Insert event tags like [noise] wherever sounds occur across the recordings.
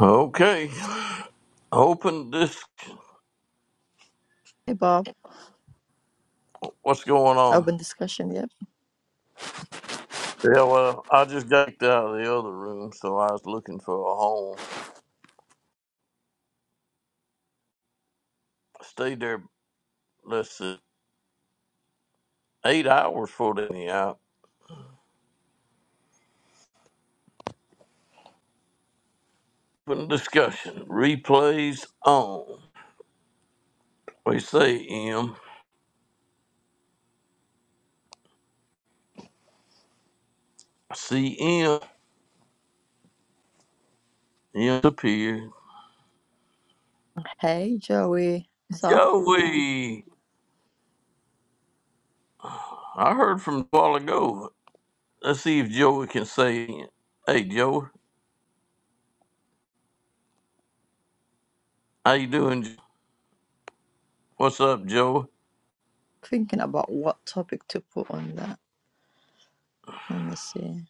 Okay. Open this. Hey Bob, What's going on? open discussion, yep. Yeah, well, I just got kicked out of the other room, so I was looking for a home. Stayed there, let's see, eight hours for the out. Open discussion. Replays on. We say M. C M. M disappeared. Hey Joey, so Joey. I heard from a while ago. Let's see if Joey can say it. Hey, Joey. How you doing? Jo- What's up, Joey? thinking about what topic to put on that. Let me see.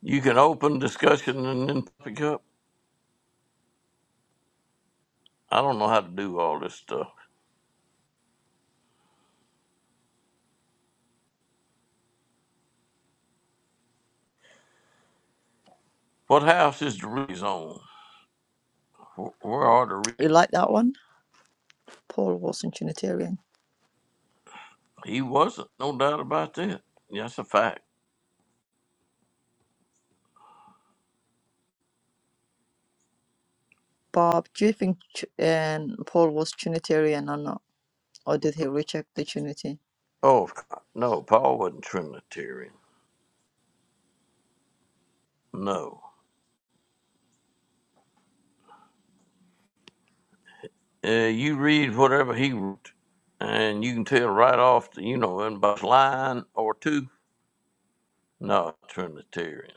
You can open discussion and then pick up. I don't know how to do all this stuff. What house is Dority's on? Wh- Where are Dority? You like that one? Paul was not Trinitarian. He wasn't, no doubt about that. That's a fact. Bob, do you think Tr- um, Paul was Trinitarian or not? Or did he reject the Trinity? Oh, of co- no, Paul wasn't Trinitarian. No. Uh, you read whatever he wrote, and you can tell right off, the, you know, in about a line or two, no, Trinitarian.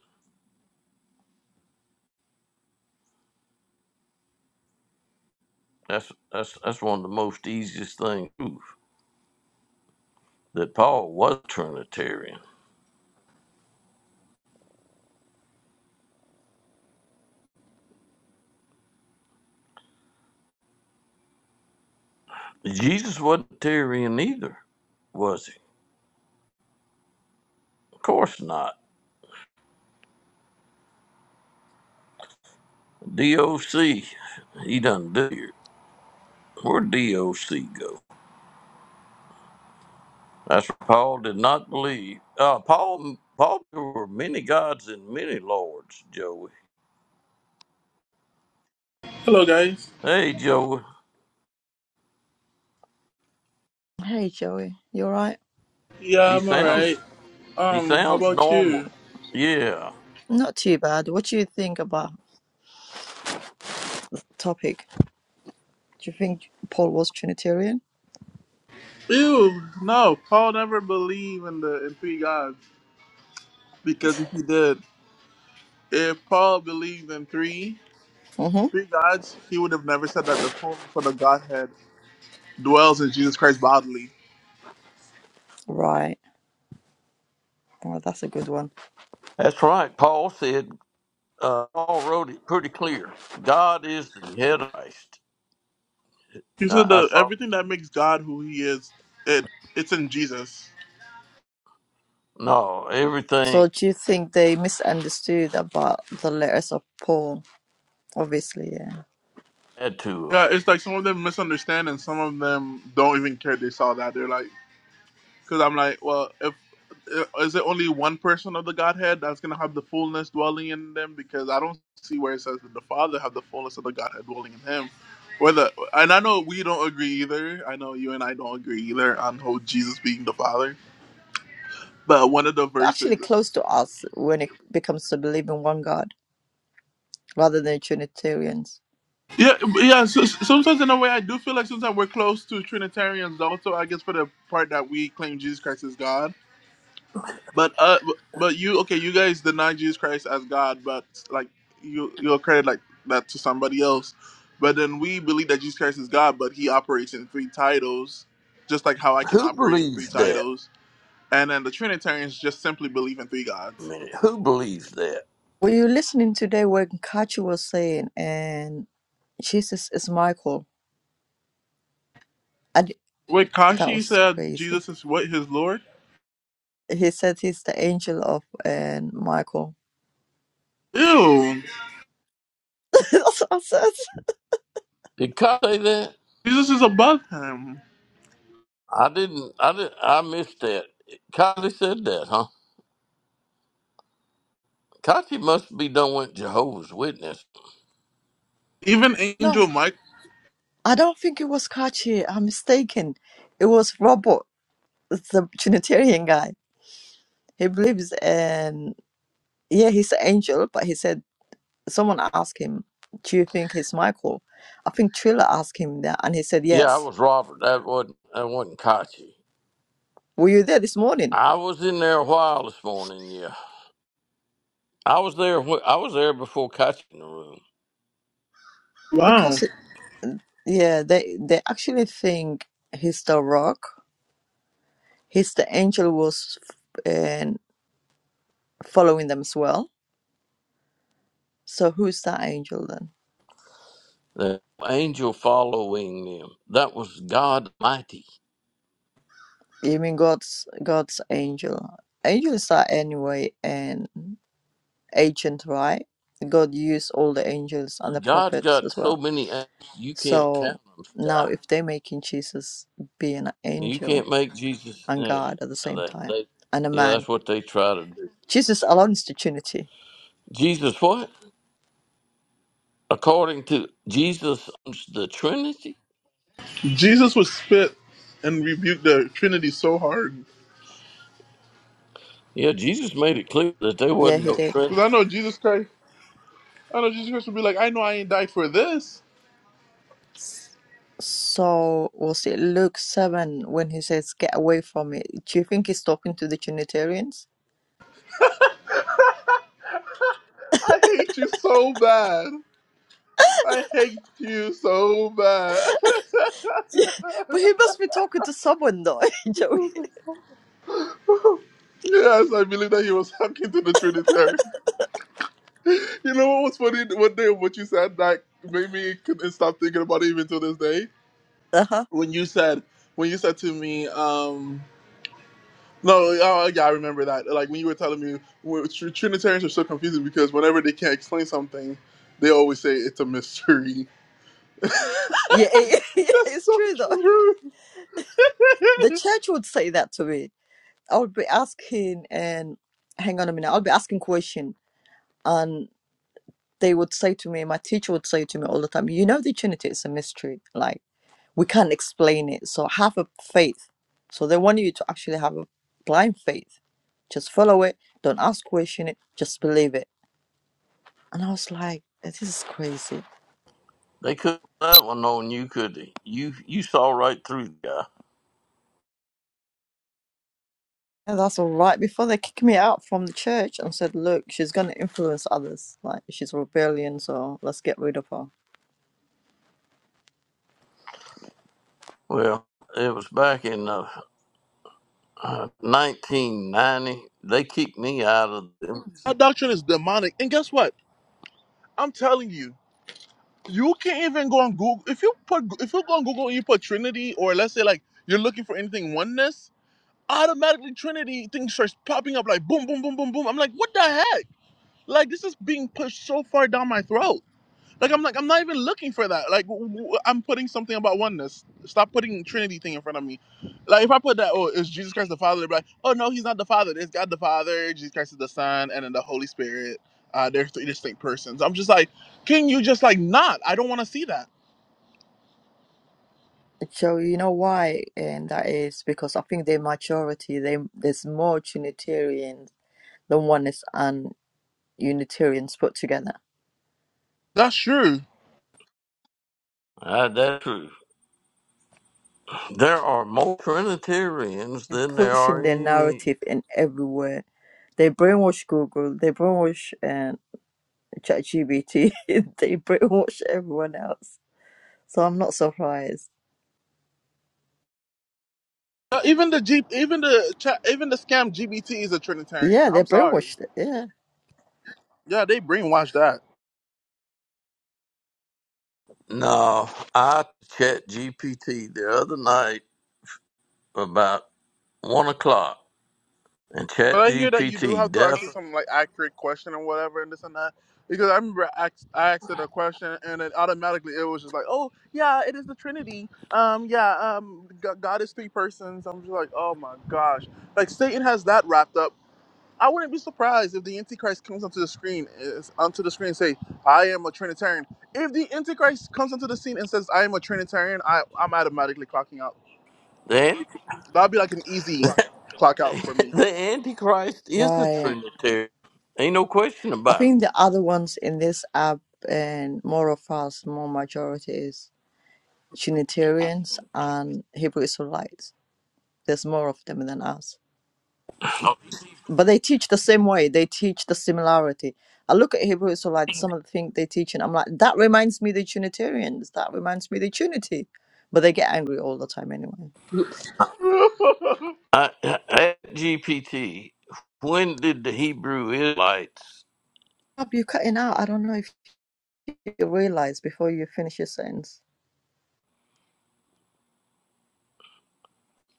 That's, that's, that's one of the most easiest things to prove, that Paul was Trinitarian. Jesus wasn't Trinitarian either, was he? Of course not. DOC. He done did. it. Where'd DOC go? That's what Paul did not believe. Uh, Paul, Paul, there were many gods and many lords, Joey. Hello, guys. Hey, Joey. Hey Joey, you alright? Yeah, He I'm alright. sounds, he Um, how sounds about normal. you? Yeah, Not too bad. What do you think about topic? Do you think Paul was Trinitarian? Ew, no. Paul never believed in the in three gods because if he did, if Paul believed in three Mm-hmm. three gods, he would have never said that the fullness of the Godhead dwells in Jesus Christ bodily. Right. Well, that's a good one. that's right. Paul said, uh, Paul wrote it pretty clear. God is the head of Christ. He I, said I that saw, everything that makes God who He is, it it's in Jesus. no, So everything do you think they misunderstood about the letters of Paul? Obviously, yeah. had to Yeah, have. it's like some of them misunderstand and some of them don't even care they saw that. They're like. Because I'm like, well, if is it only one person of the Godhead that's gonna have the fullness dwelling in them? Because I don't see where it says that the Father have the fullness of the Godhead dwelling in Him. Whether and I know we don't agree either. I know you and I don't agree either on who Jesus being the Father. But one of the But verses, actually, close to us when it becomes to believe in one God rather than Trinitarians. yeah, yeah. So, sometimes in a way, I do feel like sometimes we're close to Trinitarians also. I guess for the part that we claim Jesus Christ is God But uh, but but you okay? You guys deny Jesus Christ as God, but like you you'll credit like that to somebody else. But then we believe that Jesus Christ is God, but He operates in three titles, just like how I can Who operate in three believes that? titles. And then the Trinitarians just simply believe in three I gods. mean, who believes that? Were you listening today when Kachi was saying, and Jesus is Michael? And Wait, that Kashi was said crazy. Jesus is what his Lord? He said he's the angel of and Michael. Ew, [laughs] That's what I said. Did God say that? Jesus is above him. I didn't. I did. I missed that. Kachi said that, huh? Kachi must be done with Jehovah's Witness. Even No, Angel Mike. I don't think it was Kachi. I'm mistaken. It was Robert, the Trinitarian guy. He believes, and yeah, he's an angel, but he said someone asked him, Do you think it's Michael? I think Triller asked him that, and he said, Yeah, I Yes. was Robert. That wasn't. That wasn't Kachi. Were you there this morning? I was in there a while this morning. Yeah, I was there. wh- I was there before Kachi in the room. Wow, Because, it, yeah, they, they actually think he's the rock. He's the angel was and following them as well. So who's that angel then? The angel following them. That was God mighty. You mean God's God's angel? Angels are anyway an agent, right? God used all the angels and the God's prophets got as so well. many angels you can't So count them, now Sky. if they're making Jesus be an You angel, can't make Jesus. and Yeah, God at the same they, time, they, and a yeah, man. that's what they try to do. Jesus allowed institutionity. Jesus, what? according to Jesus, the Trinity. Jesus would spit and rebuke the Trinity so hard. Yeah, Jesus made it clear that there Yeah, wasn't he no did. Because I Trinity. know Jesus Christ. I know Jesus Christ would be like, I know I ain't died for this. So we'll see. Luke 7, when he says, Get away from me, do you think he's talking to the Trinitarians? [laughs] I hate you so bad. I hate you so bad. [laughs] Yeah, But he must be talking to someone, though, [laughs] Joey. yes, I believe that he was talking to the Trinitarian. [laughs] You know what was funny? One day, what you said that made me couldn't stop thinking about it even to this day. Uh huh. When you said, when you said to me, um, no, oh, yeah, I remember that. Like when you were telling me, well, Tr- Trinitarians are so confusing because whenever they can't explain something, they always say it's a mystery. Yeah, it, [laughs] [laughs] yeah, That's it's so true, though. true. The church would say that to me. I would be asking, and hang on a minute, I'll be asking question, and they would say to me, my teacher would say to me all the time, you know, the Trinity is a mystery. Like, we can't explain it. So have a faith. So they want you to actually have a blind faith. Just follow it. Don't ask question it. Just believe it. And I was like, this is crazy. They couldn't have that one on you, could they? You you saw right through the guy. And that's all right. Before they kicked me out from the church and said, look, she's going to influence others. Like she's rebellion. So let's get rid of her. Well, it was back in uh, uh, 1990. They kicked me out of them. That doctrine is demonic. And guess what? I'm telling you, you can't even go on Google. If you put, if you go on Google and you put Trinity, or let's say like you're looking for anything oneness, automatically Trinity thing starts popping up like boom, boom, boom, boom, boom. I'm like, what the heck? Like this is being pushed so far down my throat. Like I'm like I'm not even looking for that. Like w- w- I'm putting something about oneness. Stop putting Trinity thing in front of me. Like if I put that, oh, is Jesus Christ the Father? They'd be like, oh no, he's not the Father. There's God the Father, Jesus Christ is the Son, and then the Holy Spirit. Uh, they're three distinct persons. I'm just like, can you just like not? I don't want to see that. So you know why, and that is because I think their majority. they there's more Trinitarians than one is and Unitarians put together That's true. Uh, that's true. There are more Trinitarians than there are pushing their any. narrative in everywhere. They brainwash Google, they brainwash uh, ChatGPT, [laughs] they brainwash everyone else. So I'm not surprised. Uh, Even the G, even the cha- even the scam GBT is a Trinitarian. Yeah, they I'm sorry. brainwashed it. Yeah, Yeah, they brainwashed that. No, I chat GPT the other night about one o'clock, and But chat I hear that you do GPT have to ask her definitely. some like accurate question and whatever and this and that. Because I remember I asked, I asked it a question and it automatically it was just like, oh yeah, it is the Trinity. Um yeah, um G- God is three persons. I'm just like, oh my gosh, like Satan has that wrapped up. I wouldn't be surprised if the Antichrist comes onto the screen is onto the screen and say, I am a Trinitarian. If the Antichrist comes onto the scene and says, I am a Trinitarian, I I'm automatically clocking out. That'd be like an easy clock out for [laughs] me. the Antichrist is a right. Trinitarian. Ain't no question I about think the other ones in this app and more of us, more majority is Trinitarians and Hebrew Israelites. There's more of them than us. it. but they teach the same way they teach the similarity i look at hebrew so like some of the things they teach and i'm like that reminds me the trinitarians that reminds me the trinity but they get angry all the time anyway [laughs] I, at GPT, when did the Hebrew Israelites? Rob, you're cutting out i don't know if you realize before you finish your sentence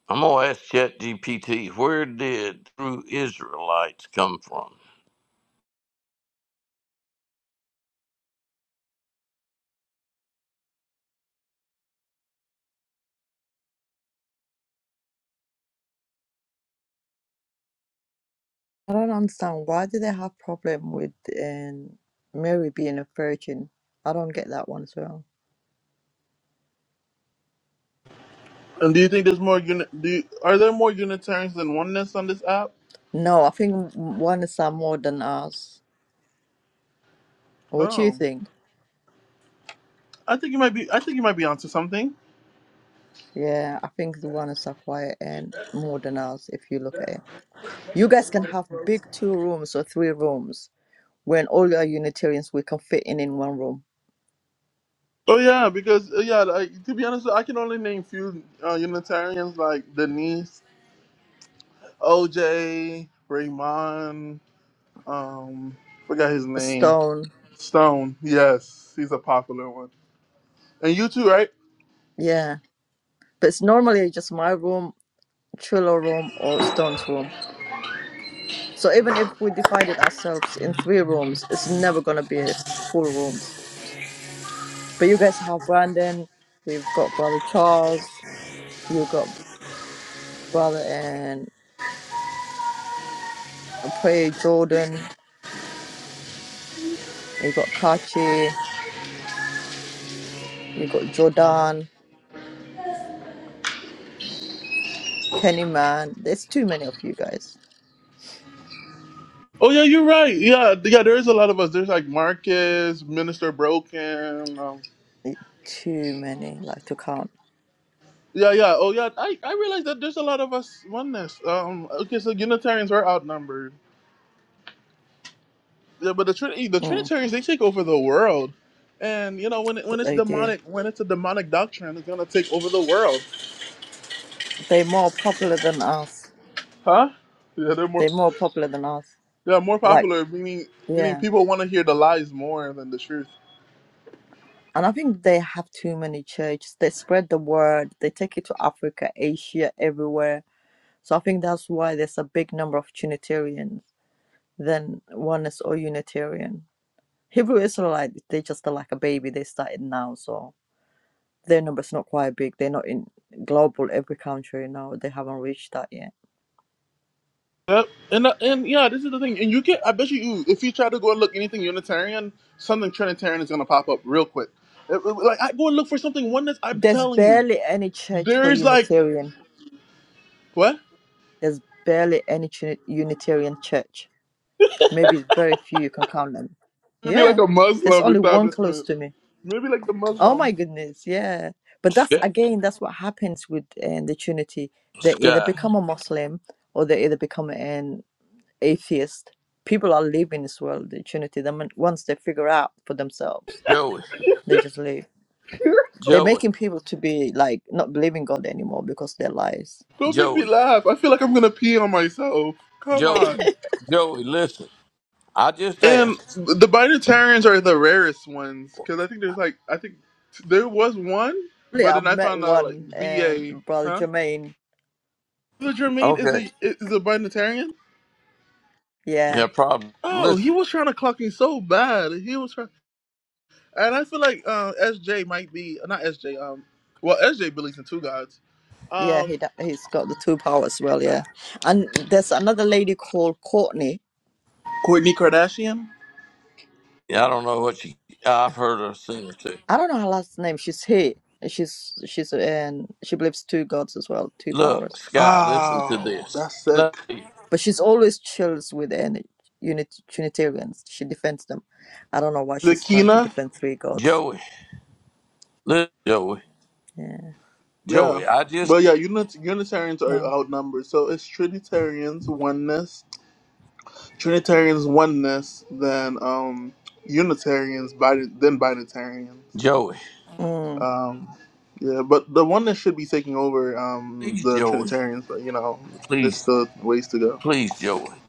I'm gonna ask Chat GPT. Where did Hebrew Israelites come from? i don't understand why do they have problem with um, mary being a virgin i don't get that one as well And do you think there's more unit? Do you, are there more Unitarians than oneness on this app? no i think one is are more than us what do you Oh, think I think you might be. I think you might be onto something. yeah i think the one is are quiet and more than us if you look at it You guys can have big two rooms or three rooms when all your Unitarians we can fit in in one room. Oh yeah, because uh, yeah. Like, to be honest, I can only name few uh, Unitarians like Denise, OJ, Raymond. Um, forgot his A name. stone, Stone. Yes, he's a popular one. And you too, right? yeah. But it's normally just my room, Triller room, or Stone's room. So even if we divided ourselves in three rooms, it's never gonna be full rooms. But you guys have Brandon, you've got brother Charles, you got brother and Prayer Jordan, you got Kachi, you got Jordan, Kenny Man. There's too many of you guys. Oh yeah, you're right. Yeah, th- yeah. There is a lot of us. There's like Marcus, Minister Broken. it- too many, like to count, Yeah, yeah. Oh, yeah. I, I realize that there's a lot of us oneness. Um. Okay, so Unitarians were outnumbered. Yeah, but the Trinity, the mm, Trinitarians, they take over the world, and you know when it, when that it's they do. demonic, when it's a demonic doctrine, it's gonna take over the world, They're more popular than us. huh? Yeah, they're more, They're more popular than us. yeah, more Like, popular. Meaning, meaning yeah. people want to hear the lies more than the truth. And I think they have too many churches. They spread the word, they take it to Africa, Asia, everywhere. So I think that's why there's a big number of Trinitarians than oneness or Unitarian. Hebrew Israelite, they just are like a baby. They started now, so their number's not quite big. They're not in global every country now. They haven't reached that yet Yep. And uh, and yeah, this is the thing. And you can, I bet you, if you try to go and look anything Unitarian, something Trinitarian is gonna pop up real quick. It- it- like I go and look for something oneness. I'm There's telling you. barely any church for There's like Unitarian. what? There's barely any Trini- Unitarian church. Maybe very few you can count them. Maybe like Yeah. a There's Muslim only one close establishment. to me. Maybe like the Oh Muslim. my goodness. Yeah. But that's Sky, again, that's what happens with uh, the Trinity. They either Sky, become a Muslim or they either become an atheist. People are leaving this world, the Trinity. Then once they figure out for themselves, Joey, they just leave. They're Joey, making people to be like not believing God anymore because their lies. Don't make me Joey, laugh. I feel like I'm gonna pee on myself. Come Joey, on. Joey. Listen, I just And asked. the Binitarians are the rarest ones because I think there's like I think there was one, but Yeah, then I've I met found out like one and BA, Brother huh? Jermaine. The Jermaine is Okay. a is a Binitarian. Yeah, Yeah, probably. Oh, he Listen. was trying to clock me so bad. He was trying, and I feel like uh, SJ might be not SJ. Um, well, SJ believes in two gods. yeah, Um, he d- he's got the two power as well. Yeah, and there's another lady called Courtney. Kourtney Kardashian. Yeah, I don't know what you. I've heard her sing or two. I don't know her last name. She's here. She's she's and she believes two gods as well, two Look, powers. Sky. Listen to Oh, this. that's sick. But she's always chills with any unit Unitarians. She defends them. I don't know why The she's trying to Zakina, defend three gods. Joey, look, Joey, Yeah, yeah. Joey, I just, But yeah, unit, Unitarians are no. outnumbered. So it's Trinitarians oneness, Trinitarians oneness, then um Unitarians, Bin- then Binitarians. Joey, Mm, Um, yeah, but the oneness should be taking over um please, the Joey, Trinitarians. But you know, there's please, still ways to go. please, Joey,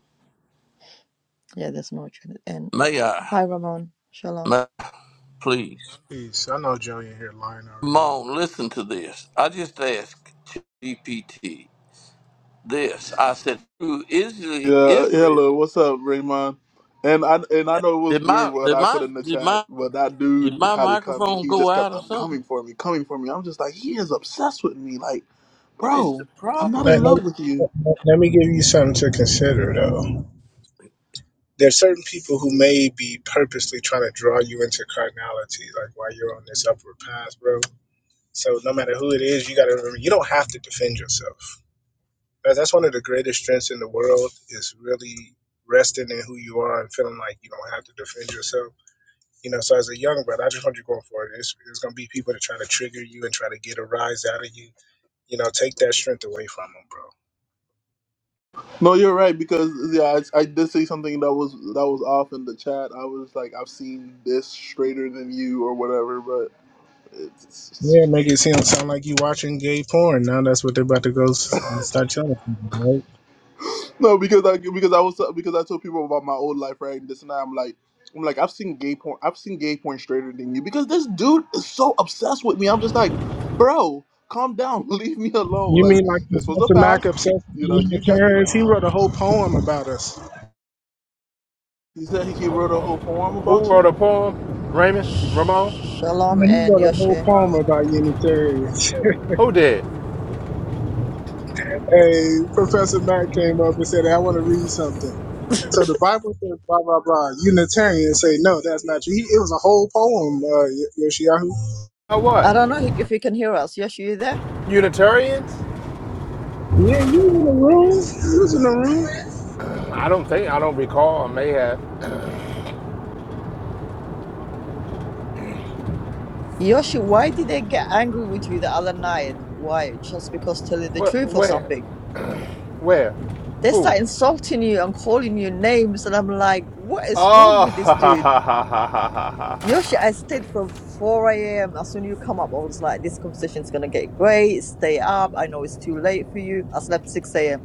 yeah, there's no Trinity. And may I, hi, Ramon. Shalom. may I, please, Peace. I know Joey in here lying already. mom, listen to this. I just asked GPT this. I said, "Who Israel, Yeah, Israel, hello, what's up, Raymond? And I and I know it was did weird my, what did I put my, in the did chat, my, but that dude did my had it coming. microphone He go just out kept or on something? coming for me, coming for me. I'm just like, he is obsessed with me. Like, What is bro, the I'm not problem? in Let, love with you. let, let me give you something to consider, though. There's certain people who may be purposely trying to draw you into carnality, like while you're on this upward path, bro. So no matter who it is, you got to remember you don't have to defend yourself. That- That's one of the greatest strengths in the world is really resting in who you are and feeling like you don't have to defend yourself. You know, so as a young brother, I just want you going for it. There's, there's going to be people that try to trigger you and try to get a rise out of you. You know, take that strength away from them, bro No, you're right because yeah, I, I did say something that was that was off in the chat. I was like, I've seen this straighter than you or whatever, but Yeah, it's, make it seem sound like you watching gay porn. Now that's what they're about to go s- and start telling people, right? No, because I because I was because I told people about my old life, right? And this and that. I'm like, I'm like, I've seen gay porn. I've seen gay porn straighter than you because this dude is so obsessed with me. I'm just like, bro, calm down, [laughs] leave me alone. You Like mean like this was a Professor Mack past. obsessed with You know, you got your Unitarians? He past. wrote a whole poem about us. He said he wrote a whole poem Who about wrote you. a poem? Raymond? Ramon? Shalom Man, He and wrote a whole Yoshi. poem about Unitarians. Who did? [laughs] hey, Professor Mack came up and said, "Hey, I want to read something. So the Bible says blah blah blah. Unitarians say no, that's not true. He, it was a whole poem, uh, Y- Yoshiyahu. Or what? I don't know if you can hear us. Yoshi, you there? Unitarians? Yeah, you in the room? You was in the room? I don't think. I don't recall. I may have. Yoshi, why did they get angry with you the other night? Why? Just because telling the Where? truth or Where? something? Where? They Who? start insulting you and calling you names, and I'm like, what is wrong Oh, [laughs] ha with this ha ha dude? ha ha ha ha ha Yoshi, ha. I stayed from 4 a.m. As soon as you come up, I was like, this conversation's gonna get great. Stay up. I know it's too late for you. I slept 6 a.m.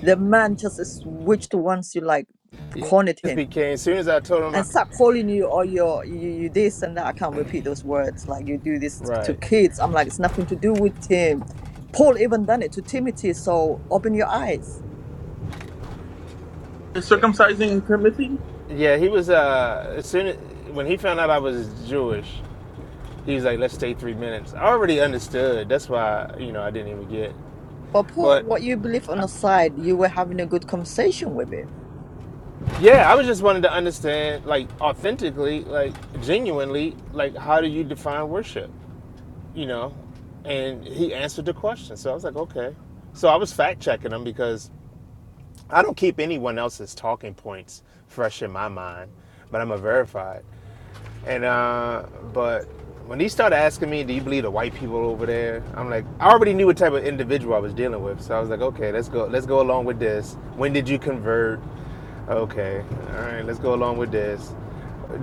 The man just switched once you like Yeah, cornered this him. became. As soon as I told him, and I, start calling you or your you, you this and that. I can't repeat those words. Like you do this to right. kids. I'm like, it's nothing to do with him. Paul even done it to Timothy. So open your eyes. Yeah, Circumcising Timothy. yeah. He was. Uh, as soon as when he found out I was Jewish, he was like, "Let's stay three minutes." I already understood. That's why you know I didn't even get. But put But what you believe on the side. You were having a good conversation with him. Yeah, I was just wanting to understand, like, authentically, like, genuinely, like, how do you define worship? You know, and he answered the question, so I was like, okay. So I was fact checking him because I don't keep anyone else's talking points fresh in my mind, but I'm a verified. And uh, but when he started asking me, "Do you believe the white people over there?" I'm like, I already knew what type of individual I was dealing with, so I was like, okay, let's go, let's go along with this. When did you convert? Okay. All right. Let's go along with this.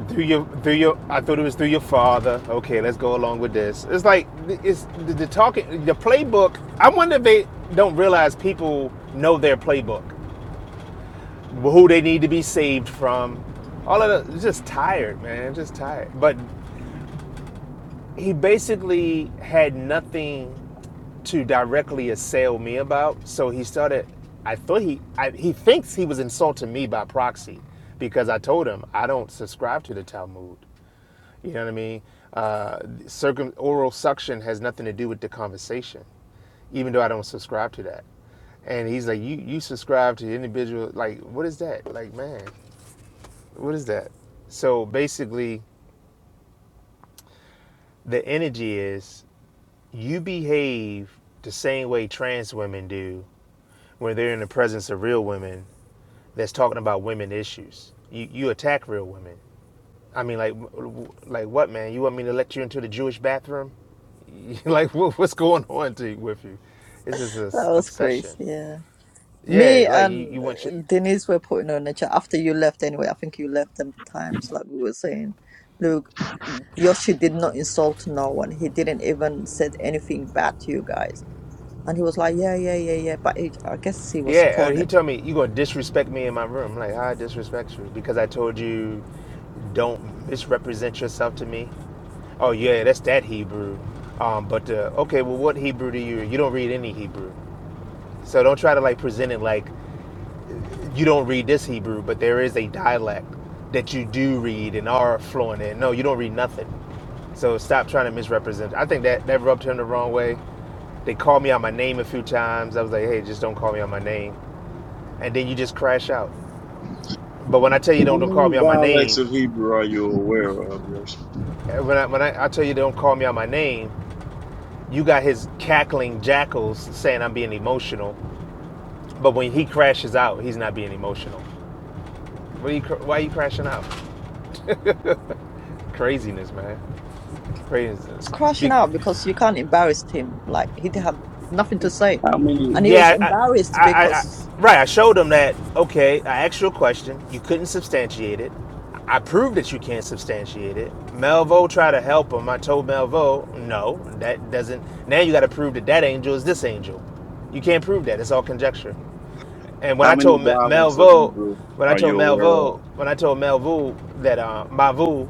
Through your, through your, I thought it was through your father. Okay. Let's go along with this. It's like it's the, the talking, the playbook. I wonder if they don't realize people know their playbook, who they need to be saved from. All of that. Just tired, man. Just tired. But he basically had nothing to directly assail me about. So he started. I thought he I, he thinks he was insulting me by proxy because I told him I don't subscribe to the Talmud. You know what I mean? Uh, circum oral suction has nothing to do with the conversation, even though I don't subscribe to that. And he's like, you you subscribe to the individual. Like, what is that? Like, man, what is that? So basically, the energy is you behave the same way trans women do when they're in the presence of real women that's talking about women issues. You you attack real women. I mean, like like what, man? You want me to let you into the Jewish bathroom? [laughs] like what, what's going on to, with you? It's just That this was crazy. obsession. Yeah. Me Yeah, like you, and you want uh, shit. Denise were putting on the chat after you left. Anyway, I think you left them times. Like we were saying, look, Yoshi did not insult no one. He didn't even said anything bad to you guys And he was like, yeah, yeah, yeah, yeah. But it, I guess he was Yeah, uh, he cornered. told me you gonna disrespect me in my room. I'm like how I disrespect you because I told you don't misrepresent yourself to me. Oh yeah, that's that Hebrew. Um, but uh, okay, well, what Hebrew do you? You don't read any Hebrew. So don't try to like present it like you don't read this Hebrew, but there is a dialect that you do read and are fluent in. No, you don't read nothing. So stop trying to misrepresent. I think that that rubbed him the wrong way. They called me out my name a few times. I was like, hey, just don't call me out my name. And then you just crash out. But when I tell you How don't don't call many me out my dialects name, of Hebrew are you aware of, Yoshi? eh, when I when I, I tell you don't call me out my name, you got his cackling jackals saying I'm being emotional. But when he crashes out, he's not being emotional. What are you, why are you crashing out? craziness, man, He's craziness. crashing Be- out because you can't embarrass him. Like he had nothing to say. How many And he was yeah, I, embarrassed I, I, I, because right. I showed them that. Okay, I asked you a question. You couldn't substantiate it. I proved that you can't substantiate it. Melvo tried to help him. I told Melvo, no, that doesn't. Now you got to prove that that angel is this angel. You can't prove that. It's all conjecture. And when how I many told Me- dialects of Melvo, Hebrew when I are told you aware of? Melvo, when I told Melvu that uh, Mavu,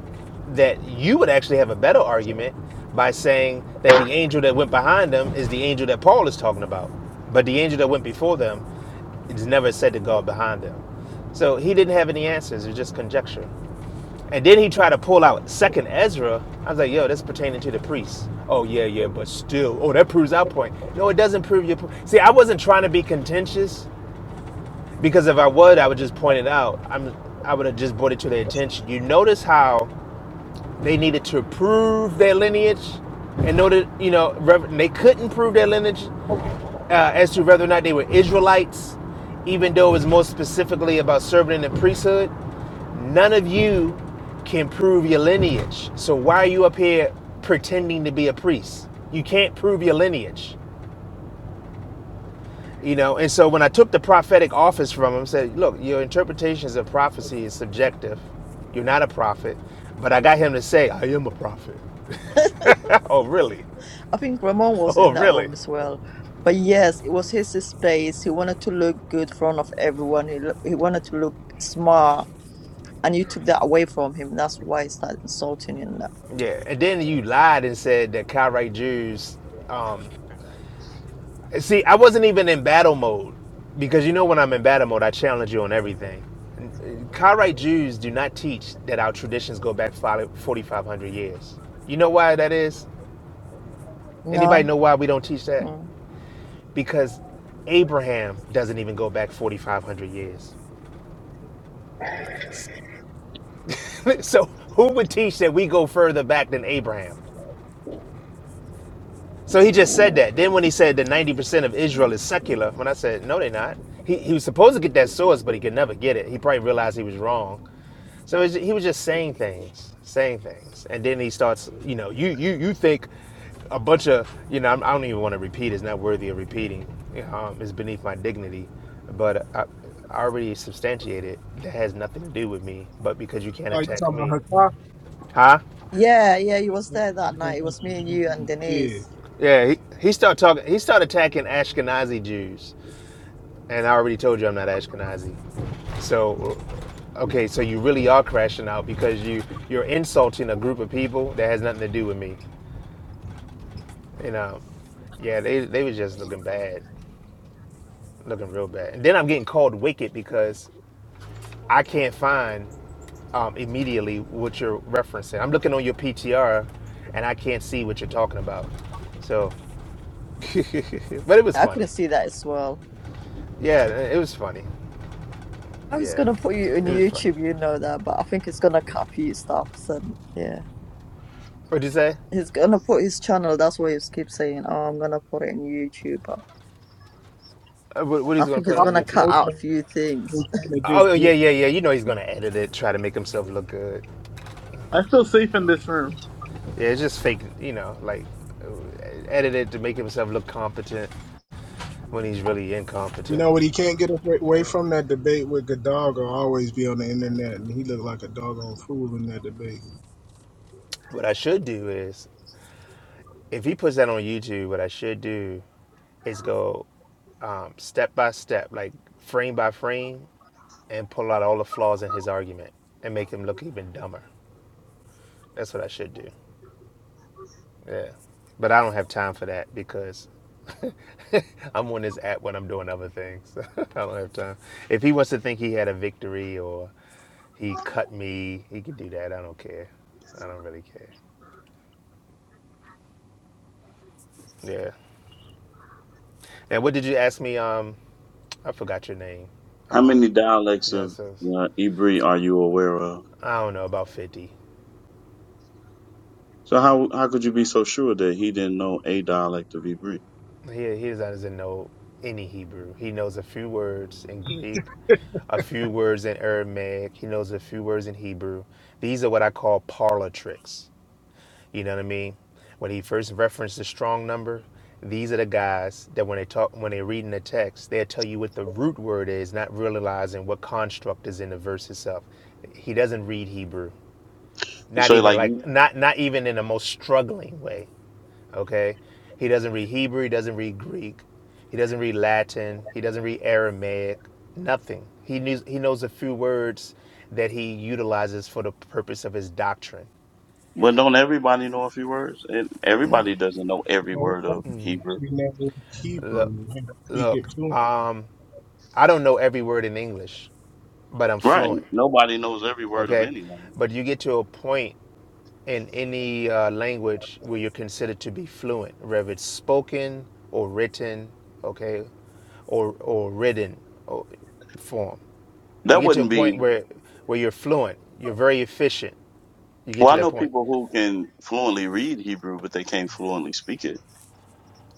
that you would actually have a better argument by saying that the angel that went behind them is the angel that Paul is talking about, but the angel that went before them is never said to God behind them. So he didn't have any answers; it was just conjecture. And then he tried to pull out Second Ezra. I was like, "Yo, that's pertaining to the priests." Oh yeah, yeah, but still, oh that proves our point. No, it doesn't prove your point. See, I wasn't trying to be contentious. Because if I would, I would just point it out. I'm I would have just brought it to their attention. You notice how they needed to prove their lineage, and know that you know rev- they couldn't prove their lineage uh, as to whether or not they were Israelites, even though it was more specifically about serving in the priesthood. None of you can prove your lineage. So why are you up here pretending to be a priest? You can't prove your lineage. You know, and so when I took the prophetic office from him, I said, "Look, your interpretations of prophecy is subjective. You're not a prophet." But I got him to say, "I am a prophet." [laughs] oh, really? I think Ramon was in Oh, that really? room as well. But yes, it was his space. He wanted to look good in front of everyone. He, lo- he wanted to look smart. And you took that away from him. That's why he started insulting you now. Yeah. And then you lied and said that Karaite Jews. Um, see, I wasn't even in battle mode because you know when I'm in battle mode, I challenge you on everything. Karaite Jews do not teach that our traditions go back 4,500 years. You know why that is? Anybody No? know why we don't teach that? Mm. because Abraham doesn't even go back 4,500 years. [laughs] so who would teach that we go further back than Abraham? So he just said that. Then when he said that 90% of Israel is secular, when I said, no, they're not, he, he was supposed to get that source, but he could never get it. He probably realized he was wrong. So it's, he was just saying things, saying things, and then he starts. You know, you you you think a bunch of you know. I'm, I don't even want to repeat. It's not worthy of repeating. Um, it's beneath my dignity. But I, I already substantiated that has nothing to do with me. But because you can't Oh, you attack me, talking about huh? Yeah, yeah, he was there that night. It Hakafi? was me and you and Kid. Denise. Yeah, he, he started talking. He started attacking Ashkenazi Jews, and I already told you I'm not Ashkenazi. So, okay, so you really are crashing out because you you're insulting a group of people that has nothing to do with me. You know, yeah, they they was just looking bad, looking real bad. And then I'm getting called wicked because I can't find um, immediately what you're referencing. I'm looking on your PTR, and I can't see what you're talking about. So, [laughs] but it was I funny. couldn't see that as well. Yeah, it was funny. I was Yeah, going to put you in it was funny. YouTube, you know that, but I think he's going to cut a few stuffs. And yeah, What'd you say? he's going to put his channel. That's why he keeps saying, oh, I'm going to put it in YouTube. But Uh, What, what I he's gonna think put he's Obama on going to cut YouTube? out a few things. was trying to just Oh yeah, get, yeah, yeah. You know he's gonna edit it, try to make himself look good. I feel safe in this room. Yeah, it's just fake. You know, like uh, edit it to make himself look competent. when he's really you incompetent. know what? He can't get away from that debate with Gaddafi. Always be on the internet, and he looked like a doggone fool in that debate. What I should do is, if he puts that on YouTube, what I should do is go um, step by step, like frame by frame, and pull out all the flaws in his argument and make him look even dumber. That's what I should do. Yeah. But I don't have time for that because [laughs] I'm on this app when I'm doing other things. [laughs] I don't have time. If he wants to think he had a victory or he cut me, he could do that. I don't care. I don't really care. Yeah. And what did you ask me? Um, I forgot your name. How Um, many dialects yeah, of so uh, Hebrew are you aware of? I don't know about fifty. So how how could you be so sure that he didn't know a dialect of Hebrew? He he doesn't know any Hebrew. He knows a few words in Greek, a few words in Aramaic. He knows a few words in Hebrew. These are what I call parlor tricks. You know what I mean? When he first referenced the strong number, these are the guys that when they talk when they're reading the text, they'll tell you what the root word is, not realizing what construct is in the verse itself. He doesn't read Hebrew. not So even like, you- like not not even in the most struggling way okay he doesn't read hebrew he doesn't read greek he doesn't read latin he doesn't read aramaic nothing he knows he knows a few words that he utilizes for the purpose of his doctrine well, don't everybody know a few words? And everybody doesn't know You every know, word some of people Hebrew, actually never look Hebrew and speak it look fluently. um i don't know every word in english but i'm right? fluent Nobody knows every word of okay any language. but you get to a point in any uh, language where you're considered to be fluent, whether it's spoken or written, okay, or or written or form. You That get to a wouldn't point be. where where you're fluent, you're very efficient. You get Well, to I that know point. people who can fluently read Hebrew, but they can't fluently speak it.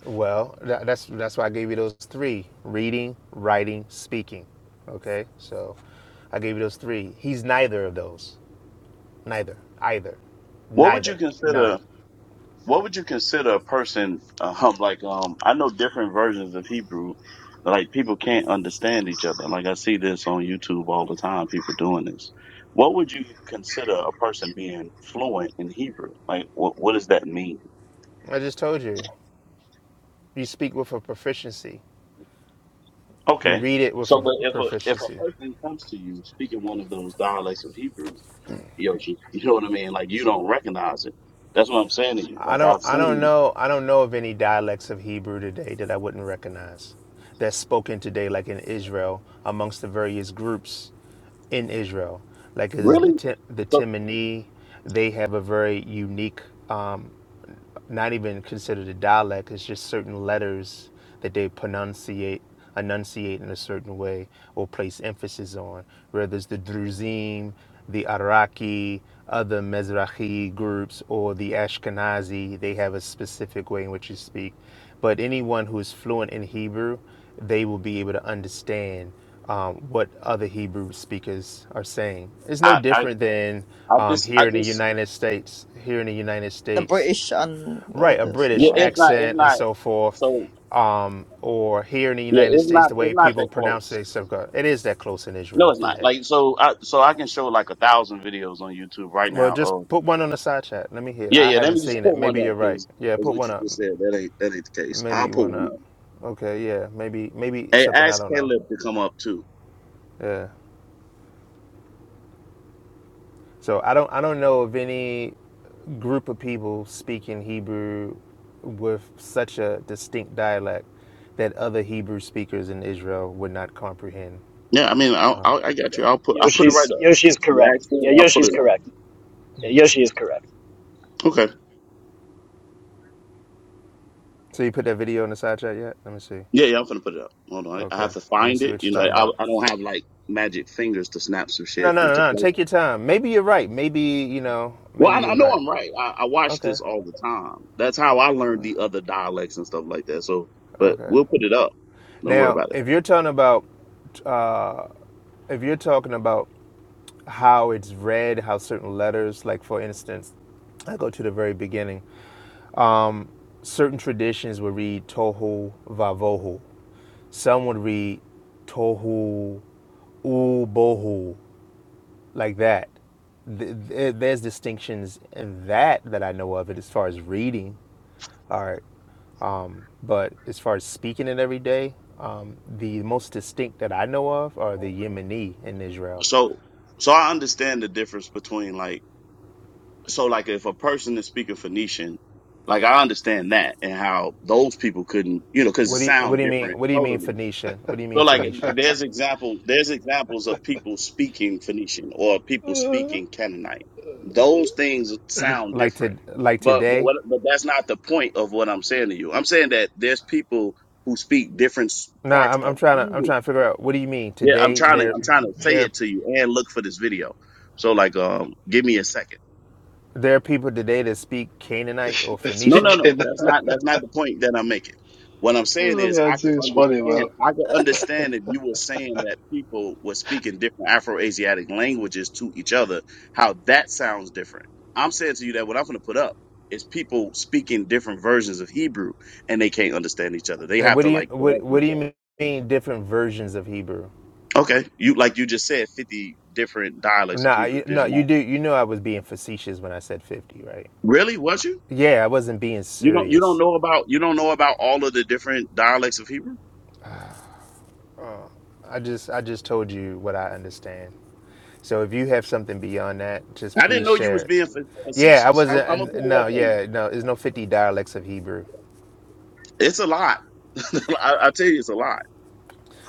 Well, that, that's that's why I gave you those three: reading, writing, speaking. Okay, so I gave you those three. He's neither of those. Neither. Either. What would you Neither. None. consider? what would you consider a person uh, hum like um I know different versions of Hebrew like people can't understand each other like I see this on YouTube all the time people doing this what would you consider a person being fluent in Hebrew like what what does that mean I just told you. You speak with a proficiency. You okay read it with so a but if a if a proficiency. person comes to you speaking one of those dialects of Hebrew Yoshi [laughs] you know what I mean like you don't recognize it that's what I'm saying to you I like don't I've I don't seen know I don't know of any dialects of Hebrew today that I wouldn't recognize that's spoken today like in Israel amongst the various groups in Israel. Like is the really the so Timini, they have a very unique um, not even considered a dialect. It's just certain letters that they pronunciate, enunciate in a certain way or place emphasis on. Whether it's the Druzim, the Araki, other Mizrahi groups, or the Ashkenazi, they have a specific way in which you speak. But anyone who is fluent in Hebrew, they will be able to understand um, what other Hebrew speakers are saying. It's no I I different than I um, just I here in the just United States. Here in the United The States, British and all right a this, yeah, yeah, british right? it's not. It's accent not. and so forth So um, or here in the yeah, united it's states not the way it's not people that pronounce close. it, so it is that close in No, israel it's not. today Like so I so I can show like a thousand videos on YouTube right well now. just Of put one on the side chat let me hear yeah, i yeah. Let haven't me [laughs] just seen it put one maybe you're up right because yeah put what one you up just said that ain't that ain't the case. I'll maybe put one one up up. okay yeah maybe maybe Hey, something i ask don't know Caleb to come up too. yeah so i don't i don't know of any group of people speaking hebrew with such a distinct dialect that other hebrew speakers in israel would not comprehend Yeah, I mean I I, I got you. I'll put I'll put it right Yoshi's up. Yoshi's You correct. ask me, Yeah, I'll put Yoshi's it up. correct. Yeah, Yoshi is correct. Okay. So you put that video in the side chat yet? Let me see. Yeah, yeah. I'm gonna put it up. Hold on. I, I Okay. have to Let me find see it. what you're You know, talking I about. I don't have like magic fingers to snap some No, shit no, into no, no. place. Take your time. Maybe you're right. Maybe, you know, Well, maybe I, I you're know right. I'm right. I, I watch Okay. this all the time. That's how I learned the other dialects and stuff like that. So, but Okay. we'll put it up. Don't worry Now, about it. if you're talking about uh if you're talking about how it's read, how certain letters, like for instance, I go to the very beginning. Certain traditions would read tohu vavohu. Some would read tohu ubohu. like that. there's distinctions in that that I know of it as far as reading art, but as far as speaking it every day, um, the most distinct that I know of are the Yemeni in Israel. So, so I understand the difference between like, so like if a person is speaking Phoenician, like I understand that and how those people couldn't, you know, because it What do you, what do sound you mean? different What do you mean totally. Phoenician? What do you mean So like Phoenician? there's examples there's examples of people speaking Phoenician or [laughs] people They're speaking Canaanite. Those things sound Like to different. like But but today? what, but that's not the point of what I'm saying to you. I'm saying that there's people who speak different s- Nah, parts I'm, I'm of trying to I'm Hebrew. trying to figure out what do you mean Yeah, I'm today? trying to There I'm trying to say there it to you and look for this video. So like um give me a second. there are people today that speak Canaanite or No, Phoenician, no, no. speaking. That's not that's not the point that I'm making. What I'm saying Oh is yeah, I could Zoo is funny understand though. I could [laughs] understand if you were saying that people were speaking different Afro-Asiatic languages to each other, how that sounds different. I'm saying to you that what I'm gonna put up is people speaking different versions of Hebrew and they can't understand each other. They and have what to do you like what correct what do each you other. mean different versions of Hebrew? Okay. You like you just said fifty different dialects of No, you, Hebrew, did no, you you not? do. You know I was being facetious when I said 50, right? Really? Was you? Yeah, I wasn't being You don't you don't serious. know about you don't know about all of the different dialects of Hebrew? I just I just told you what I understand. So if you have something beyond that, just I didn't please know you share was it. being fa- Yeah, I facetious. I'm, I'm gonna wasn't. put uh, it No, up for you. yeah, no. There's no 50 dialects of Hebrew. It's a lot. [laughs] I, I tell you, it's a lot.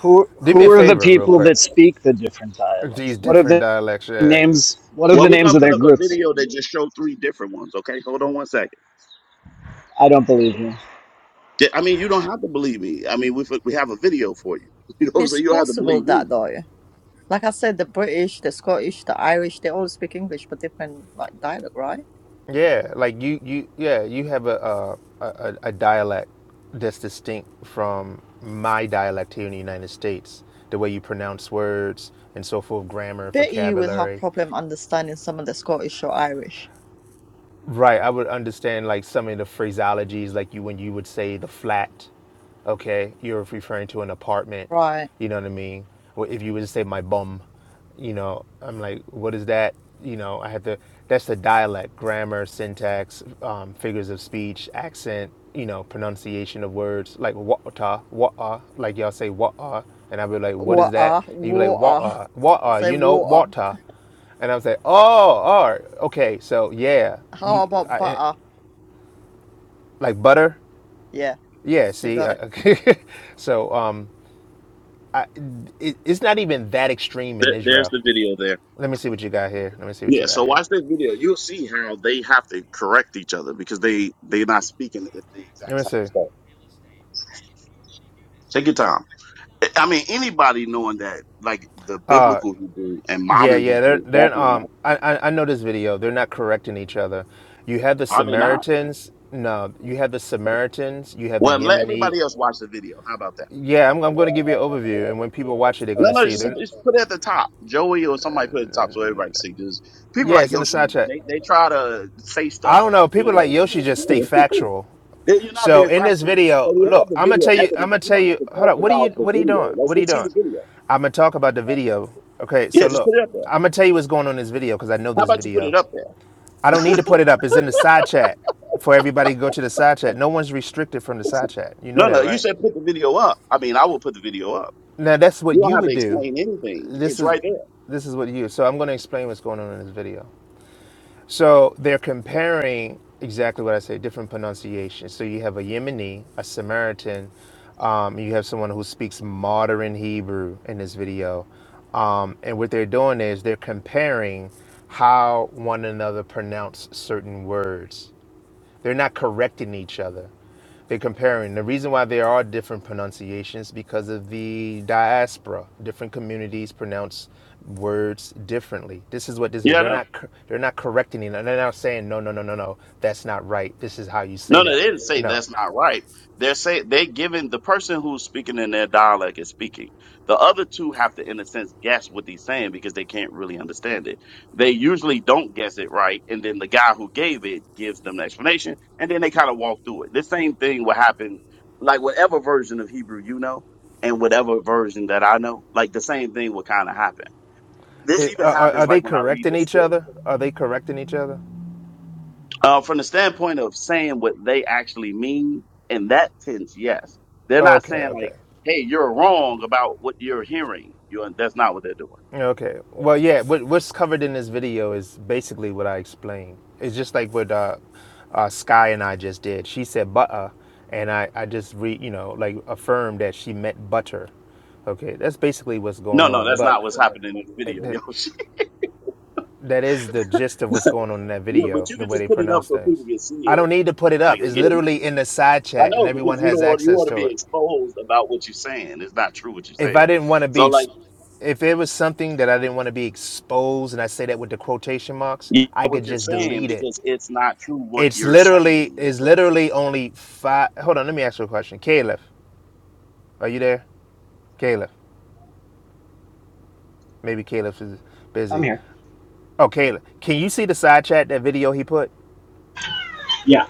Who Do me who a are the favor, real people that quick. speak the different dialects? These What are different the dialects, yeah. names? What are the Well, we're names gonna of put their up a groups? video that just showed three different ones. Okay, hold on one second. I don't believe you. Yeah, I mean, you don't have to believe me. I mean, we we have a video for you. [laughs] You know what I'm It's saying? You don't have to possible believe me. that though. Like I said, the British, the Scottish, the Irish, they all speak English but different like dialect, right? Yeah, like you, you, yeah, you have a uh, a, a a dialect that's distinct from my dialect here in the United States. The way you pronounce words and so forth, grammar, Bet you would have vocabulary. problem understanding some of the Scottish or Irish. Right, I would understand like some of the phraseologies, like you when you would say the flat, okay, you're referring to an apartment, Right. you know what I mean? Or if you would say my bum, you know, I'm like, what is that? You know, I had to. That's the dialect, grammar, syntax, um, figures of speech, accent, you know, pronunciation of words, like wata, wata, like y'all say wata, and I'd be like, what is that? Water, And you'd be like water. wata, [laughs] wata, Say you know, water. wata. And I was like, oh, all right, okay, so yeah, How you, about I, eh, butter? like butter, Yeah, yeah. you See, got I, it. [laughs] so um, I, it, it's not even that extreme in There, there's Israel. the video there. Let me see what you got here. Let me see what you Yeah. got So here. watch that video. You'll see how they have to correct each other because they they're not speaking at the Let exact me same see. stuff. Take your time. I mean, anybody knowing that, like the Uh, biblical Hebrew and yeah, modern yeah. Hebrew, They're is they're definitely um. not. I I, I know this video. They're not correcting each other. You have the Are they not? Samaritans. No, you have the Samaritans. You have the Well, let Yemeni. everybody else watch the video. How about that? Yeah, I'm I'm going to give you an overview, and when people watch it, they're going No, to no, see. just, They're just put it at the top. Joey or somebody put it at the top so everybody can see. Because people yeah, like it's in the Yoshi, side chat. they, they try to say I stuff, don't know. People you like Yoshi just stay know. [laughs] factual. Then You're not So being in this factual. video, So we have look, the I'm gonna video tell you. I'm evidence. gonna You tell don't you. have to Hold talk up. What are you? about the What are you video. doing? Let's What are you just see doing? the video. I'm gonna talk about the video. Okay. Yeah, So just look, put it up there. I'm gonna tell you what's going on in this video because I know How this about you put video. it up there? I don't need to put it up. It's in the side chat for everybody to go to the side chat. No one's restricted from the side chat. You know No, that, no, you right? said put the video up. I mean, I will put the video up. Now that's You what don't you have would to do. explain anything. This It's is right there. this is what you. So I'm gonna explain what's going on in this video. So they're comparing exactly what I say, different pronunciations. So you have a Yemeni, a Samaritan, um, you have someone who speaks modern Hebrew in this video. Um, and what they're doing is they're comparing how one another pronounce certain words. They're not correcting each other. They're comparing. The reason why there are different pronunciations because of the diaspora. Different communities pronounce words differently. This is what this is. Yeah, I They're know. not they're not correcting it. They're not saying no, no, no, no, no. That's not right. This is how you say No, no, that. they didn't say No. that's not right. They're saying they're giving the person who's speaking in their dialect is speaking. The other two have to, in a sense, guess what he's saying because they can't really understand it. They usually don't guess it right, and then the guy who gave it gives them the explanation, and then they kind of walk through it. The same thing will happen, like whatever version of Hebrew you know, and whatever version that I know, like the same thing will kind of happen. This It, even uh, are are happens they like when I read correcting the each script. other? Are they correcting each other? Uh, from the standpoint of saying what they actually mean, in that sense, yes. They're not Okay, saying like, okay. "Hey, you're wrong about what you're hearing." You that's not what they're doing. Okay. Well, yeah. What, what's covered in this video is basically what I explained. It's just like what uh, uh, Sky and I just did. She said butter, and I I just re you know like affirmed that she meant butter. Okay, that's basically what's No, going no, on. that's But not what's happening in the it- video, yo. th- [laughs] that is the gist of what's going on in that yeah, but video. you The can way they just put it up pronounce so people things. can see I it. don't need to put it Like, up. It's yeah, I literally in the side chat, and know because everyone you don't has want you access want to to be it. exposed about what you're saying. It's not true what you're if I saying. didn't want to be, So ex- like, if it was something that I didn't want to be exposed, and I say that with the quotation marks, you I know what could you're just saying delete it. because it's not true what It's you're literally, saying. it's literally only five. Hold on, let me ask you a question. Caleb, are you there? Caleb, maybe Caleb is I'm busy. here. Oh, Caleb, can you see the side chat that video he put? Yeah,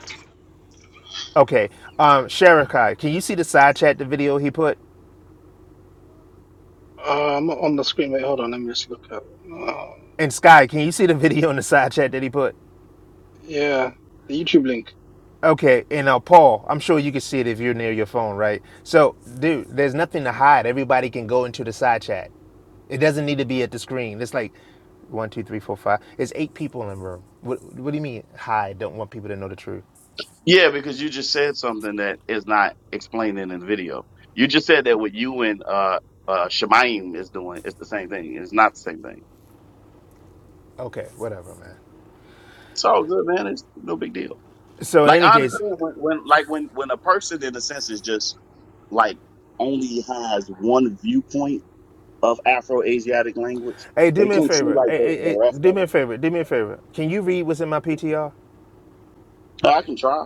Okay, um, Sherikai, can you see the side chat the video he put? Uh, I'm not on the screen. Wait, hold on. Let me just look at. Uh, And Sky, can you see the [laughs] video in the side chat that he put? yeah, the YouTube link. Okay, and now Paul, I'm sure you can see it if you're near your phone, right? So, dude, there's nothing to hide. Everybody can go into the side chat. It doesn't need to be at the screen. It's like one, two, three, four, five. It's eight people in the room. What, what do you mean hide? Don't want people to know the truth? Yeah, because you just said something that is not explained in the video. You just said that what you and uh uh Shemaim is doing is the same thing. It's not the same thing. Okay, whatever, man. It's all good, man. It's no big deal. So in Like any I case, understand when, when like when when a person in a sense is just like only has one viewpoint of Afro Asiatic language, hey, do they me a can't see favor. like Hey, the, hey, the hey, rest do of me a it. favor. Do me a favor. Can you read what's in my PTR? But I can try.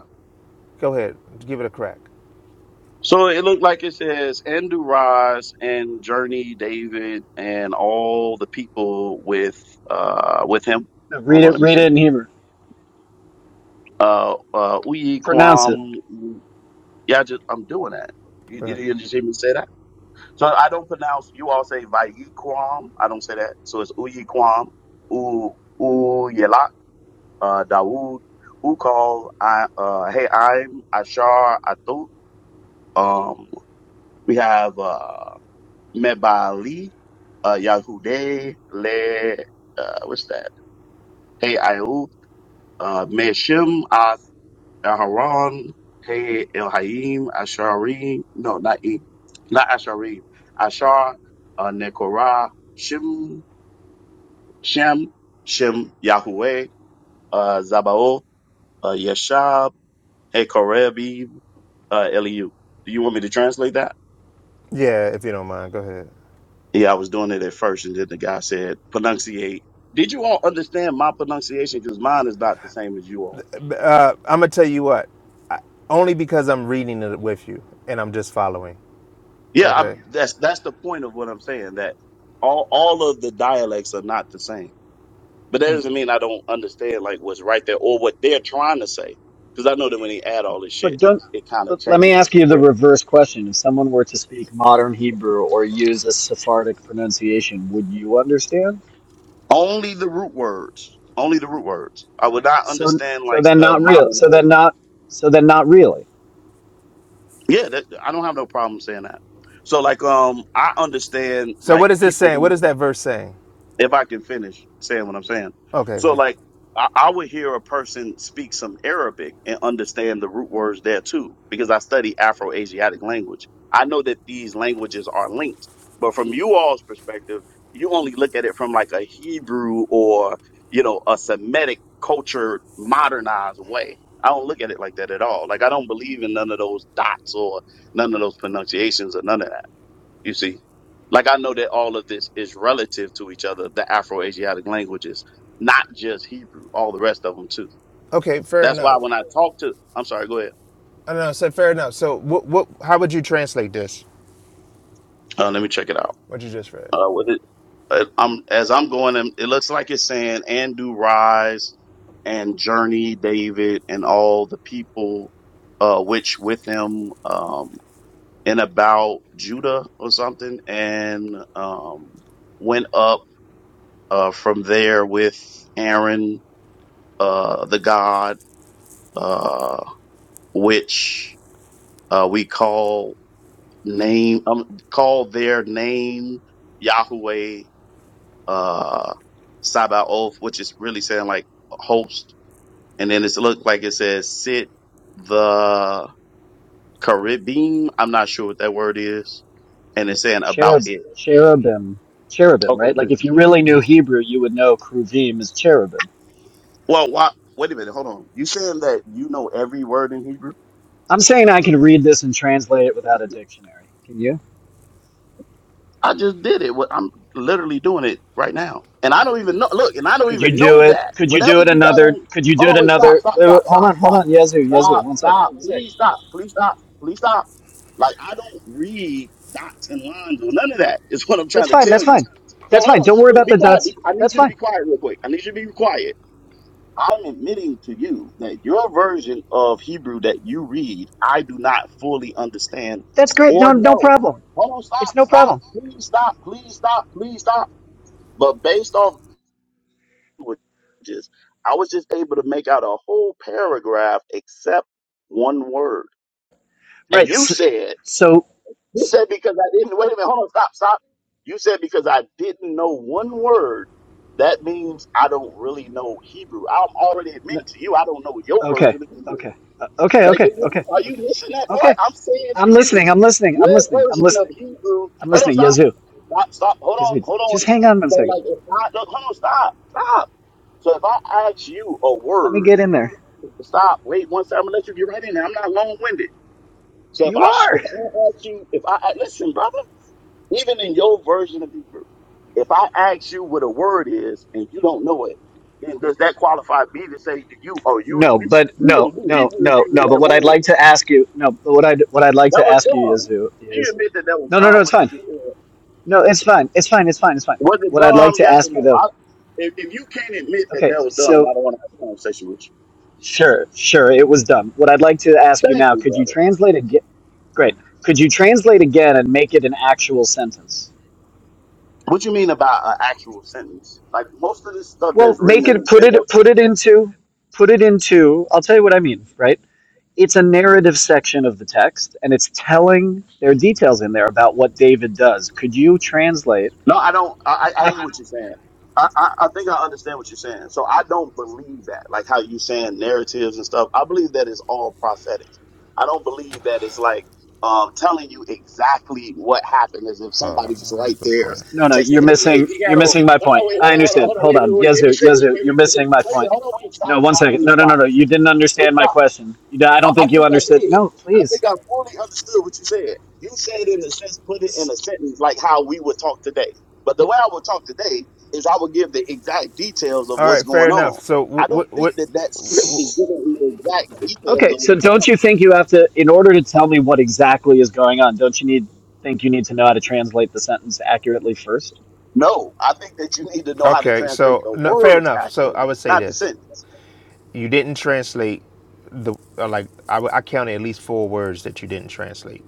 Go ahead. Give it a crack. So it looked like it says Andrew Ross and Journey David and all the people with uh with him. No, Hold read on, it. let me Read see. it in Hebrew. Uh uh Uyi Pronounce it. Kwam Yeah, I just I'm doing that. You Go did ahead. you just hear me say that? So I don't pronounce you all say Vayiquam. I don't say that. So it's Uyi Kwam, U U Yelak, uh Dawood, Ukal, I uh Hey I'm Ashar Atu. Um we have uh. Mebali, uh, Yahude, Le, uh, what's that? Hey, Ayub, uh, Meshim, Ath- Aharon, Hey, Elhaim, Asharim, no, not E, not Asharim, Ashar, uh, Nekorah, Shem, Shem, Shem, Yahweh, uh, Zabao, uh, Yeshab, Hey, Korebib, uh, Eliu. Do you want me to translate that? Yeah, if you don't mind, go ahead. Yeah, I was doing it at first, and then the guy said, "Pronunciate." Did you all understand my pronunciation? Because mine is not the same as you all. Uh, I'm gonna tell you what. I, only because I'm reading it with you and I'm just following. Yeah, I, Okay. that's that's the point of what I'm saying. That all all of the dialects are not the same, but that doesn't mean I don't understand like what's right there or what they're trying to say. Because I know that when they add all this But shit, don't. it kind of But let me changes ask the you the grip. reverse question: If someone were to speak modern Hebrew or use a Sephardic pronunciation, would you understand? Only the root words. Only the root words. I would not So understand so like then the not real. modern So words. then not. So then not really. Yeah, that, I don't have no problem saying that. So like um I understand So like what is this people saying? What who is that verse saying? if I can finish saying what I'm saying. Okay. So Okay. like I, I would hear a person speak some Arabic and understand the root words there too, because I study Afro Asiatic language. I know that these languages are linked, but from you all's perspective, you only look at it from like a Hebrew or, you know, a Semitic culture modernized way. I don't look at it like that at all. Like I don't believe in none of those dots or none of those pronunciations or none of that. You see, like I know that all of this is relative to each other, the Afro-Asiatic languages, not just Hebrew, all the rest of them too. Okay. Fair That's why enough. when I talk to, I'm sorry, go ahead. I don't know. So fair enough. So what? What? How would you translate this? Uh, let me check it out. What you just read? Uh, with it, uh, I'm as I'm going, um, it looks like it's saying and do rise and journey David and all the people, uh, which with him, um, and about Judah or something, and um, went up uh, from there with Aaron uh, the God, uh, which uh, we call name, um, call their name Yahweh uh, Sabaoth, which is really saying like host. And then it's look like it says sit the Caribbean. I'm not sure what that word is. And it's saying about cherub, it. cherubim, cherubim, Okay, right? Like The- cool. if you really knew Hebrew, you would know kruvim is cherubim. Well, why, wait a minute. Hold on. You saying that you know every word in Hebrew? I'm saying I can read this and translate it without a dictionary. Can you? I just did it. What I'm literally doing it right now. And I don't even know look, and I don't Could you even do know it? that. Could you do Whatever it you got another? on Could you do hold it on, wait, stop, another? stop, Wait, wait, stop, hold stop, on, hold stop. on. Yazoo, Yazoo, Stop, one sec, stop, one sec. please stop, please stop, please stop. Like I don't read dots and lines or none of that is what I'm That's trying to fine. tell That's fine. you. So That's hold fine. on, Don't sh- worry wait, about be the quiet. Be, dots. I need That's you to fine. be quiet real quick. I need you to be quiet. I'm admitting to you that your version of Hebrew that you read, I do not fully understand That's great. No, or no know. problem. Hold on, stop, It's no stop, problem. please stop, please stop, please stop. But based off languages, I was just able to make out a whole paragraph except one word. Right. And you s- said, So, you s- said because I didn't, wait a minute, hold on, stop, stop. You said because I didn't know one word that means I don't really know Hebrew. I'm already n- admitting to you I don't know your okay, version of Hebrew. okay, Uh, okay, Like, okay, okay, are you okay, missing that part? okay. I'm saying I'm to listening. you, I'm listening. I'm your listening. I'm version listening. of Hebrew. I'm Hold on, listening. stop, Yazoo. stop, stop. Hold on, Yazoo. hold Just on. hang on one So, second. like, if I look, hold on, stop, stop. So, if I ask you a Let me word, get in there. stop. Wait one second. I'm gonna let you get right in there. I'm not long winded. So, if You I sh- are. if I ask you, if I a- listen, brother, even in your version of Hebrew, if I ask you what a word is and you don't know it, then does that qualify me to say to you, oh, you, No, you, but you would no, have knew no, Hebrew if no, you knew no. But that what I'd word? like to ask you, no, but what I'd what I'd like That to was ask you, dumb. Yazoo, Do You is admit that that was no, no, no. dumb, It's what you fine. just said. No, it's fine. It's fine. It's fine. It's fine. Was it What I'd like dumb? to Yes or ask you no? though. I, if, if you can't admit that Okay, that was dumb, so I don't want to have a conversation with sure, sure, it was dumb. What I'd like to ask you. you Thank now, you, could you brother. translate again? Great. Could you translate again and make it an actual sentence? What you mean about an actual sentence? Like most of this stuff Well, that's written make in it the, put in it the put it into put it into. I'll tell you what I mean, right? it's a narrative section of the text and it's telling there are details in there about what david does could you translate No, I don't. I, I I act hear what you're saying. I, I, I think I understand what you're saying. So I don't believe that, like how you saying narratives and stuff. I believe that it's all prophetic. I don't believe that it's like um, telling you exactly what happened as if Oh, somebody was right good there point. no no taking. you're Hey, hey, missing he you're got on. missing my No, no, point wait, i hold on, hold on, understand hold on, hold wait, wait, on wait. Let me yezu say this, yezu you're baby. [laughs] missing my Wait a point minute, hold on, wait, no stop, one stop, second no please, no no stop, no you didn't please, understand my stop. question you, don't- i I don't I think you think I understood did. no I think please I fully understood what you said. You said in a sense, put it in a sentence like how we would talk today. But the way I would talk today is I would give the exact details of all what's right. Fair going enough. on. So I don't what? think What? what that that [laughs] script is wh- giving you the exact details okay of so what's going don't on. you think you have to in order to tell me what exactly is going on don't you need think you need to know how to translate the sentence accurately first No, I think that you need to know how to okay. translate So the no, fair words enough. So I accurately, would say not the this. sentence. You didn't translate the uh, like. I, w- I counted at least four words that you didn't translate.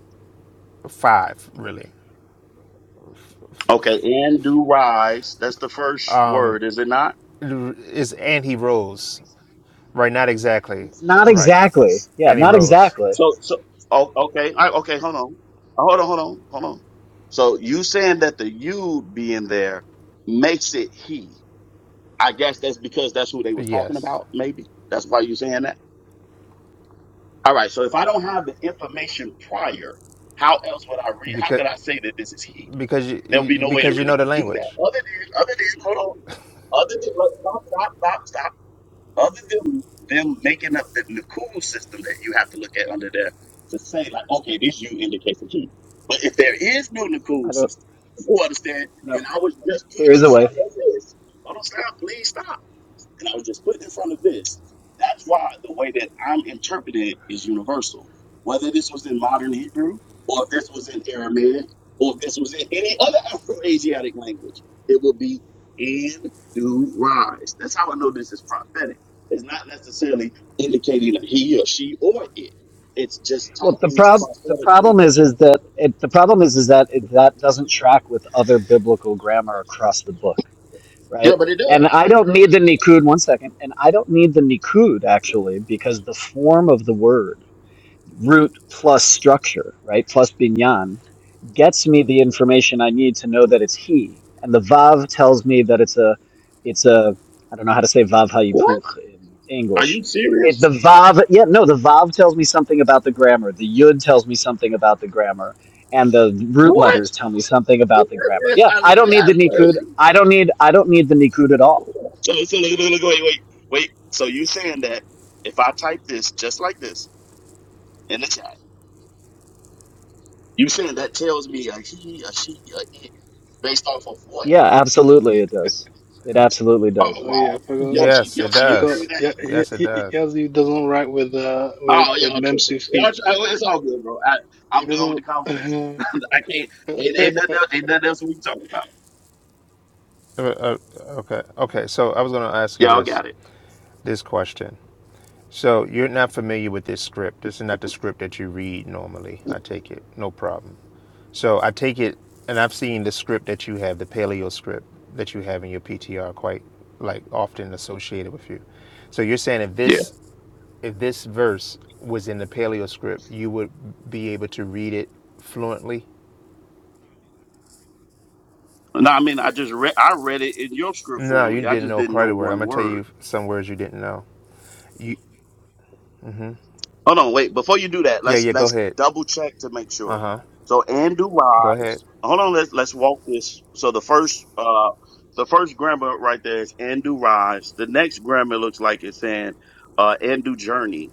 five really Okay, and do rise. That's the first word, is it not? is and rose right not exactly not right exactly yeah and not rose exactly So, so, oh, okay, I, okay, hold on, hold on, hold on, hold on. So you saying that the you being there makes it he? I guess that's because that's who they was talking yes about. Maybe that's why you saying that. All right. So if I don't have the information prior, how else would I read? How because could I say that this is he? because you, There would be you no way to because you really know the do that. language Other than, other than, hold on. Other than, look, stop, stop, stop, stop. Other than them making up the Nakul system that you have to look at under there to say, like, okay, this you indicates a heat. But if there is no i Nakul don't system, you understand, know and I was just putting there is a way something like this. Hold on, stop, please stop and I was just put in front of this. That's why the way that I'm interpreted is universal. Whether this was in modern Hebrew, or if this was in Aramaic, or if this was in any other [laughs] Afro-Asiatic language, it will be and do rise. That's how I know this is prophetic. It's not necessarily indicating a he or she or it. It's just Well, the talking prob the prophetically. problem is is that it, the problem is is that it, that doesn't track with other biblical grammar across the book, Yeah, right? but it And does. I don't need the Nikud one second, and I don't need the Nikud actually because the form of the word root plus structure, right, plus binyan gets me the information I need to know that it's he. And the vav tells me that it's a, it's a, I don't know how to say vav What? hayipuch in Are English. you It, serious? the vav, yeah, no, the vav tells me something about the grammar. The yud tells me something about the grammar. And the root What? letters tell me something about the grammar. [laughs] Yeah, I I this don't need guy's the nikud. crazy. I don't need, I don't need the nikud at all. So, so look, look, look, wait, wait, wait. So you saying that if I type this just like this in the chat, you saying that tells me a he, a she, a it, based off of what? Yeah, absolutely it does. It absolutely Oh does. Oh yeah, I wow, forgot. Yoshi, yes it I Yoshi, you agree forgot. does with that? Yeah, yeah, yes it does Yazoo doesn't write with uh with Oh, with y'all tripping? Memsu feet. Y'all, tri- oh, it's all good, bro. I, He I'm done with doesn't. the conversation. [laughs] [laughs] I can't. Ain't, ain't nothing. Else, ain't nothing else we can talk about. Uh, uh, okay okay so i was going to ask you Y'all this got it. this question So you're not familiar with this script. This is not the script that you read normally. I take it, no problem. So I take it, and I've seen the script that you have, the paleo script that you have in your PTR, quite like often associated with you. So you're saying if Yeah. this if this verse was in the paleo script, you would be able to read it fluently. No, I mean, I just read. I read it in your script No, you fluently. I didn't just know didn't know quite a word. I'm one gonna tell word. you some words you didn't know. You, Hold on, wait. Before you do that, yeah, let's yeah. Go let's ahead. double check to make Uh sure. huh. So Andrew Go ahead. Wise. Hold on, let's let's walk this. So the first uh the first grammar right there is Andrew Rise. The next grammar looks like it's saying uh Andrew Journey.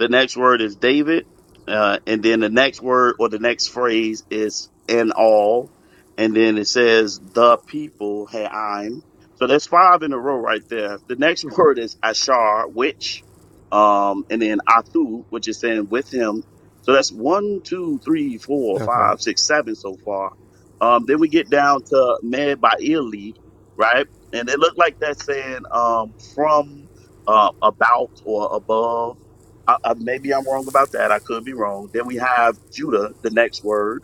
The next word is David, uh, and then the next word or the next phrase is and all, and then it says the people hey I'm. So there's five in a row right there. The next [laughs] word is Ashar, which um, and then Atu, which is saying with him. So that's one, two, three, four, Okay. five, six, seven so far. Um, then we get down to Med by right? And it looked like that's saying um, from, uh, about, or above. I, I, maybe I'm wrong about that. I could be wrong. Then we have Judah, the next word.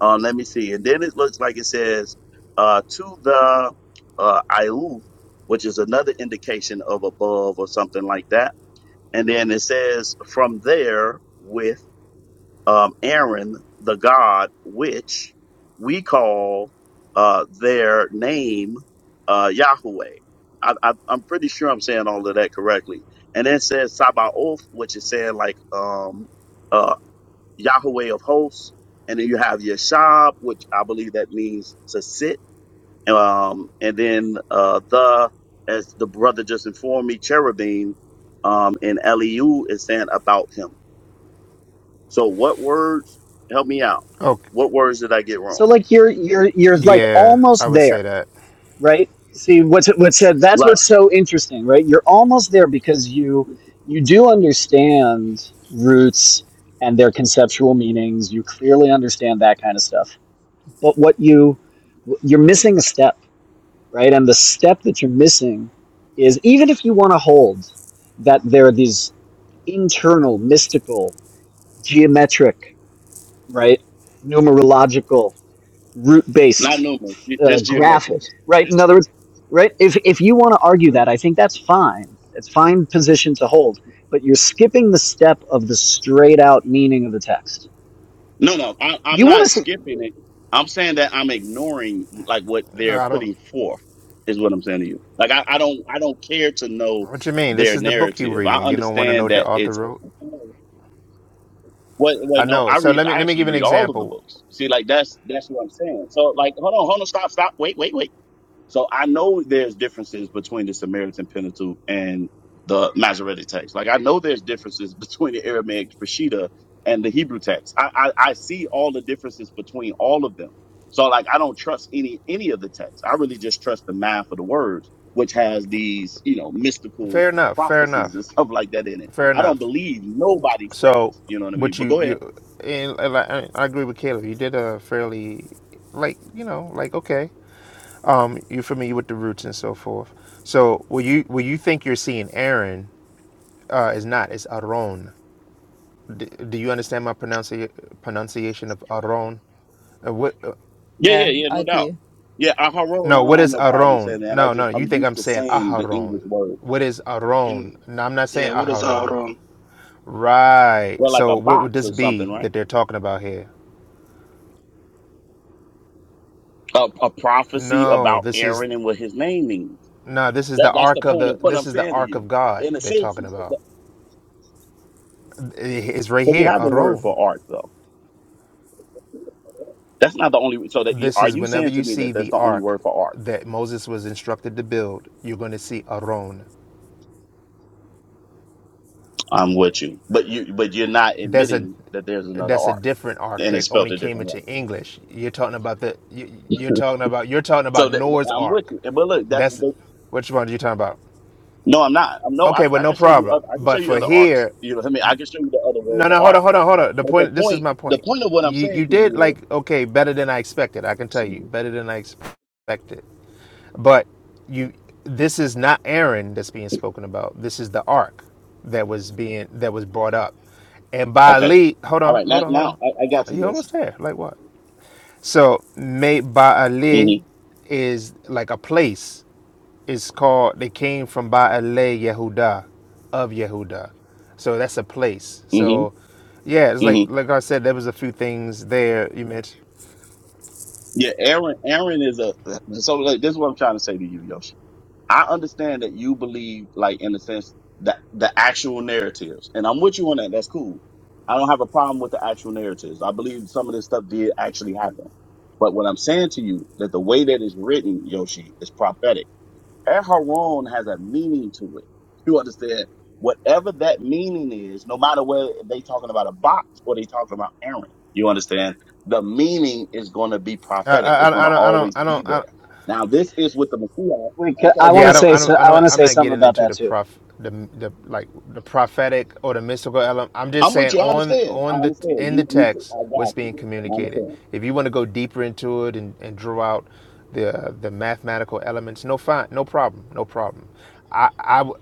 Uh, let me see. And then it looks like it says uh, to the uh, Iuth, which is another indication of above or something like that and then it says, from there with um, Aaron, the God, which we call uh, their name uh, Yahweh. I, I, I'm pretty sure I'm saying all of that correctly. And then it says Sabaoth, which is saying like um, uh, Yahweh of hosts. And then you have Yeshab, which I believe that means to sit um, and then uh, the as the brother just informed me, cherubim um, and Eliu is saying about him. So what words? Help me out. Okay. What words did I get So wrong? like you're you're you're like Yeah, I almost would there say that. right? See what's what's said. That's Right, what's so interesting, right? You're almost there because you you do understand roots and their conceptual meanings. You clearly understand that kind of stuff. But what you you're missing a step, right? And the step that you're missing is even if you want to hold that there are these internal, mystical, geometric, right, numerological, not root-based numerals, ju- uh, just graphic, geometrics. right? In other words, right? If if you want to argue that, I think that's fine. It's fine position to hold, but you're skipping the step of the straight out meaning of the text. No, no, I, I'm You want to not say? skipping it. I'm saying that I'm ignoring like what Uh, they're I don't. putting forth is what I'm saying to you. Like I, I don't, I don't care to know What you mean? This their is the book you narrative. I reading. You don't want to know understand what the that author it's wrote. What? What? I No, know. I So read. let me I let me give actually you an read all of the example. books. See, like that's that's what I'm saying. So, like, hold on, hold on, stop, stop, wait, wait, wait. So I know there's differences between the Samaritan Pentateuch and the Masoretic text. Like I know there's differences [laughs] between the Aramaic Peshitta and the Hebrew text. I, I I see all the differences between all of them. So like I don't trust any any of the texts. I really just trust the math of the words, which has these you know mystical Fair enough. Fair prophecies and [laughs] enough. stuff like that in it. Fair I don't enough. believe nobody's So, text. You know what I mean? what But you go ahead. you and and I, I agree with Caleb. You did a fairly, like you know, like okay. Um, you're familiar with the roots and so forth. So, what you what you think you're seeing Aaron uh, is not. It's Aron. D- do you understand my pronuncia- pronunciation of Aron? Uh, What? Yeah, Yeah, yeah, yeah, I no doubt. do. Yeah, I Aharon, No, I don't what have is no problem Aaron? saying that. I No, just no, you I'm think used I'm to saying saying the Aharon. English word. What is Aaron? You- No, I'm not yeah, saying what is Aharon. Aaron? Right. Well, like So a what would box this or something, be right? that they're talking about here? A, a prophecy No, about this is Aaron and what his name means. no, this is the That that's the ark of point the of what this I'm is the saying to ark you. of God In a they're sense, talking about. it's- It's right but we here, have a word Aaron. for art though. That's not the only. So that you, This are is you whenever saying you to me see that that's the the only ark word for art? that Moses was instructed to build, you're going to see Aaron. I'm with you, but you but you're not that's a admitting that there's another that's a art different arc and that it's spelled only a came different into way. English. You're talking about the you, you're [laughs] talking about you're talking about So that, Noah's I'm with arc. you. But look, that's That's which one are you talking about? No, I'm not. I'm no. I, Okay, well I no can show you. problem. Other, I can show But you for other arcs. here, You know what I mean. I can show you the other word no for no hold arc. on hold on hold on. The But the point this is point, my the point. point of what I'm You saying you to did you like okay better than I expected. I can is, tell you better than I expected. But you this is not Aaron that's being spoken about. This is the ark that was being that was brought up. And okay, Baali, hold all on, right. hold Now, on, hold now I, I got on. you, You Yoshi. almost there. Like what? So may Baali hmm is like a place. It's called they came from Baale Yehuda of Yehuda. So that's a place. hmm So yeah, it's like hmm like I said, there was a few things there you mentioned. Yeah, Aaron. Aaron is a. So like, this is what I'm trying to say to you, Yoshi. I understand that you believe, like in a sense, that the actual narratives, and I'm with you on that. That's cool. I don't have a problem with the actual narratives. I believe some of this stuff did actually happen. But what I'm saying to you that the way that it's written, Yoshi, is prophetic. Aharon has a meaning to it. You understand? Whatever that meaning is, no matter whether they talking about a box or they talking about Aaron, you understand? The meaning is going to be I, prophetic. It's going I, I to don't I don't always I be don't I there. don't Now, this is with the Messiah. Wait, I'm ca- sorry, I want Yeah, I to go don't, say I don't, so. I ahead. I want don't, to I'm say not something getting about into that the too. prof, the, the like the prophetic or the mystical element. I'm just I'm with saying you. I on understand. I on the understand. in the You, you, text I what's got being you. I communicated. understand. If you want to go deeper into it and, and draw out the the mathematical elements, no fine, no problem, no problem. I I would.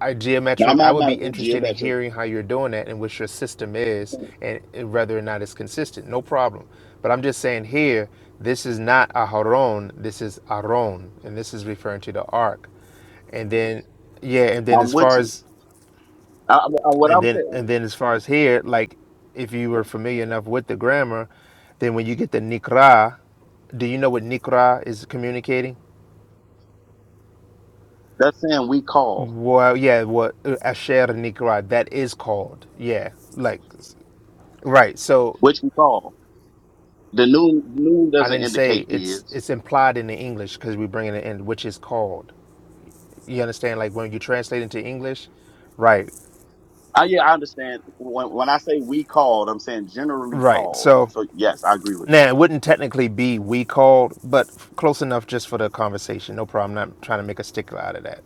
I Not geometric. I would be mathematical, interested in geometric. hearing how you're doing that and what your system is, and, and whether or not it's consistent. No problem. But I'm just saying here, this is not Aharon. This is Aron, and this is referring to the ark. And then, yeah, and then as I'm far with you. as I, I, what and I'm then saying, and then as far as here, like if you were familiar enough with the grammar, then when you get the Nikra, do you know what Nikra is communicating? that's saying we call, Well, yeah, what uh, Asher Nikra that is called. Yeah, like Right. So which we call. The noon, noon I doesn't didn't say indicate it's is. it's implied in the English because we bring it in, which is called. You understand? Like when you translate into English, right? Uh, yeah, I understand. When when I say we called, I'm saying generally Right. called. So So yes, I agree with now it wouldn't technically be we called, but close enough just for the conversation. No problem. I'm not trying to make a stickler out of that.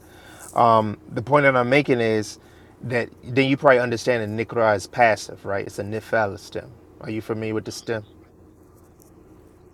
Um, the point that I'm making is that then you probably understand that nikra is passive, right? It's a nifal stem. Are you familiar with the stem?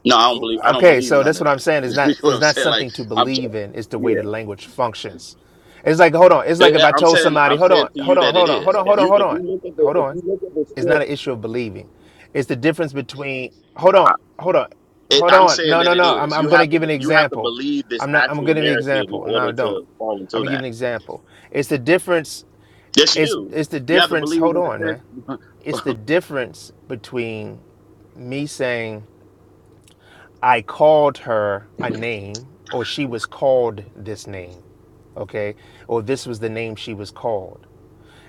you. No, I don't believe. I don't Okay, believe so none that's of what I'm that. saying. Is [laughs] you not know what is I'm not saying? Like something to I'm. j- believe in. It's the way the Yeah, language functions. It's like hold on. It's Eh, like if eh, I I'm told saying. somebody, I'm hold saying on, to hold you on, that it hold on, hold is. on, If hold on, you hold if you on, look at the hold if on. you look at the It's not script. an issue of believing. It's the difference between hold on, I- hold on, It, hold I'm on. saying No, no, that it no. I'm is. I'm You gonna have to give an you have to example. believe this I'm not. I'm gonna actual give an narrative in example. No, order I don't. to fall I'm into gonna give that. an example. It's the difference. Yes, you It's do. it's the You have to difference. believe Hold in on, man. the It's the text. difference between me saying. I called her a name, or she was called this name, okay, or this was the name she was called.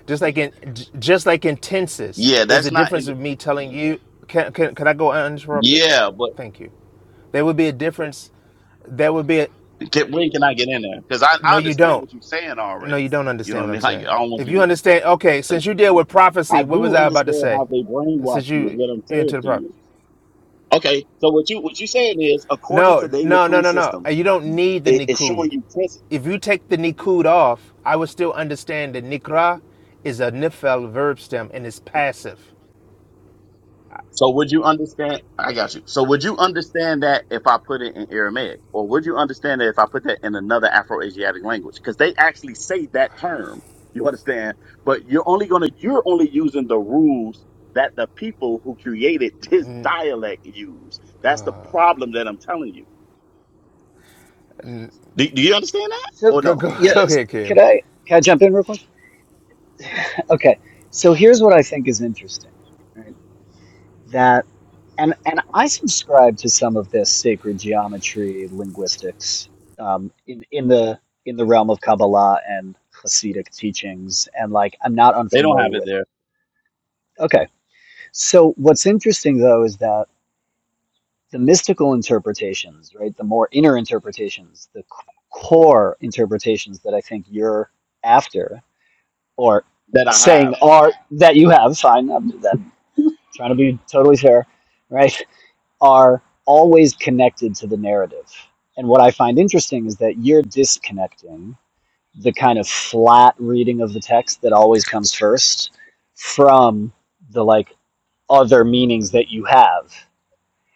Just like in, j- just like in [laughs] tenses, yeah, there's a that's not in. difference The, of me telling you. Can can, can I go uninterrupted? yeah, but Thank you. There would be a difference. There would be a Can, when can I get in there? Because I, no. I You understand don't. what you're saying No, you already. don't You know understand what I what I'm mean? Like, saying. I don't want If you you to. understand, okay. uh, Since you deal with I prophecy, what was do I about to understand say? how they brainwash Since you you, is you what I'm saying into the to prophet. you. Okay, so what you what you saying is, according No, to the no, no, Naku no, no. Uh, system, You don't need the it, it's Nikud. showing you. If you take the Nikud off, I would still understand that Nikra is a Nifel verb stem and is passive. So would you understand? I got you. So would you understand that if I put it in Aramaic, or would you understand that if I put that in another Afro-Asiatic language? Because they actually say that term. You understand? But you're only gonna you're only using the rules that the people who created [laughs] this dialect use. That's the problem that I'm telling you. Do, do you understand that? So, Or Go, no? go, [laughs] yeah, go ahead, could Kayla. I? Can I jump in real quick? [laughs] Okay. So here's what I think is interesting. Right. that and and I subscribe to some of this sacred geometry linguistics um, in in the in the realm of Kabbalah and Hasidic teachings, and like I'm not They don't have unfamiliar it with it. there. Okay, so what's interesting though is that the mystical interpretations, right, the more inner interpretations, the c- core interpretations that I think you're after or That I saying have. are that you have fine. I'm, I'm trying to be totally fair, right? are always connected to the narrative. And what I find interesting is that you're disconnecting the kind of flat reading of the text that always comes first from the like other meanings that you have.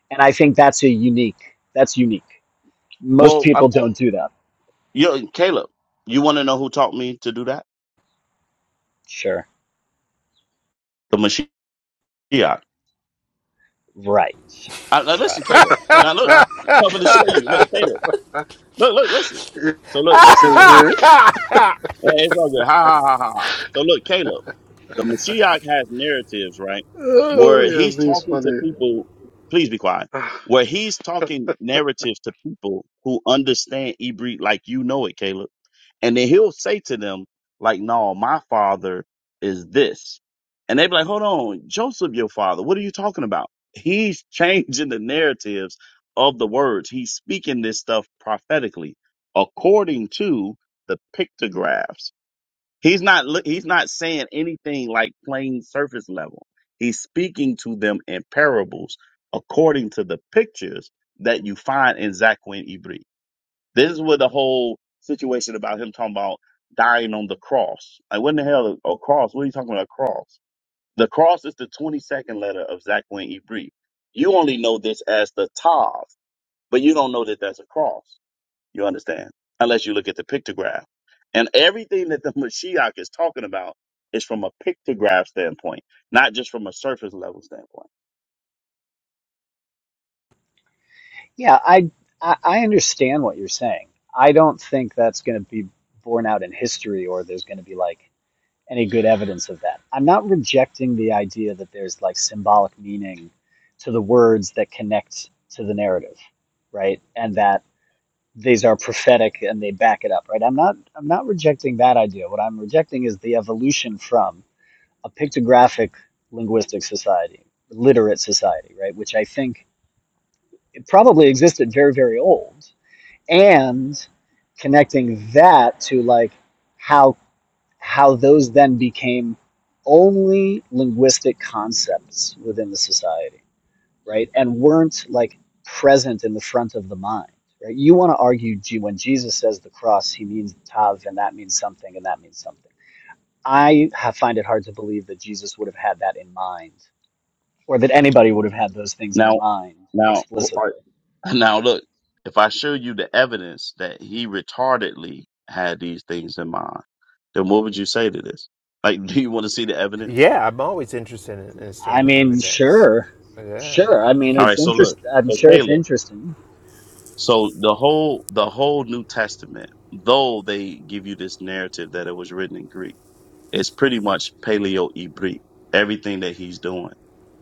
And I think that's a unique, that's unique. Most Well, I'm, people don't do that. you Caleb. You want to know who taught me to do that? Sure. The Mashiach. Right. I, now listen, Right. Caleb. Now [laughs] look, I'm going to show you. Look, Caleb. Look, look, listen. So look, listen, Caleb. Yazoo. Yeah, it's all good. Ha ha ha ha. ha. So look, Caleb the Mashiach has narratives, right? Oh, Where he's Yazoo is talking to funny. people, please be quiet. Ah, Where he's talking narratives to people who understand Hebrew like you know it, Caleb. And then he'll say to them, like, no, my father is this. And they be like, hold on, Joseph, your father, what are you talking about? He's [laughs] changing the narratives of the words. He's speaking this stuff prophetically according to the pictographs He's not look- he's not saying anything like plain surface level. He's speaking to them in parables according to the pictures that you find in Zaquin Ibri. This is where the whole situation about him talking about dying on the cross. Like what in the hell a cross? What are you talking about a cross? The cross is the 22nd letter of Zaquin Ibri. You only know this as the Tav, but you don't know that that's a cross. You understand? Unless you look at the pictograph. And everything that the [laughs] Mashiach is talking about is from a pictograph standpoint, not just from a surface level standpoint. Yeah, I I, I understand what you're saying. I don't think that's going to be borne out in history or there's going to be like any good evidence of that. I'm not rejecting the idea that there's like symbolic meaning to the words that connect to the narrative, right? And that these are prophetic and they back it up, right? I'm not I'm not rejecting that idea. What I'm rejecting is the evolution from a pictographic linguistic society, literate society, right? Which I think it probably existed very, very old. And connecting that to like how how those then became only linguistic concepts within the society, right? And weren't like present in the front of the mind, right? You want to argue gee, when Jesus says the cross, he means tav, and that means something, and that means something. I have, find it hard to believe that Jesus would have had that in mind, or that anybody would have had those things in Now, mind now, oh, all explicitly. right, [laughs] now look, if I show you the evidence that he retardedly had these things in mind, then what would you say to this? Like, [laughs] do you want to see the evidence? Yeah, I'm always interested in, in I seeing mean, evidence. sure, Yeah. sure. I mean, All it's right. So interest. look, I'm so sure it's Caleb, interesting. so the whole, the whole New Testament, though they give you this narrative that it was written in Greek It's pretty much paleo ibri, everything that he's doing.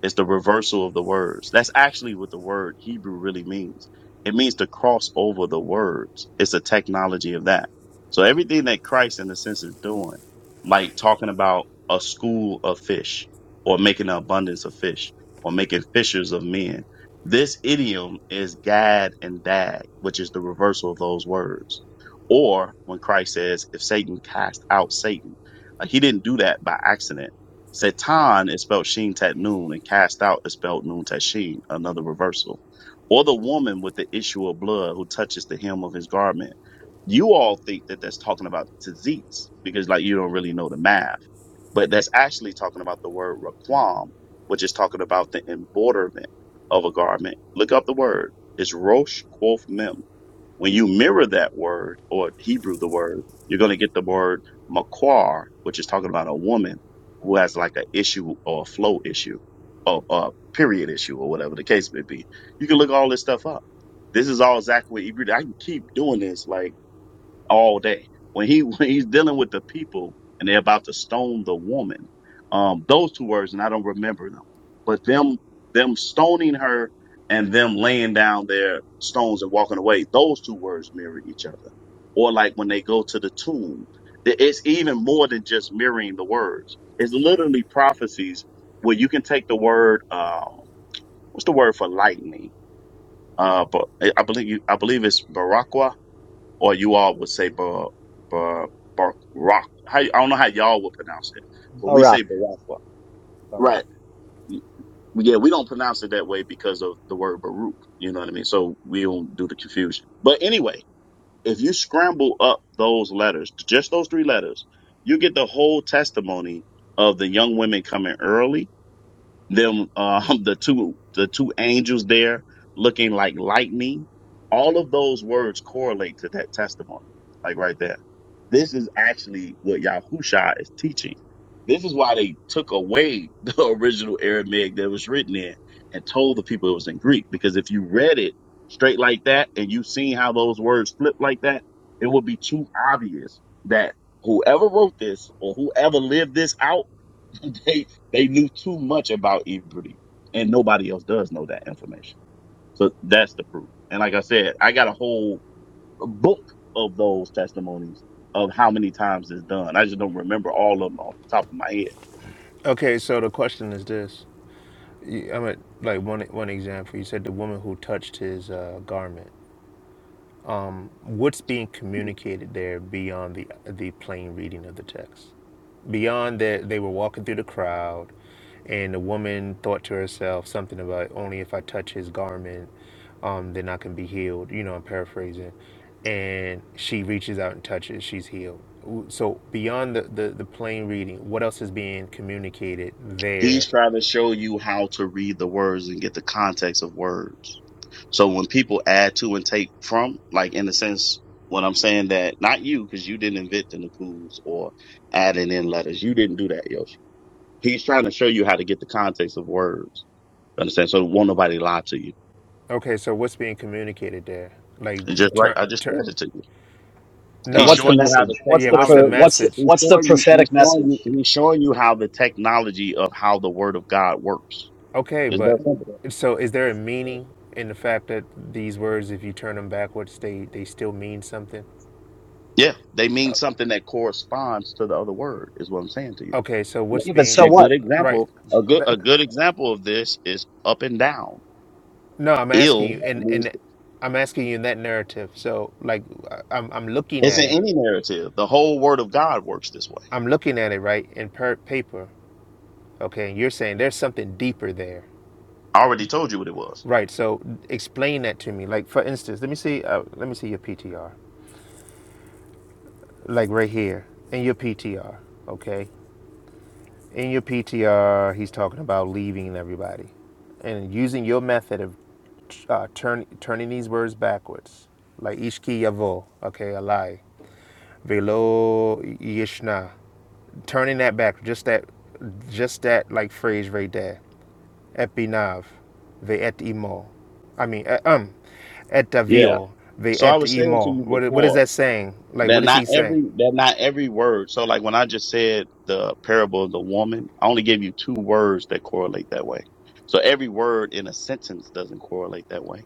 It's the reversal of the words. That's actually what the word Hebrew really means. It means to cross over the words. It's a technology of that. So everything that Christ in a sense is doing, like talking about a school of fish or making an abundance of fish or making fishers of men. This idiom is gad and dag, which is the reversal of those words. Or when Christ says, if Satan cast out Satan, like he didn't do that by accident. Satan is spelled Sheen Tat Noon, and cast out is spelled Noon Tat Sheen, another reversal. Or the woman with the issue of blood who touches the hem of his garment. You all think that that's talking about tzitz because, like, you don't really know the math, but that's actually talking about the word raquam, which is talking about the embroiderment of a garment. Look up the word. It's Rosh Quoth Mem when you mirror that word or Hebrew the word, you're going to get the word maquar, which is talking about a woman who has like an issue or a flow issue or a period issue or whatever the case may be. You can look all this stuff up. This is all Zachary. Ibri- I can keep doing this. Like, all day. When he [laughs] when he's dealing with the people and they're about to stone the woman, um, those two words, and I don't remember them, but them them stoning her and them laying down their stones and walking away, those two words mirror each other. Or like when they go to the tomb, it- it's even more than just mirroring the words. It's literally prophecies where you can take the word, um, what's the word for lightning? Uh, but I believe you, I believe it's Barakwa or you all would say bar, bar, bar, rock. How, I don't know how y'all would pronounce it, but we Barak, say Barakwa. Barak. Right. Yeah, we don't pronounce it that way because of the word Baruch. You know what I mean? So we don't do the confusion. But anyway, if you scramble up those letters, just those three letters, you get the whole testimony of the young women coming early them um [laughs] the two the two angels there looking like lightning all of those words correlate to that testimony like right there this is actually what yahusha is teaching this is why they took away [laughs] the original aramaic that was written in and told the people it was in greek because if you read it straight like that and you seen how those words flip like that it would be too obvious that whoever wrote this or whoever lived this out [laughs] they they knew too much about Ibrahim, and nobody else does know that information. So that's the proof. And like I said, I got a whole book of those testimonies of how many times it's done. I just don't remember all of them off the top of my head. Okay, so the question is this. You- I'm at like one one example. You said the woman who touched his uh, garment. what's being communicated there beyond the the plain reading of the text beyond that they were walking through the crowd and the woman thought to herself something about only if i touch his garment um, then i can be healed you know i'm paraphrasing and she reaches out and touches she's healed so beyond the, the, the plain reading what else is being communicated He's there trying to show you how to read the words and get the context of words. So when people add to and take from, like in a sense, what I'm saying that not you, because you didn't invent the Nakus or adding in letters. You didn't do that, Yoshi He's trying to show you how to get the context of words. Understand? So won't nobody lie to you. okay so what's being communicated there And just like right, I turn just turn said it to you. No, no He's i'm what's t- the showing you how the message? What's yeah the what's the pro, technology. what's message He's what's the showing you. He's prophetic showing you. message? He's showing you how the technology of how the Word of God works. Okay, Is but that simple? so is there a meaning in the fact that these words, if you turn them backwards, they they still mean something? Yeah, they mean Uh, something that corresponds to the other word. Is what I'm saying to you. Okay, so what's Yeah, but being so A good what? right? example. A good. That, A good example of this is up and down. no, I'm asking Ill you, and means and I'm asking you in that narrative. So like, I- I'm I'm looking it's at in it, any narrative. The whole Word of God works this way. I'm looking at it right in per- paper. Okay, and you're saying there's something deeper there, I already told you what it was. right? So explain that to me. Like for instance, let me see, uh, let me see your PTR, like right here in your PTR. Okay, In your PTR, he's talking about leaving everybody and using your method of uh, turn, turning these words backwards, like ishki yavo, okay, a lie, velo yishna, turning that back, just that, just that like phrase right there, epinav, ve et imo, I mean, eh, um, et Yeah. avio, ve So I et was saying to imo. you What, what is before that saying? Like, that what is he not saying? every that not every word. So like when I just said the parable of the woman, I only gave you two words that correlate that way. So every word in a sentence doesn't correlate that way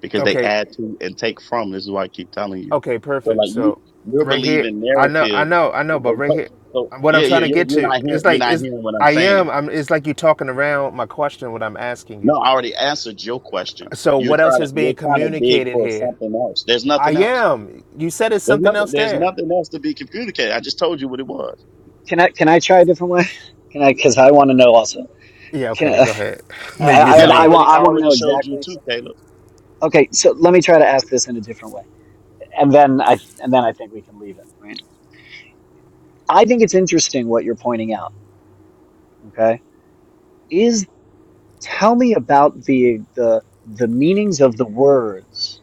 because they Okay, add to and take from. This is why I keep telling you. Okay, So perfect. like you So you're right here, believing I know, I narrative. know, I know, but right So, here, so what I'm yeah, trying yeah, to you're, get you're to not hearing it's you're like not is hearing what I'm I am. saying. I'm. It's like you talking around my question. What I'm asking No, you. I already answered your question. So You're what else trying to is being you're trying to dig communicated for here? something else. There's I nothing else. am. You said it's There's something nothing. else There's there. nothing else to be communicated. I just told you what it was. Can I can I try a different way? [laughs] Can I? Because I want to know also. Yeah. Can Okay. I? Go ahead. [laughs] I, Maybe it's I, Yeah, I I me. want already I I want to already know showed you exactly. too, Caleb. Okay, so let me try to ask this in a different way, and then I and then I think we can leave it. Right. I think it's interesting what you're pointing out. Okay, is tell me about the the the meanings of the words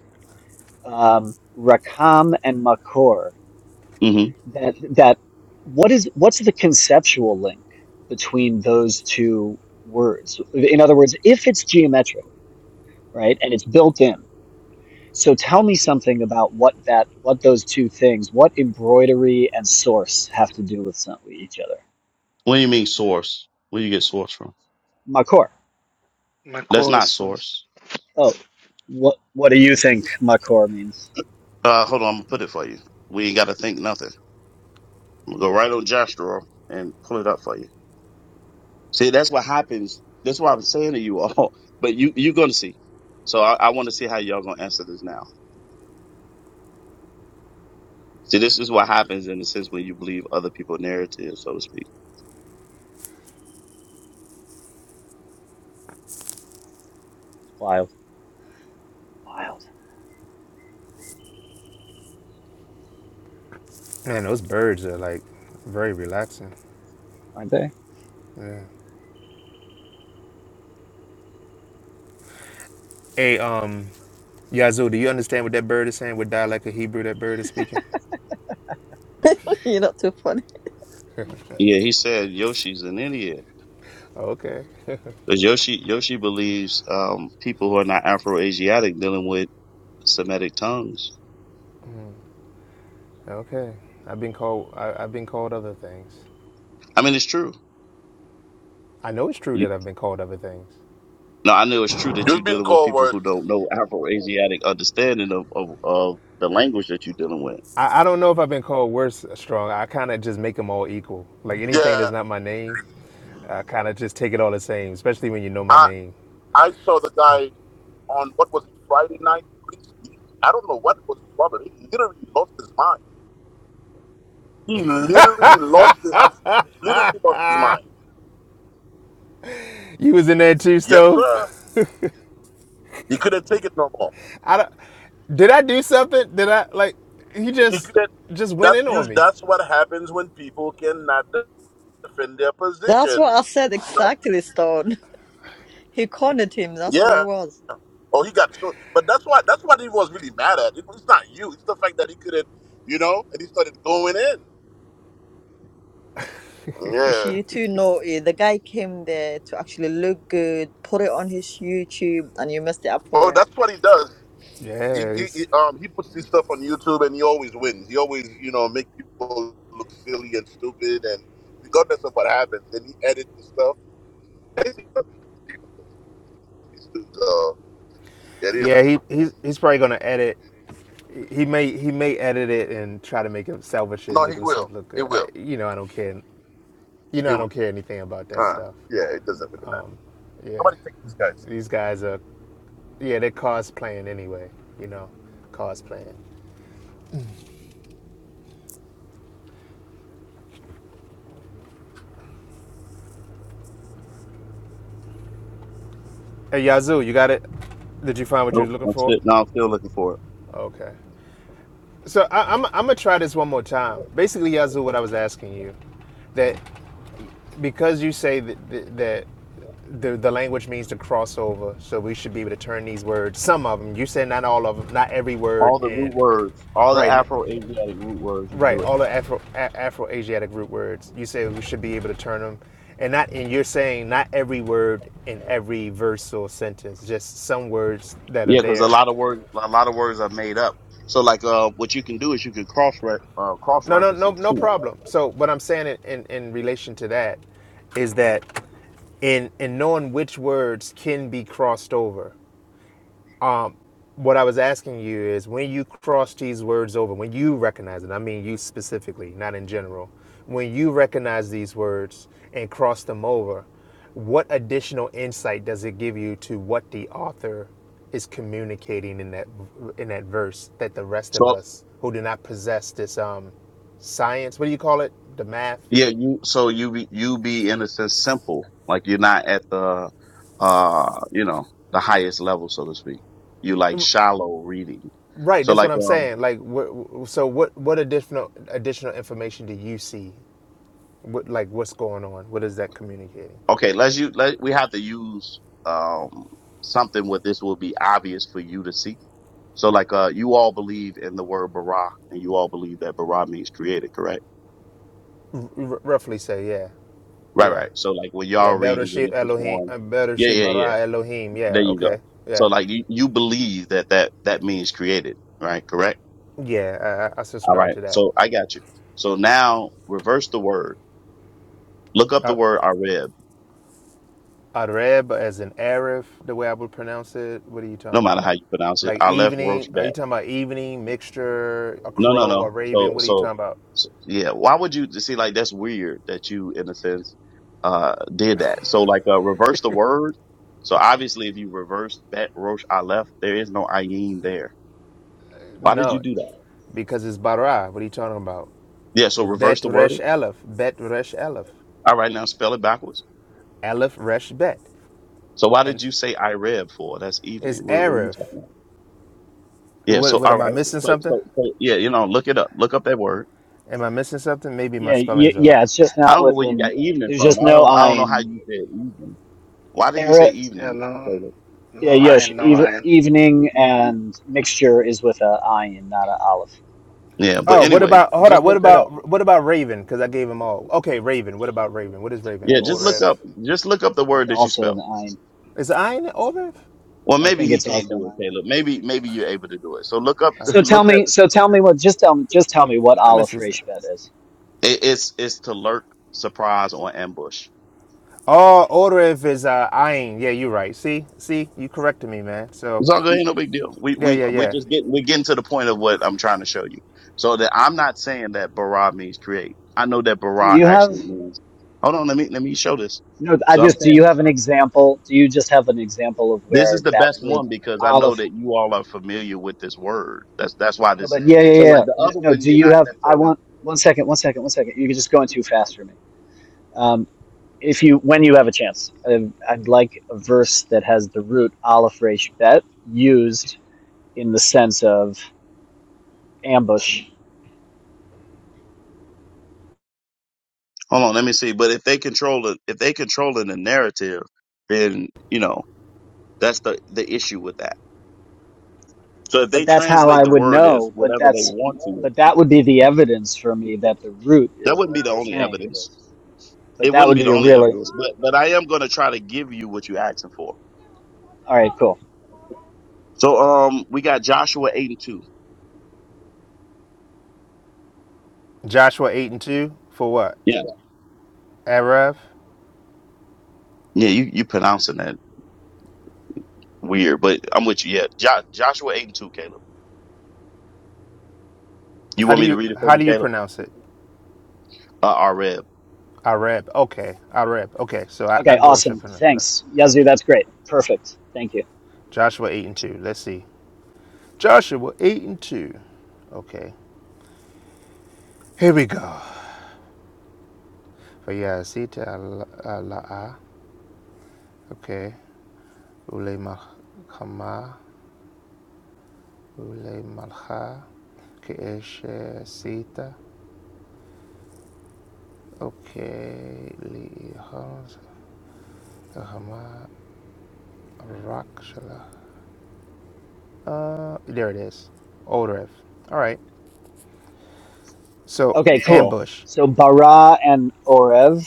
um, rakam and makor hmm that that what is what's the conceptual link between those two words in other words if it's geometric right and it's built in so tell me something about what that what those two things what embroidery and source have to do with some, with each other What do you mean source? Where do you get source from? makor My That's not chorus was source. oh what what do you think makor means Uh, hold on, I'm gonna put it for you. We ain't got to think nothing. I'm gonna go right on Joshua and pull it up for you. See, that's what happens. That's what I'm saying to you all. [laughs] But you you're gonna see. So I, I want to see how y'all gonna answer this now. See, this is what happens in the sense when you believe other people's narratives, so to speak. wild wild Man, those birds are like very relaxing. aren't they Hey, um, Yazoo, do you understand what that bird is saying? What dialect of Hebrew that bird is speaking? [laughs] You're not too funny. Yeah, he said Yoshi's an idiot. Okay. Because Yoshi Yoshi believes um, people who are not Afro Asiatic dealing with Semitic tongues. [laughs] okay. I've been called. I, I've been called other things. I mean, it's true. I know it's true You, that I've been called other things. no, I know it's true that you're You've been dealing with cold people word. who don't know Afro Asiatic understanding of, of of the language that you're dealing with. I, I don't know if I've been called worse or strong. I kind of just make them all equal. Like anything Yeah, that's not my name, I kind of just take it all the same, especially when you know my I name. I saw the guy on what was it Friday night? He- I don't know what was his problem. He literally lost his mind. He literally lost. His, I have literally lost his mind. You was in there too, Yes, sir. Stove. He couldn't take it no more. [laughs] I don't, did I do something? Did I like? He He just couldn't. just went That's in on us me. That's what happens when people cannot defend their That's what position. I said You know? exactly, Stone. [laughs] He cornered him. That's what Yeah. it was. Oh, he got so. But that's why. That's what he was really mad at. It, it's not you. It's the fact that he couldn't. You know, and he started going in. Yeah. She too naughty. The guy came there to actually look good, put it on his YouTube, and you messed it up Oh, for him. that's what he does. He, Yeah, he, he he's um he puts this stuff on YouTube and he always wins. He always you know make people look silly and stupid and regardless of what happens, then he edits the stuff. Basically, These dudes, uh, yeah, they yeah he he's he's probably gonna edit. He may he may edit it and try to make him salvage it, no, make he himself will. look He good. I, will. you know I don't care. You know He I will. don't care anything about that Uh, stuff. yeah, it doesn't really matter. Yeah. Nobody take these guys. These guys are, yeah, they're cosplaying anyway, you know, cosplaying. Hey, Yazoo, you got it? Did you find what you was Nope, looking I'm for? still no, I'm still looking for it. Okay. So I, I'm, I'm gonna try this one more time. Basically, Yazoo, what I was asking you, that because you say that, that, that the, the language means to cross over, so we should be able to turn these words, some of them, you said not all of them, not every All word the in, root words, all the right, Afro Asiatic root words, you can do it. Right, all the Afro a- Afro-Asiatic root words. You say we should be able to turn them, and not. And you're saying not every word in every verse or sentence, just some words that are Yeah, because a there. lot of words, a lot of words are made up. So like, uh, what you can do is you can cross re- uh, cross No, no, reference no, them no too. problem. So what I'm saying in, in, in relation to that is that in in knowing which words can be crossed over, what I was asking you is when you cross these words over, when you recognize it, I mean you specifically, not in general, when you recognize these words and cross them over, what additional insight does it give you to what the author is communicating in that in that verse that the rest of So us who do not possess this um science, what do you call it? The math? yeah, you so you be you be in a sense simple, like you're not at the, uh, you know, the highest level, so to speak. You like shallow reading. Right, So that's what like, I'm um, saying. Like wh- so what what additional additional information do you see? What like what's going on? What is that communicating? okay, let's you let we have to use um something where this will be obvious for you to see. So like, uh, you all believe in the word bara, and you all believe that bara means created, correct? R- roughly say, yeah. Right, Yeah. right. So like when Yeah, y'all better reading sheep Genesis Elohim, one, uh, better yeah, sheep yeah, yeah. bara Elohim. There Yeah, you okay. go. So Yeah. like you, you believe that that that means created, right? Correct. Yeah, I, I I All subscribe right. to that. So I got you. So now reverse the word. Look up Uh, the word Areb. Arab as an Arif, the way I would pronounce it. What are you talking No about? matter how Like you pronounce it, like I left evening? roast Are you back. talking about evening, mixture, a No, no, crow, a no. So, raven? What are you so, talking about? so yeah. Why would you see like that's weird that you in a sense uh did that? So like uh reverse the word. So obviously if you reverse bet rosh I left, there is no ayin there. Why did you No, do that? because it's bara. What are you talking about? Yeah, so reverse Bet the word. resh Aleph, bet resh Aleph, All right, now spell it backwards. Aleph resh bet. So why And did you say I read for? That's evening. it's What, what are you Arif. talking about? Yeah, What, so what all am I right. missing So, something? so so yeah, you know, look it up. Look up that word. Am I missing something? Maybe my yeah y- spelling's off. yeah it's just I not don't know where you got within evening there's from. just I no don't I don't know how ayin you said evening. Why did he say yeah evening? no Caleb? no Yeah, I Yosh, no eve- I. evening and mixture is with a ayin, not a aleph. Yeah, but Oh, what anyway, about hold on? just What look that up. about what about Raven? Because I gave them all. Okay, Raven. What about Raven? What is Raven? Yeah, just look Oref. That's up just look up the that's word that you also spelled. an ayin. Is I in it Ayn Oref? Well, I maybe think he it's can't also an do it, ayin. Caleb. Maybe maybe you're able to do it. So look up [laughs] So Okay. tell look me, so tell me what just tell me, just tell me what Let me aleph see. some- resh bet is. at it, it's it's to lurk, surprise, or ambush. Oh, Oref is uh, Ayn. Yeah, you're right. See, see, you corrected me, man. So, It's all good. you- Ain't no big deal. We yeah, we yeah, we yeah. just get we getting to the point of what I'm trying to show you. So that I'm not saying that bara means create. I know that Do bara you actually have means. Hold on. Let me let me show this. no? I So I'm just do saying you have an example? Do you just have an example of this where is the that best root one because I aleph? know that you all are familiar with this word. That's that's why No, this. Is, but yeah, so yeah, like the yeah. other No, one, do you're you not have? I necessarily. want one second, one second, one second. You second. You're just going too fast for me. Um, if you when you have a chance. I'd, I'd like a verse that has the root aleph resh bet used in the sense of ambush. Hold on. Let me see. But if they control it, if they control the narrative, then you know that's the the issue with that. So if they But that's how translate I the would word as know. But whatever they that's want to, but that would be the evidence for me that the root that is wouldn't what be the you're only saying it evidence. is. But It that wouldn't would be the be a only really evidence, but but I am going to try to give you what you're asking for. all right. Cool. So um, we got Joshua eight and two. Joshua eight and two for what? Yeah, Arab. yeah, you you pronouncing that weird, but I'm with you. Yeah, jo- Joshua eight and two, Caleb. You How want do me to you read it for how you, do you Caleb? pronounce it? Uh, I read. Arab. Okay, Arab. Okay, so I, I Okay. go with your Awesome. pronunciation. Thanks, Yazoo. That's great. Perfect. Thank you. Joshua eight and two. Let's see. Joshua 8 and 2. Okay. Here we go. Vayazita ala'a. Okay. Ule malchama. Ule malcha. Okay. Li'ihos. Hama. Rakshala. Uh, there it is. Older All right. So Okay. Cool. ambush. So bara and orev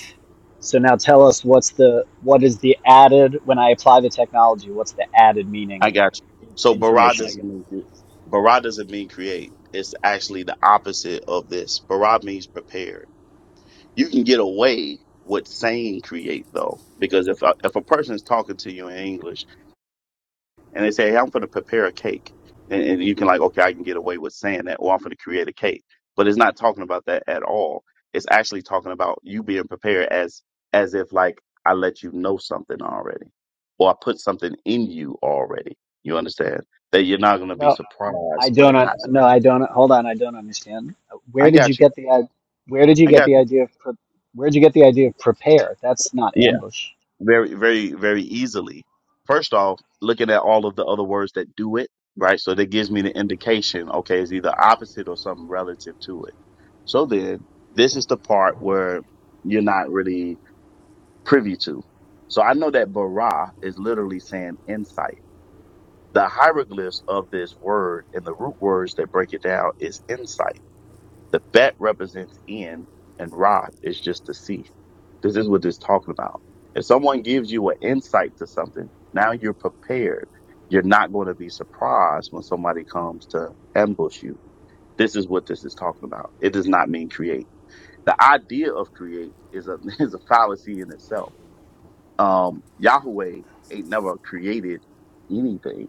So now tell us what's the what is the added when I apply the technology? What's the added meaning I got you. in- So bara information I doesn't get? mean cre- bara doesn't mean create. It's actually the opposite of this. Bara means prepared. You can get away with saying create though, because if a, if a person is talking to you in English and they say, hey, I'm going to prepare a cake. And, and you can like, okay, I can get away with saying that, or I'm going to create a cake. But it's not talking about that at all. It's actually talking about you being prepared as as if like I let you know something already, or I put something in you already. You understand that you're not going to be No, I surprised when don't. it Un- happens. no, I don't. Hold on, I don't understand. Where I did you got you. get the i- Where did you I get got the idea of pre- Where did you get the idea of prepare? That's not you. ambush. very, very, very easily. First off, looking at all of the other words that do it, right? So that gives me the indication, okay, it's either opposite or something relative to it. So then this is the part where you're not really privy to. So I know that bara is literally saying insight. The hieroglyphs of this word and the root words that break it down is insight. The bet represents in and rod is just to see. This is what this is talking about. If someone gives you an insight to something, now you're prepared. You're not going to be surprised when somebody comes to ambush you. This is what this is talking about. It does not mean create. The idea of create is a [laughs] is a fallacy in itself. Um, Yahweh ain't never created anything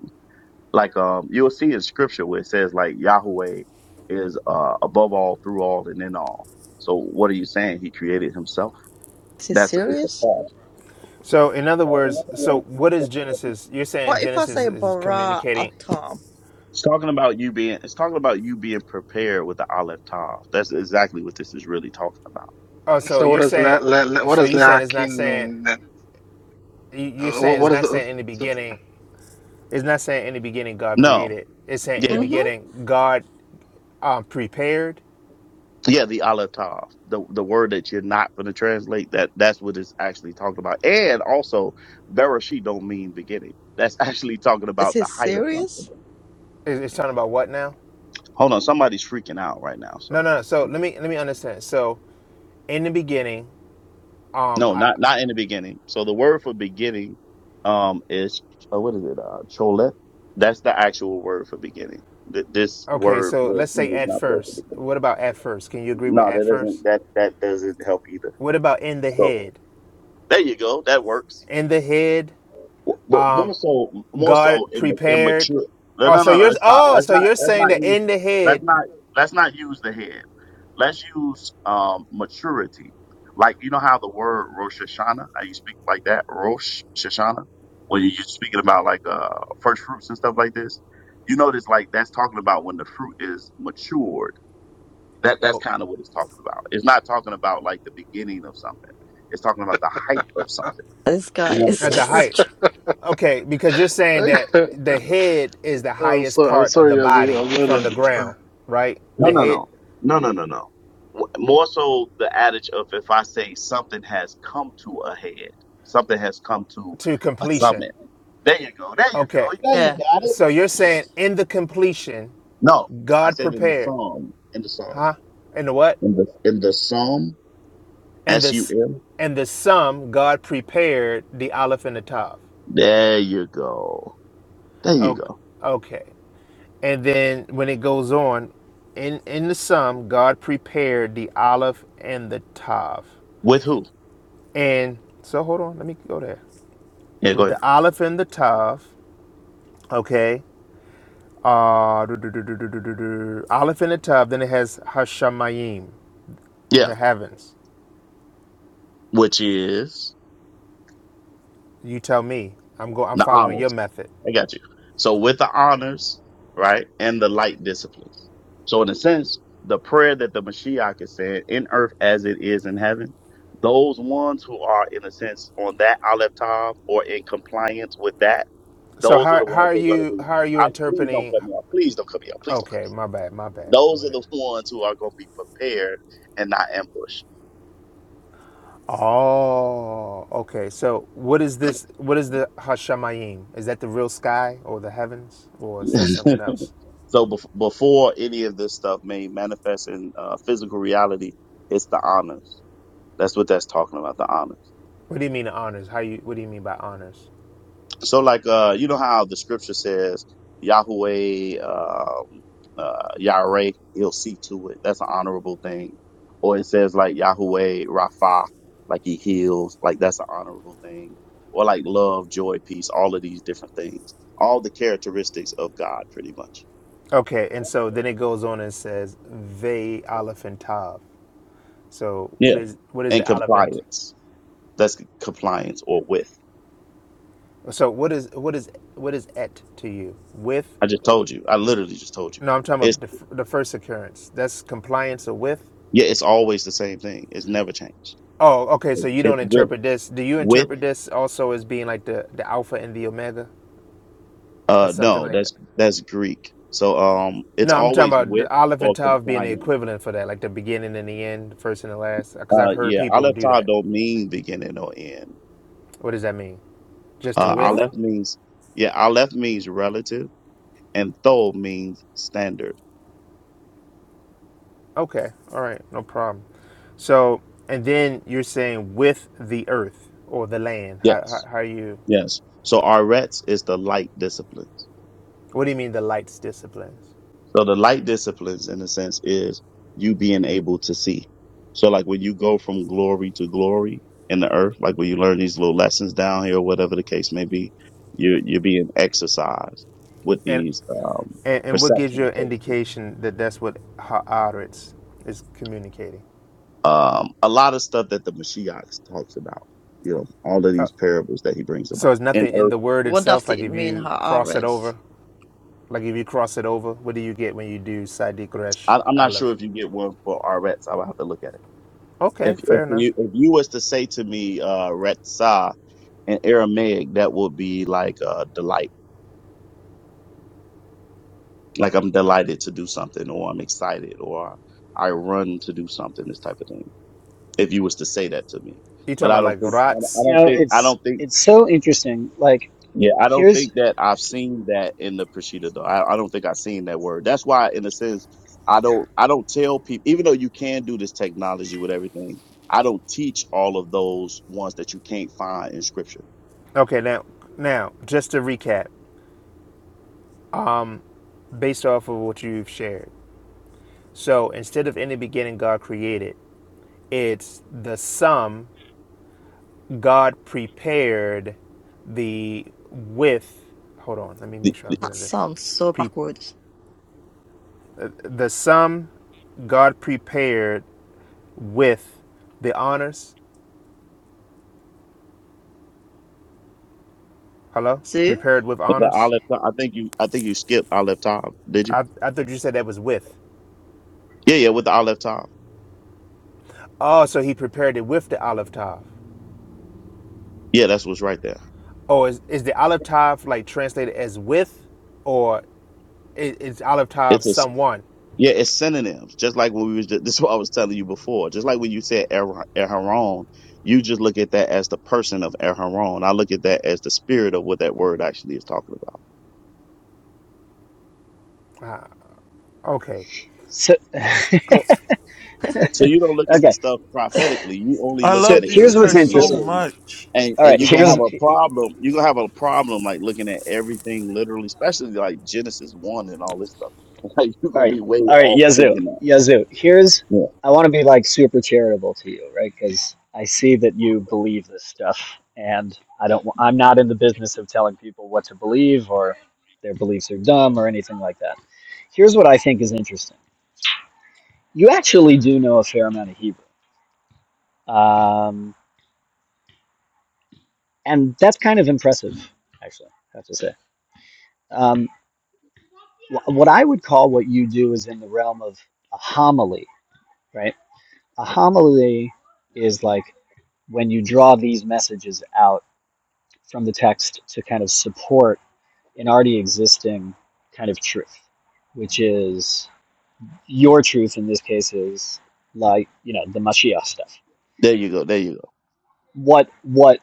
like um you'll see in scripture where it says like Yahweh is uh above all, through all, and in all. So what are you saying? He created himself. Is he That's it's a serious? fact. So in other words, so what is Genesis? You're saying What if I Genesis say is Barra communicating. Atam? It's talking about you being it's talking about you being prepared with the Aleph Tav. That's exactly what this is really talking about. Oh, so So what you're does la, saying, la, la, what so does you're saying it's not lahakin saying. mean then? you- are Uh, what, saying it's what is not the? saying in the beginning it's not saying in the beginning god No. created it's saying in Yeah. the Mm-hmm. beginning god um prepared Yeah, the Aleph Tav. The the word that you're not gonna translate, that that's what it's actually talking about. And also Bereshit don't mean beginning. That's [laughs] actually talking Is about he the height of serious? something. It- it's talking about what now Hold on, somebody's freaking out right now. So no no no so let me let me understand so in the beginning um No, i not not in the beginning. So the word for beginning um is uh, what is it? Uh chole. That's the actual word for beginning. Th- this okay word so was let's say is at not the word for first beginning. what about at first can you agree with No, at that doesn't first that that doesn't help either. what about in the So head there you go. That works. in the head But um more so, more god so in prepared immature. No, oh no, so no. you're Let's not. oh Let's so not. you're Let's saying not that use. in the head Let's not. Let's not use the head. Let's use um maturity. Like you know how the word Rosh Hashanah, how you speak like that, Rosh Hashanah, when you- you're speaking about like uh first fruits and stuff like this. You notice like that's talking about when the fruit is matured. That that's oh kind of what it's talking about. It's not talking about like the beginning of something. It's talking about the height of something. This guy You is [laughs] At understand? the height. just Okay, because you're saying that [laughs] the head is the oh, highest sorry, I'm part of sorry, the Yazoo. body I'm not from the a, ground, right? No, The no, head no, no, no, no, no. W- More so, the adage of if I say something has come to a head, something has come to to a completion. summit. There you go. There you go. Okay, Yeah, you yeah. got it. so you're saying in the completion, No, I God said in the prepared, psalm. In the psalm. huh? And the what? In the in the psalm. And the S U s- M. and the sum God prepared the Aleph and the Tav. There you go. There you O- go. Okay, and then when it goes on, in in the sum God prepared the Aleph and the Tav. With who? And so hold on, let me go there. Yeah, go With ahead. the olive and the tub, okay. Uh, do, do, do, do, do, do, do, do. Olive in the tub. Then it has Hashemayim, Yeah, the heavens. which is. You tell me. I'm go. I'm The following your honors. method. I got you. So with the honors, right, and the light disciplines. So in a sense, the prayer that the Mashiach is saying in earth as it is in heaven, those ones who are in a sense on that Aleph Tav or in compliance with that, So those are how the how ones are who are going to you be. how are you I, please don't interpreting? cut me off. Please don't cut me off. Please don't cut Okay, me. off. my bad, my bad. Go Those are ahead. the ones who are going to be prepared and not ambushed. Oh, okay. So what is this? What is the Hashemayim? Is that the real sky or the heavens, or is that something [laughs] else? so bef- before any of this stuff may manifest in uh, physical reality, it's the honors. That's what that's talking about, the honor. What do you mean honors? How you? What do you mean by honors? So like uh you know how the scripture says Yahweh um uh Yahweh, he'll see to it. That's an honorable thing. Or it says like Yahweh Rapha, like he heals, like that's an honorable thing. Or like love, joy, peace, all of these different things. All the characteristics of God pretty much. Okay, and so then it goes on and says ve alephantav. So Yeah. what is what is the And alephant? compliance. That's compliance or with. So what is what is what is et to you? With? I just Or, told you. I literally just told you. no, I'm talking It's about the, f- the first occurrence. That's compliance or with. yeah, it's always the same thing. It's never changed. Oh, okay. So you don't It's with interpret this. Do you With interpret this also as being like the the alpha and the omega, or uh something no, like that? that's that's Greek. So um it's No, I'm talking always about the with aleph and or tav being the compliant. equivalent for that, like the beginning and the end, the first and the last. Because I've Uh heard yeah, people do alephta that. don't mean beginning or end. What does that mean? Just the Say Uh with? what? aleph means yeah, aleph means relative and thol means standard. Okay. All right. No problem. So, and then you're saying with the earth or the land. How, Yes. how, how you, Yes. So arets is the light disciplines. what do you mean the light's disciplines? So the light disciplines, in a sense, is you being able to see. So like when you go from glory to glory in the earth, like when you learn these little lessons down here, or whatever the case may be, you're you're being exercised with And, these um, and, and what gives you perceptions, an so to speak. indication that that's what Haaretz is communicating? Um, a lot of stuff that the Mashiach talks about, you know, all of Uh, these parables that he brings so about. it's And nothing in earth, the word What does itself. Like it if mean, you cross it Haaretz? over, like if you cross it over, what do you get when you do Sadiq Resh I, I'm not Aleph? sure if you get one for our Rets. I would have to look at it. If Okay, if fair enough. you if you was to say to me, uh, Retsa, in Aramaic, that would be like uh, delight. Like I'm delighted to do something, or I'm excited, or I run to do something. This type of thing. If you was to say that to me, You but talking I about don't like think I Ratz? You don't know, think I it's don't think it's so interesting. Like yeah I don't here's think that I've seen that in the Peshitta though. I, I don't think I've seen that word. That's why, in a sense, I don't I don't tell people. Even though you can do this technology with everything, I don't teach all of those ones that you can't find in Scripture. Okay, now now just to recap. based off of what you've shared. So instead of in the beginning, God created, it's the sum God prepared the with. Hold on, let me make The, sure I the, get That into this. sounds so Pre, backwards. uh, the sum God prepared with the honors. Hello? See? Prepared with the honors? Aleph, I think you I think you skipped Aleph Tav. Did you? I, I thought you said that was with. Yeah, yeah, with the olive top. Oh, so he prepared it with the olive tav. Yeah, that's what's right there. Oh, is, is the olive tav like translated as with or It, it's Olive Tav It's a s- someone. yeah, it's synonyms. Just like when we was just, this is what I was telling you before. Just like when you said Aaron, Aaron, you just look at that as the person of Aaron. I look at that as the spirit of what that word actually is talking about. Okay, so [laughs] go. okay. So you don't look at the stuff prophetically. You only I look So love at it in Jesus here's a what's sense Christ so interesting. literally. much. And All and right, you're gonna here's have a problem. You're gonna have a problem like looking at everything literally, especially like Genesis one and all this stuff. [laughs] Like you're All gonna right, be way all right, off Yazoo, thinking that. Yazoo. Here's Yeah. I want to be like super charitable to you, right? Because I see that you believe this stuff, and I don't. wa- I'm not in the business of telling people what to believe or their beliefs are dumb or anything like that. Here's what I think is interesting. You actually do know a fair amount of Hebrew, um, and that's kind of impressive, actually. I have to say. Um, wh- what I would call what you do is in the realm of a homily, right? A homily is like when you draw these messages out from the text to kind of support an already existing kind of truth, which is your truth in this case is like you know the Mashiach stuff. There you go. There you go. What what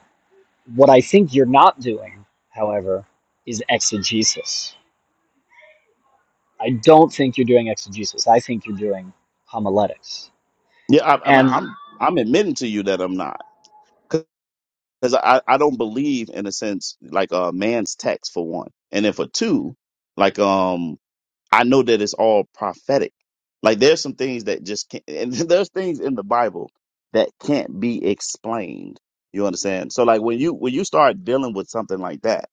what I think you're not doing, however, is exegesis. I don't think you're doing exegesis. I think you're doing homiletics. Yeah, I, I mean, And I'm I'm admitting to you that I'm not because I I don't believe in a sense like a man's text for one, and then for two, like um I know that it's all prophetic. Like there's some things that just can't, [laughs] and there's things in the Bible that can't be explained. You understand? So like when you when you start dealing with something like that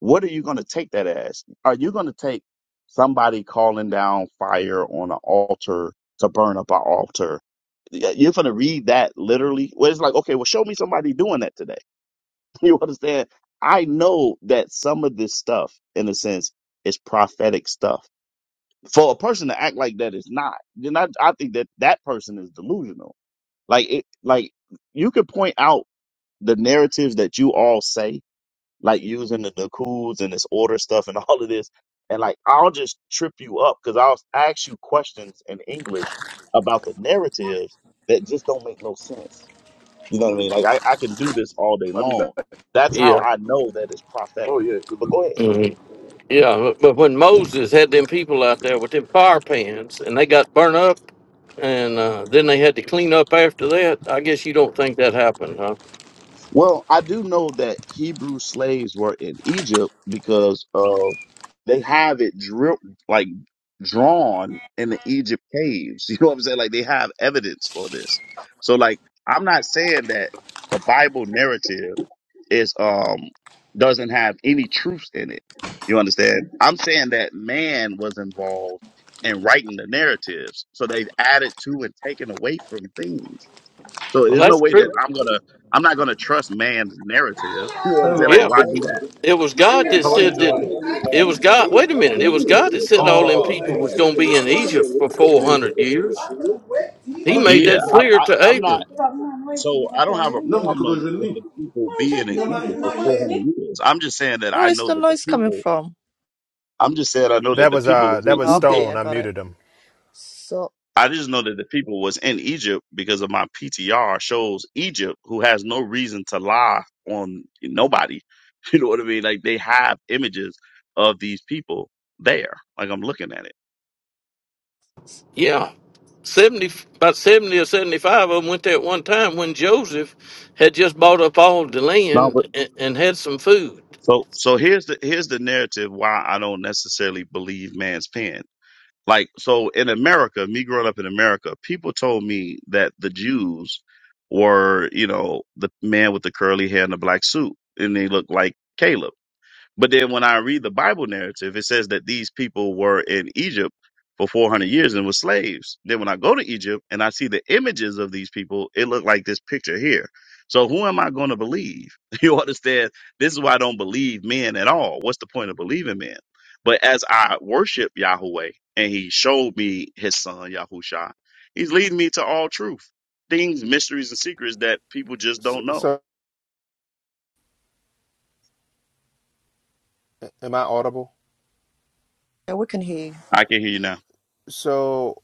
what are you going to take that as? Are you going to take somebody calling down fire on an altar to burn up an altar? Y- You're going to read that literally? Well, it's like, okay, well, show me somebody doing that today. [laughs] You understand? I know that some of this stuff, in a sense, is prophetic stuff. For a person to act like that is not, then I, I think that that person is delusional. Like, it, like you could point out the narratives that you all say like using the Nakuls and this order stuff and [laughs] all of this. And like, I'll just trip you up because I'll ask you questions in English about the narratives that just don't make no sense. You know what I mean? Mm-hmm. Like, I, I can do this all day I'll be back. long. That's how Yeah. I know that it's prophetic. Oh yeah, good But luck. go ahead. Mhm. Yeah. But but when Moses had them people out there with them fire pans and they got burnt up and uh, then they had to clean up after that, I guess you don't think that happened, huh? Well, I do know that Hebrew slaves were in Egypt because uh, they have it drip like drawn in the Egypt caves. [laughs] You know what I'm saying? Like they have evidence for this. So like I'm not saying that the Bible narrative is um doesn't have any truth in it. You understand? I'm saying that man was involved in writing the narratives. So they've added to and taken away from things. So Well, there's no that's way that true. I'm gonna I'm not gonna trust man's narrative. [laughs] You know what I'm saying? Like Hello. Yeah. why But do that? it was God that How are you said that doing? I it can was do God. Wait a for minute. It was you. God that said all them Oh, people thank was you. going to be in I want it. Egypt for Thank you. 400 years. He Quando eu made Yeah, digo that já, I, clear I to I'm Abram. not Tá, Mamãe, so me I don't have colhe. a Não, me diga quando problem eu with li. the people Onde é being que in Não, tem? não, Egypt não, for four Mamãe, hundred years. I'm just saying that Where I is know the that the noise coming people from? I'm just saying I know that That the was people uh was that was in Oh, Egypt Okay, I Stone. I got it. muted him. So, I just know that the people was in Egypt because of my PTR shows Egypt, who has no reason to lie on nobody. [laughs] You know what I mean? Like they have images of these people there. Like I'm looking at it. Yeah, seventy about seventy or seventy-five of them went there at one time when Joseph had just bought up all the No, but land and, and had some food. so so here's the here's the narrative why I don't necessarily believe man's pen. Like so in America, me growing up in America, people told me that the Jews were, you know, the man with the curly hair and the black suit, and they looked like Caleb But then when I read the Bible narrative, it says that these people were in Egypt for 400 years and were slaves. Then when I go to Egypt and I see the images of these people, it looked like this picture here. So who am I going to believe? [laughs] You understand? This is why I don't believe men at all. What's the point of believing men? But as I worship Yahweh and he showed me his son, Yahusha, he's leading me to all truth, things, mysteries, and secrets that people just So, don't know. so am I audible? yeah, we can hear I can hear you now. So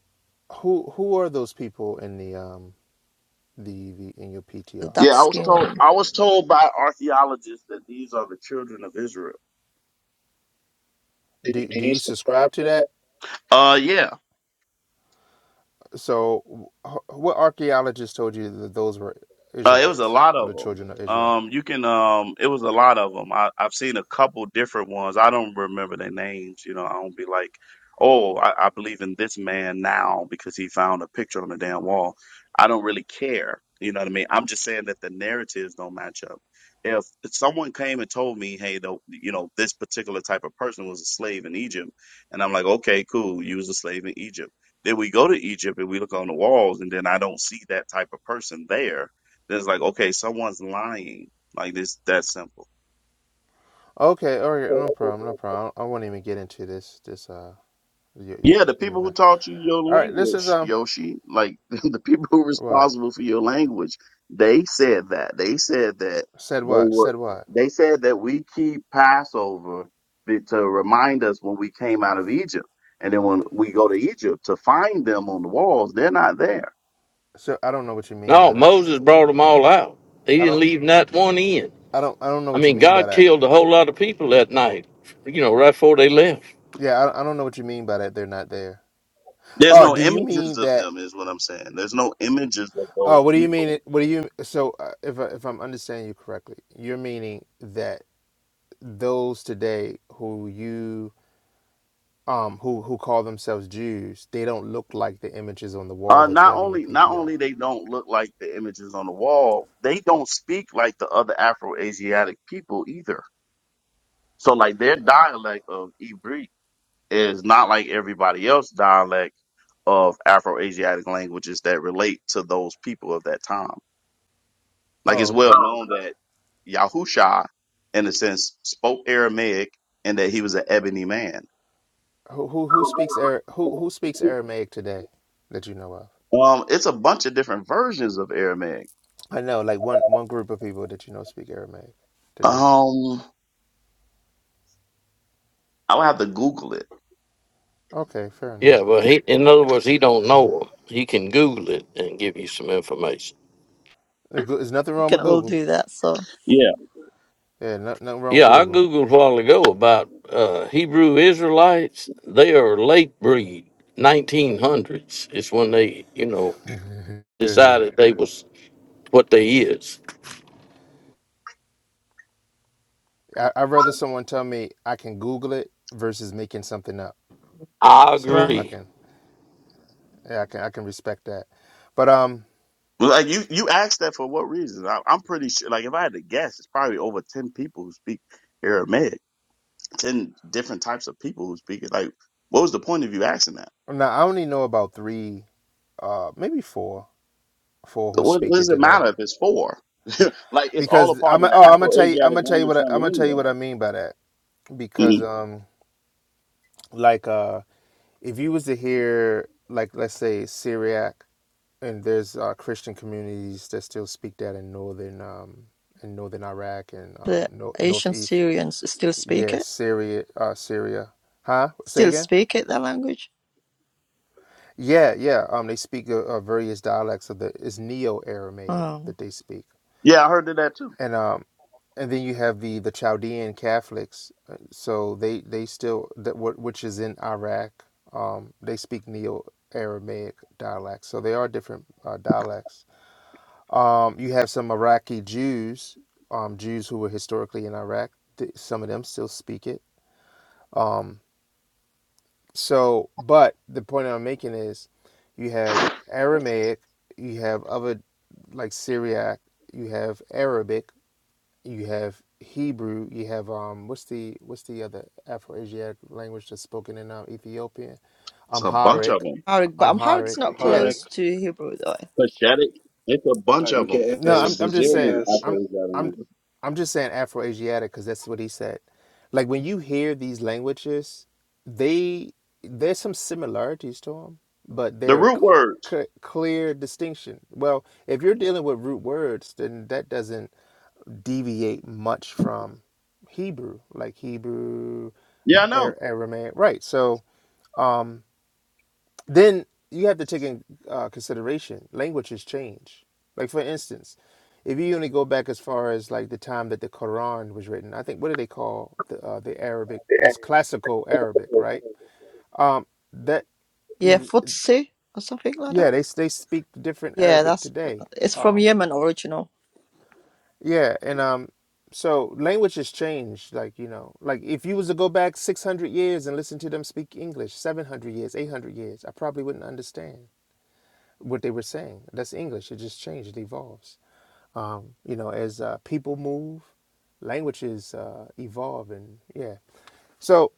who who are those people in the um the, the in your the PTR? Yeah, dark I was skin told one. I was told by archaeologists that these are the children of Israel. Do do you These- subscribe to that? Uh yeah. So wh- what archaeologists told you that those were Uh, it was a Israelites lot or of the them. children of Israel? Um, you can. Um, it was a lot of them. I, I've seen a couple different ones. I don't remember their names. You know, I don't be like, oh, I, I believe in this man now because he found a picture on the damn wall. I don't really care. You know what I mean? I'm just saying that the narratives don't match up. If someone came and told me, hey, the, you know, this particular type of person was a slave in Egypt, and I'm like, okay, cool, you was a slave in Egypt. Then we go to Egypt and we look on the walls, and then I don't see that type of person there it's like, okay, someone's lying. Like this, that simple. Okay, all right, no problem, no problem. I won't even get into this this uh your your, Yeah, the your people who guy. taught you your All right, this is language, um Yoshi, like [laughs] the people who are what responsible for your language, they said that. They said that said they what were, said what. they said that we keep Passover be- to remind us when we came out of Egypt. And then when we go to Egypt to find them on the walls, they're not there. So I don't know what you mean by No, that. Moses brought them all out. He I didn't don't. leave not one in. I don't. I don't know I what you mean, mean by God that. killed a whole lot of people that night. You know, right before they left. Yeah, I, don't- I don't know what you mean by that. They're not there. There's Oh, no do you images mean of that? them, is what I'm saying. There's no images of Oh, those what do you people. mean? What do you? So uh, if I, if I'm understanding you correctly, you're meaning that those today who you um who who call themselves Jews, they don't look like the images on the wall Uh, that you not have in your only not PTR. only they don't look like the images on the wall, they don't speak like the other Afro-Asiatic people either. So like their dialect of Ibri is not like everybody else dialect of Afro-Asiatic languages that relate to those people of that time. Like Oh, it's well okay. known that Yahusha, in a sense, spoke Aramaic and that he was an ebony man. Who who who speaks Ara- who who speaks Aramaic today that you know of? Um, it's a bunch of different versions of Aramaic. I know, like one one group of people that you know speak Aramaic today. Um, I would have to Google it. Okay, fair Yeah, enough. but he, in other words, he don't Fair enough. know them. He can Google it and give you some information. Uh, There's nothing We wrong can with all Google. do that, so. Yeah. Yeah, no, nothing wrong with Yeah, I Google. googled a while ago about uh, Hebrew Israelites. They are late breed, 1900s. is when they, you know, [laughs] decided they was what they is. Yeah. I, I'd rather someone tell me I can Google it versus making something up. I So Right. I agree. can, yeah, I can, I can respect that. But um, Like you, you asked that for what reason? I, I'm pretty sure. Like if I had to guess, it's probably over ten people who speak Aramaic, ten different types of people who speak it. Like, what was the point of you asking that? now I only know about three, uh, maybe four, four who What, what speak it does it today. matter if it's four? [laughs] like it's all a Because part of I'm, the oh, I'm gonna tell you, I'm Afro-Asiatic gonna tell you what language I, I'm gonna family tell you anyway. what I mean by that. Because Mhm. um, like uh, if you was to hear like let's say Syriac and there's uh, Christian communities that still speak that in northern um, in northern Iraq and um, The no, Asian northeast, Syrians still speak yeah, it? Syria, uh, Syria, huh? Say Still again? speak it, that language? Yeah, yeah. Um, they speak uh, uh, various dialects of the it's Neo Aramaic Oh. that they speak, Yeah, I heard of that too. and um, and then you have the the Chaldean Catholics. uh, So they they still that what which is in Iraq. Um, they speak Neo Aramaic dialects. So they are different uh, dialects Um, you have some Iraqi Jews, um, Jews who were historically in Iraq. Th- Some of them still speak it. Um, so, but the point I'm making is you have Aramaic, you have other like Syriac, you have Arabic, you have Hebrew, you have um, what's the what's the other Afro-Asiatic language that's spoken in um, Ethiopia? It's a bunch of Amharic, them. Amharic, but Amharic is Amharic, not I'm yeah. Harek. close to Hebrew, though. Pathetic. It's a bunch Like of them. get No, It's a I'm ass, I'm just get saying gazillion ass. I'm Afro-Asiatic I'm language. I'm just saying Afro-Asiatic because that's what he said. Like when you hear these languages, they there's some similarities to them, but The they're root cl- words. c- clear distinction. Well, if you're dealing with root words, then that doesn't deviate much from Hebrew, like Hebrew, Yeah, I know. Ar- Aramaic, right? So then you have to take in uh, consideration languages change. Like for instance, if you only go back as far as like the time that the Quran was written, I think what do they call the uh, the Arabic? That's classical Arabic, right? Um, that Yeah, Futsi or something like that. yeah, they they speak different Yeah, Arabic that's, today. it's from Um, Yemen original. yeah, and um, so languages change. Like you know, like if you was to go back six hundred years and listen to them speak English, seven hundred years, eight hundred years, I probably wouldn't understand what they were saying. That's English. It just changed. It evolves. um, you know, as uh, people move, languages uh, evolve, and yeah. So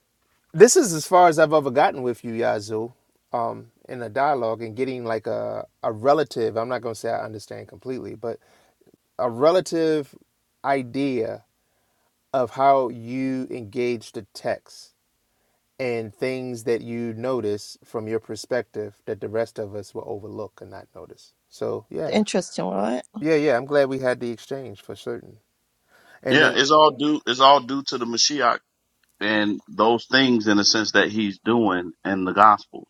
this is as far as I've ever gotten with you, Yazoo, um, in a dialogue and getting like a a relative. I'm not going to say I understand completely, but a relative idea of how you engage the text and things that you notice from your perspective that the rest of us will overlook and not notice. So yeah, Interesting, right? yeah, yeah. I'm glad we had the exchange for certain. And then Yeah, it's all due. It's all due to the Mashiach and those things in the sense that he's doing in the gospels.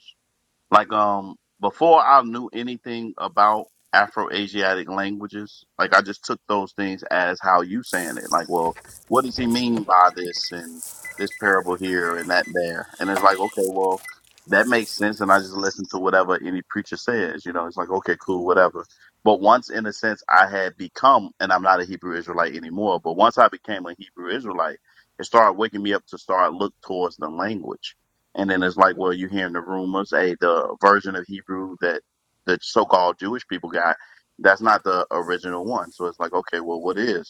Like um before I knew anything about Afro Asiatic languages, like I just took those things as how you saying it. Like, well, what does he mean by this and this parable here and that there? And it's like, okay, well, that makes sense and I just listen to whatever any preacher says, you know, it's like, okay, cool, whatever. But once in a sense I had become and I'm not a Hebrew Israelite anymore, but once I became a Hebrew Israelite, it started waking me up to start look towards the language and then it's like, well, you're hearing the rumors. Hey, the version of Hebrew that the so-called Jewish people got, that's not the original one. So it's like, okay, well, what is?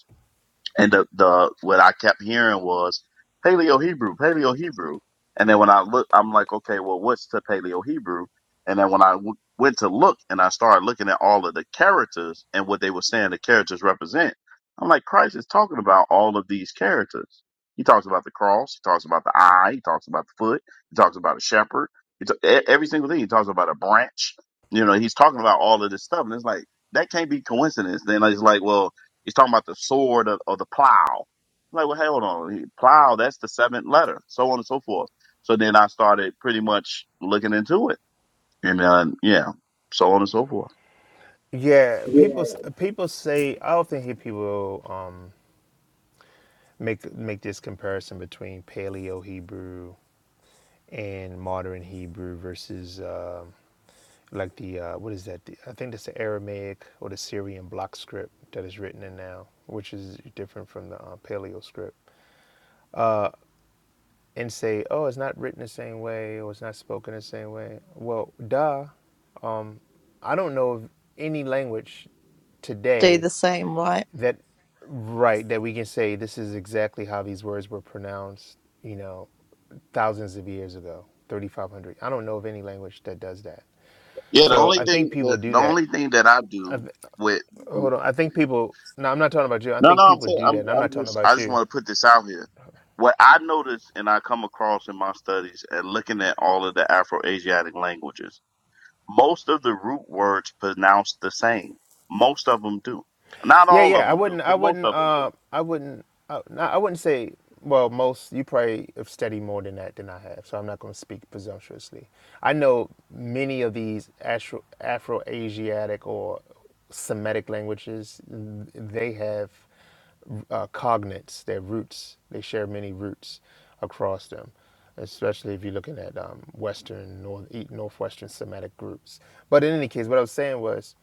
And the, the what I kept hearing was Paleo Hebrew, Paleo Hebrew. And then when I look, I'm like, okay, well, what's the Paleo Hebrew? And then when I w- went to look and I started looking at all of the characters and what they were saying the characters represent, I'm like, Christ is talking about all of these characters. He talks about the cross. He talks about the eye. He talks about the foot. He talks about a shepherd. He ta- e- every single thing. He talks about a branch. You know, he's talking about all of this stuff. And it's like, that can't be coincidence. Then it's like, well, He's talking about the sword or, or the plow. I'm like, well, hey, hold on. Plow, that's the seventh letter, so on and so forth. So then I started pretty much looking into it. And then, yeah, so on and so forth. Yeah, people Yeah. s- people say I often hear people um, make make this comparison between Paleo Hebrew and modern Hebrew versus um like the uh, what is that? The, I think that's the Aramaic or the Syrian block script that is written in now, which is different from the uh, Paleo script, and say, oh, it's not written the same way or it's not spoken the same way. Well, duh. I don't know of any language stay today the same, right? that right that we can say this is exactly how these words were pronounced you know thousands of years ago 3500 i don't know of any language that does that Yeah, the so only i think thing, people the, do the that only thing that I I, do th- with, and- hold on i think people no i'm not talking about you i no, no, think I'm people saying, do that I'm, and i'm not I'm talking just, I about just you want to put this out here. What I notice and I come across in my studies and looking at all of the Afro-Asiatic languages Most of the root words pronounce the same. Most of them do. Not Yeah, all of yeah. I them do, wouldn't. I but most wouldn't. of them do. Uh, I wouldn't. Uh, no, I wouldn't say. Well, most you probably have studied more than that than I have, so I'm not going to speak presumptuously. I know many of these Afro Afro-Asiatic or Semitic languages. They have uh, cognates, their roots. They share many roots across them, especially if you're looking at um, Western, North, e- Northwestern Semitic groups. But in any case, what I was saying was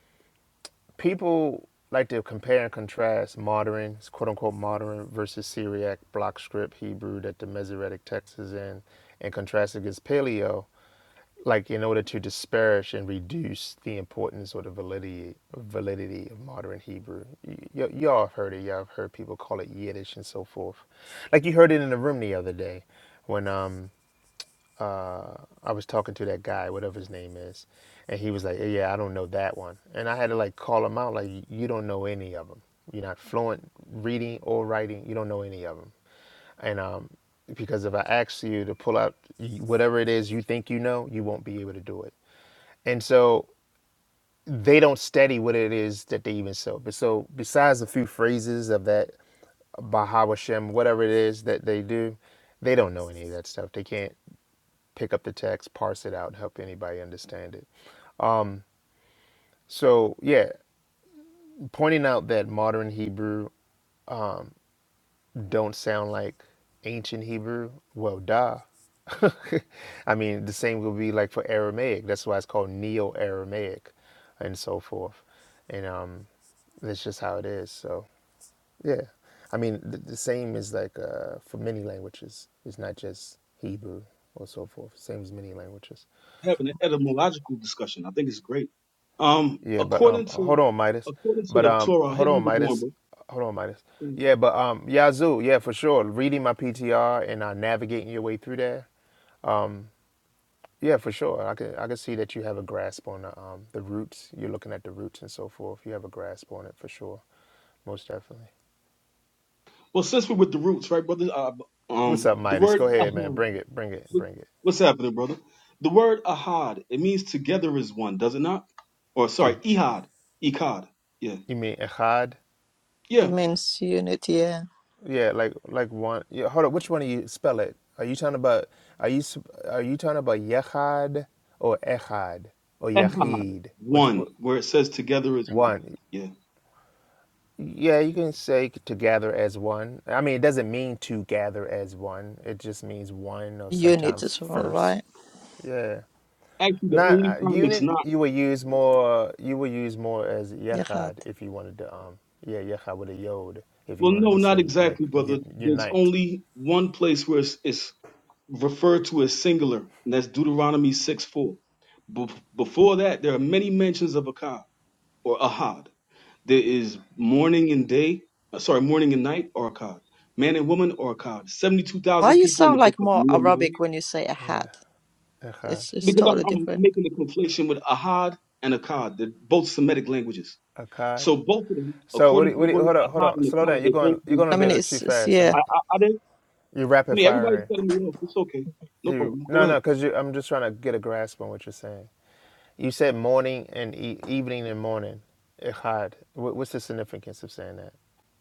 people like to compare and contrast modern, quote unquote, modern versus Syriac block script Hebrew that the Masoretic text is in, and contrast it against Paleo, like in order to disparage and reduce the importance or the validity validity of modern Hebrew. Y- y- y'all have heard it. Y'all have heard people call it Yiddish and so forth. Like you heard it in the room the other day. when um uh, I was talking to that guy, whatever his name is, and he was like, "Yeah, yeah, I don't know that one," and I had to like call him out, like, "You don't know any of them. You're not fluent reading or writing. You don't know any of them." And um, because if I ask you to pull out whatever it is you think you know, you won't be able to do it. And so they don't study what it is that they even sell. But so besides a few phrases of that Bahawashem, whatever it is that they do, they don't know any of that stuff. They can't pick up the text, parse it out, help anybody understand it. So, yeah, pointing out that modern Hebrew don't sound like ancient Hebrew, well, duh. [laughs] I mean, the same will be like for Aramaic. That's why it's called Neo Aramaic and so forth. And um, that's just how it is. So, yeah. I mean, the, the same is like uh, for many languages, it's not just Hebrew or so forth, same as many languages. having an etymological discussion. I think it's great. Um, Yeah, but um, according hold to on, Midas. according to But the um, Torah, hey, hold on, how's it going, Midas. bro? Hold on, Midas. Yeah, but um, Yazoo. Yeah, for sure. Reading my PTR and uh, navigating your way through there. Yeah, for sure. I can I can see that you have a grasp on the um the roots. You're looking at the roots and so forth. You have a grasp on it for sure, most definitely. Well, since we're with the roots, right, brother? Uh, What's um, up, the Midas? word Go ahead, man. ahad. Bring it. Bring it. Bring it. What's happening, brother? The word ahad it means together is one, does it not? Or sorry, To ihad, ikad. Yeah, you mean Echad? It yeah, means unit, yeah. Yeah, like like one. Yeah, hold up. Which one are you spell it? Are you talking about? Are you s- are you talking about Yechad or Echad or ehad, yachid? Which one, wh- where it says together is one. one? Yeah. Yeah, you can say to gather as one. I mean, it doesn't mean to gather as one. It just means one or Unit sometimes is wrong, first. right? Yeah. Actually, the Not only uh, time it's unit. not. You will use more. You will use more as Yahad. Yechad if you wanted to. Um. Yeah, Yechad with a Yod if you Well, wanted no, to not say like exactly, brother. you, There's unite. only one place where it's, it's referred to as singular, and that's Deuteronomy 6 4. Be- before that, there are many mentions of Akkad or Ahad. There is morning and day, uh, sorry, morning and night or Akkad, man and woman or Akkad. Why 72,000 you people in the sound book like of more Nehemiah. Arabic when you say ahad? Echad. It's it's Because I'm, totally I'm different. making a conflation with Ahad and Akkad, they're both Semitic languages. A card. So both of them, So what? according Do to you, the what? Do you, word hold on. Hold Ahad on. and Slow down. Akkad, You're they both going. You're mean going a I mean, together. bit it's, too it's fast. I'm. yeah. I, A, I, I didn't, you I rapid mean, everybody's firing. cutting me off. It's okay. No You problem. Go no ahead. no because you. I'm just trying to get a grasp on what you're saying. You said morning and e- evening and morning. Ikhad. What, what's the significance of saying that?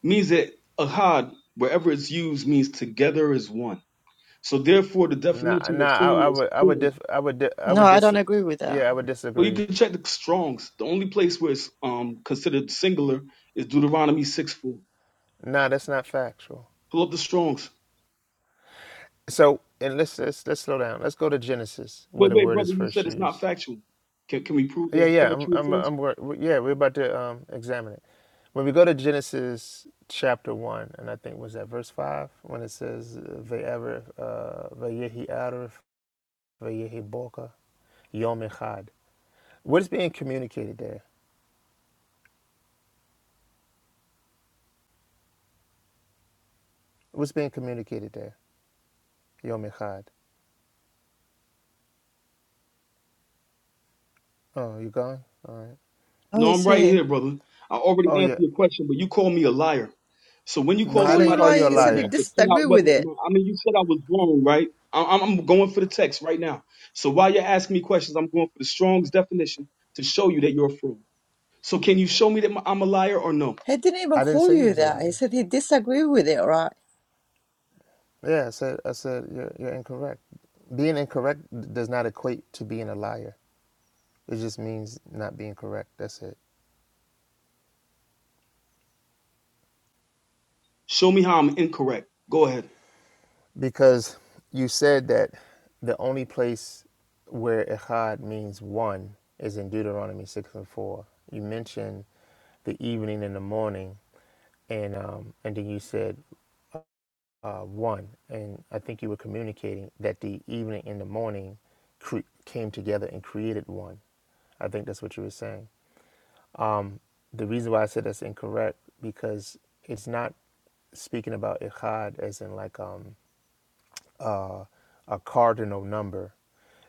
means that ahad, wherever it's used, means together as one. So therefore, the Nah definition nah. of I, sin I is would I would plural. dif, I would di, I No, would I dis. don't agree with that. Yeah, I would But you disagree. can check the Strong's. The only place where it's um considered singular is Deuteronomy six four. Nah, that's not factual. Pull up the Strong's. So and let's let's let's slow down. Let's go to Genesis where Wait, the wait, word is brother, you first said it's not used. factual. Can can we prove Yeah, it's yeah. I'm, factual I'm, first? I'm. wor- Yeah, we're about to um, examine it. When we go to Genesis chapter one, and I think was that verse five when it says "Ve'ever uh, ve'yehi arif ve'yehi boka yom echad." What is being communicated there? What's being communicated there? Yom echad. Oh, you gone? All right. Oh, you No, I'm right see. here, brother. I Oh already yeah. answered your question, but you call me a liar. So when you No, call I Call didn't you somebody a call liar, like you a he said you he have liar. to put out disagree with whether or it. not. I mean, you said I was wrong, right? I- I'm I'm going for the text right now. So while you're asking me questions, I'm going for the Strong's definition to show you that you're a fraud. So can you show me that I'm a liar or no? He didn't even I didn't call say you you was a that. He liar. said he disagree with it, right? Yeah, I said. I said you're, you're incorrect. Being incorrect does not equate to being a liar. It just means not being correct. That's it. Show me how I'm incorrect. Go ahead. Because you said that the only place where Echad means one is in Deuteronomy 6 and 4. You mentioned the evening and the morning, and, um, and then you said uh, one. And I think you were communicating that the evening and the morning cre- came together and created one. I think that's what you were saying. Um, the reason why I said that's incorrect because it's not speaking about ikhad as in like um, uh, a cardinal number.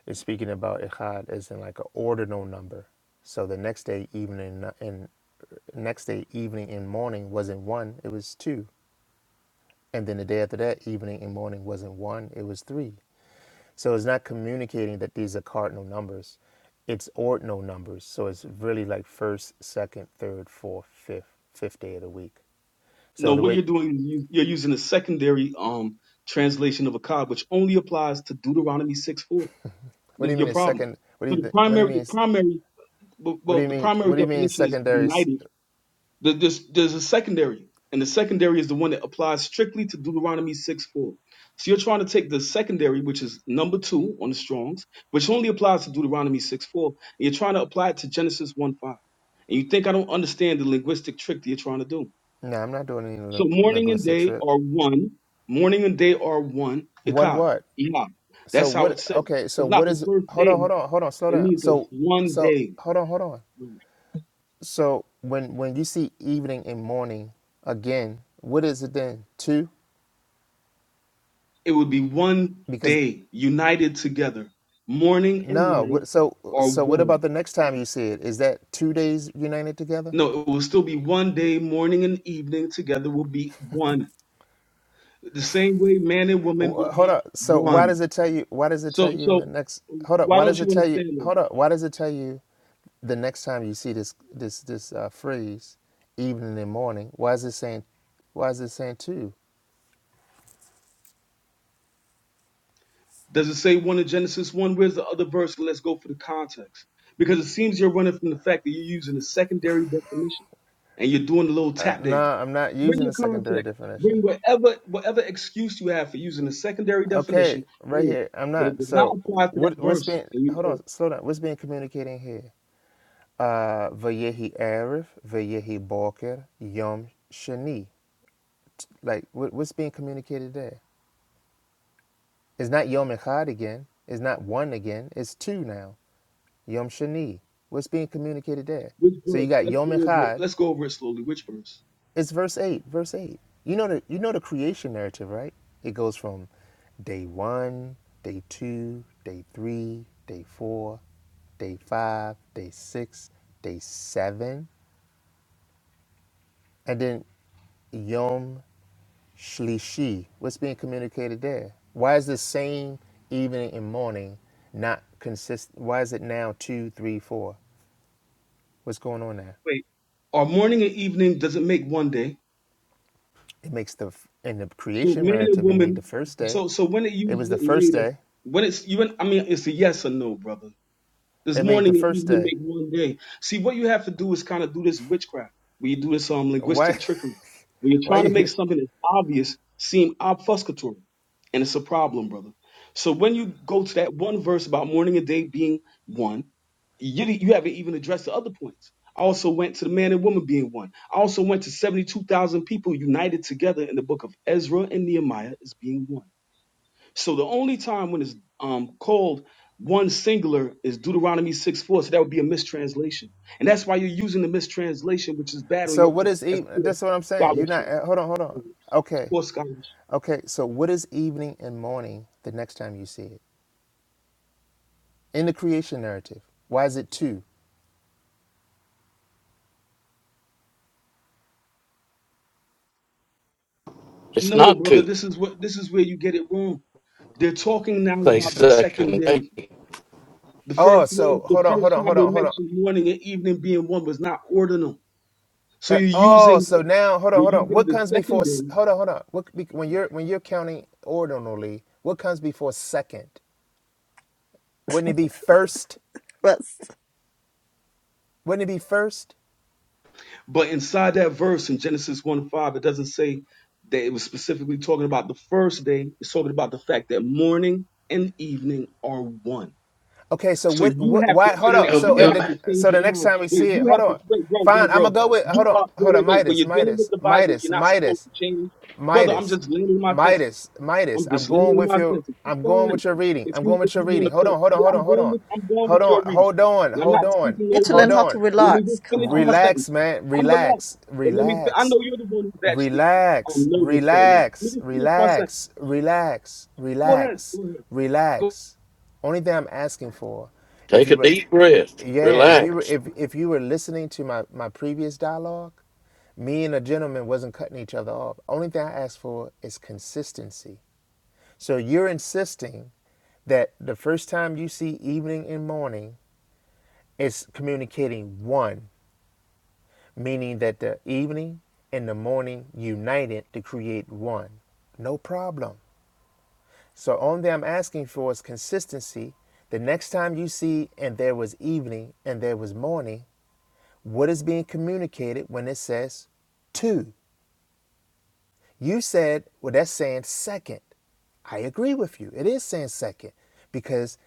It's speaking about Echad as in like an ordinal number. So the next day evening and next day evening and morning wasn't one, it was two. And then the day after that, evening and morning wasn't one, it was three. So it's not communicating that these are cardinal numbers. It's ordinal numbers. So it's really like first, second, third, fourth, fifth, fifth day of the week. No, So the what you're way doing, is you- you're using a secondary um translation of a cod, which only applies to Deuteronomy 6:4. what This do is you your mean it's problem. second what do So the you what do you primary, the mean primary Well, what do well, you the mean primary what do you mean definition is secondary united. The- There's, there's a secondary, and the secondary is the one that applies strictly to Deuteronomy 6 4. So you're trying to take the secondary, which is number two on the Strongs, which only applies to Deuteronomy 6 4, and you're trying to apply it to Genesis 1 5. And you think I don't understand the linguistic trick that you're trying to do. No, I'm not doing any So lin- morning and linguistic day trip. are one. Morning and day are one. One Ikad. what? Ihad. So That's how what? it's said. Okay. So It's not what the is? first Hold on. day. Hold on. Hold on. Slow It down. means it's So one so day. hold on. Hold on. So when when you see evening and morning again, what is it then? Two? It would be one Because day united together. Morning and no. night What, so are so what about one. the next time you see it? Is that two days united together? No, it will still be one day, morning and evening together will be one. The same way man and woman Wh- would Hold be up. So why one. does it tell you? Why does it tell So you in so the next? Hold up. why Why don't does it you tell you? understand that? Hold up. Why does it tell you the next time you see this this this uh, phrase, evening and morning? Why is it saying? Why is it saying two? Does it say one in Genesis one? Where's the other verse? Let's go for the context. Because it seems you're running from the fact that you're using a secondary definition and you're doing a little Uh, tap no, dance. I'm not Bring using the the secondary context. definition. Bring whatever whatever excuse you have for using a secondary Okay, definition. right Bring it, here. I'm but it not. does not So apply to that what what's verse. being? And you Hold know it. on. Slow down. What's being communicated here? Uh, Vayehi Arif, Vayehi Balker, Yom Shani. Like what, what's being communicated there? It's not Yom Echad again. It's not one again. It's two now. Yom Shani. What's being communicated there? which So you verse? got Let's Yom go over it. Echad. Let's go over it slowly. Which verse? It's verse eight. Verse eight. You know the you know the creation narrative, right? It goes from day one, day two, day three, day four, day five, day six, day seven, and then Yom Shlishi. What's being communicated there? Why is the same evening and morning not consistent? Why is it now two, three, four? What's going on there? Wait. Our morning and evening doesn't make one day. It makes the in the So creation man and narrative. It made woman. the first day. So so when it It uses was it the first later, day. when it's you. I mean, it's a yes or no, brother. This It made morning the and first evening day. make one day. See, what you have to do is kind of do this witchcraft, where you do this um Why? linguistic trickery, where [laughs] you're Why trying to make you? something that's obvious seem obfuscatory, and it's a problem, brother. So when you go to that one verse about morning and day being one, you you haven't even addressed the other points. I also went to the man and woman being one. I also went to seventy-two thousand people united together in the book of Ezra and Nehemiah as being one. So the only time when it's um, called one singular is Deuteronomy 6 4. So that would be a mistranslation. And that's why you're using the mistranslation, which is bad on So your what part. is That's even? poor That's what I'm saying. You're scholarship. not. uh, Hold on. Hold on. It's Okay. poor scholarship. Okay. So what is evening and morning the next time you see it in the creation narrative? Why is it two? It's No, not brother, two. this is what this is where you get it wrong. They're talking now They about the second second. They day. The Oh, first one, so the hold on, hold first on, time hold they on, hold on. mentioned morning and evening being one was not ordinal. So Uh, you're oh, using so now hold on, you're hold on. using What the comes before? second s- Hold day. on, hold on. What be- when you're when you're counting ordinally? What comes before second? Wouldn't it be first? But you Wouldn't it be first? But inside that verse in Genesis 1 5, it doesn't say that it was specifically talking about the first day. It's talking about the fact that morning and evening are one. Okay, so So what? you What? have to Why? wait, Hold wait, on. wait. It'll, be- So You and it'll, have then to change so the next around. time we Wait, see it, you hold have to on. wait, bro, bro, Fine, I'm gonna bro. go with. You Hold on, are wait, hold wait, on. wait. When Midas, you're dealing with Midas, the Bible, you're Midas, not supposed Midas, to change, brother. I'm Midas, just landing my sentence. Midas, Midas. I'm I'm just going leaning with my your. sentence. It's I'm going fine. with your reading. If I'm you going if with your you want reading. to Hold cook, on, hold on, yeah, hold I'm on, hold going on, with I'm going hold with on, your reading, hold on, and I'm hold not on, speaking need to over learn hold you. how to on. So let me relax. just Come finish my on. Relax, sentence. man. I'm relaxed, Relax. but let me. fi- I Relax. know you're the one who's actually um Relax. nervous right now. Let me Relax. just finish my sentence. Relax. Relax. Go ahead. Relax. Go ahead. Go. Relax. Only thing I'm asking for, if take you a were, deep breath, yeah, if you were, relax. if if you were listening to my my previous dialogue, me and a gentleman wasn't cutting each other off. Only thing I ask for is consistency. So you're insisting that the first time you see evening and morning is communicating one meaning that the evening and the morning united to create one. No problem. So, on there, I'm asking for is consistency. The next time you see, and there was evening and there was morning, what is being communicated when it says two? You said, well, that's saying second. I agree with you. It is saying second because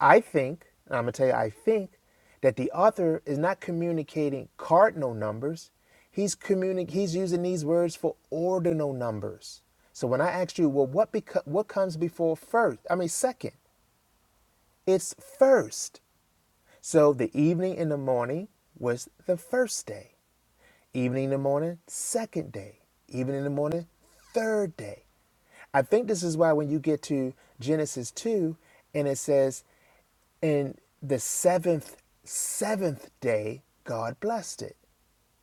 I think, and I'm going to tell you, I think that the author is not communicating cardinal numbers. He's, communi- he's using these words for ordinal numbers. So when I asked you, well, what, beco- what comes before first? I mean, second, it's first. So the evening and the morning was the first day. Evening in the morning, second day. Evening in the morning, third day. I think this is why when you get to Genesis 2 and it says, in the seventh, seventh day, God blessed it.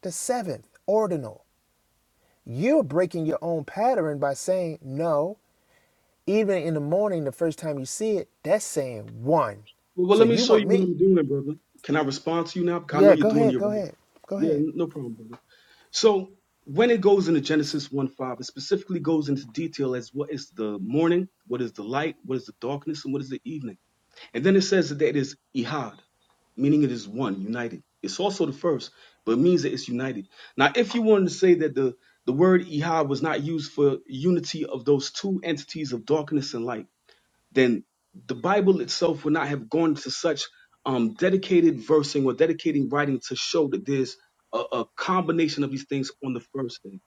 The seventh, ordinal. You're breaking your own pattern by saying no. Even in the morning, the first time you see it, that's saying one. Well, So let me you show you want what me? I'm doing, brother. Can I respond to you now? Because I know Yeah, you're go doing ahead, your go right. ahead, go Yeah, ahead. n- no problem, brother. So when it goes into Genesis 1 5, it specifically goes into detail as what is the morning, what is the light, what is the darkness, and what is the evening. And then it says that it is ihad, meaning it is one, united. It's also the first, but it means that it's united. Now, if you wanted to say that the, the word ihad was not used for unity of those two entities of darkness and light, then the Bible itself would not have gone to such um, dedicated versing or dedicating writing to show that there's a, a combination of these things on the first day.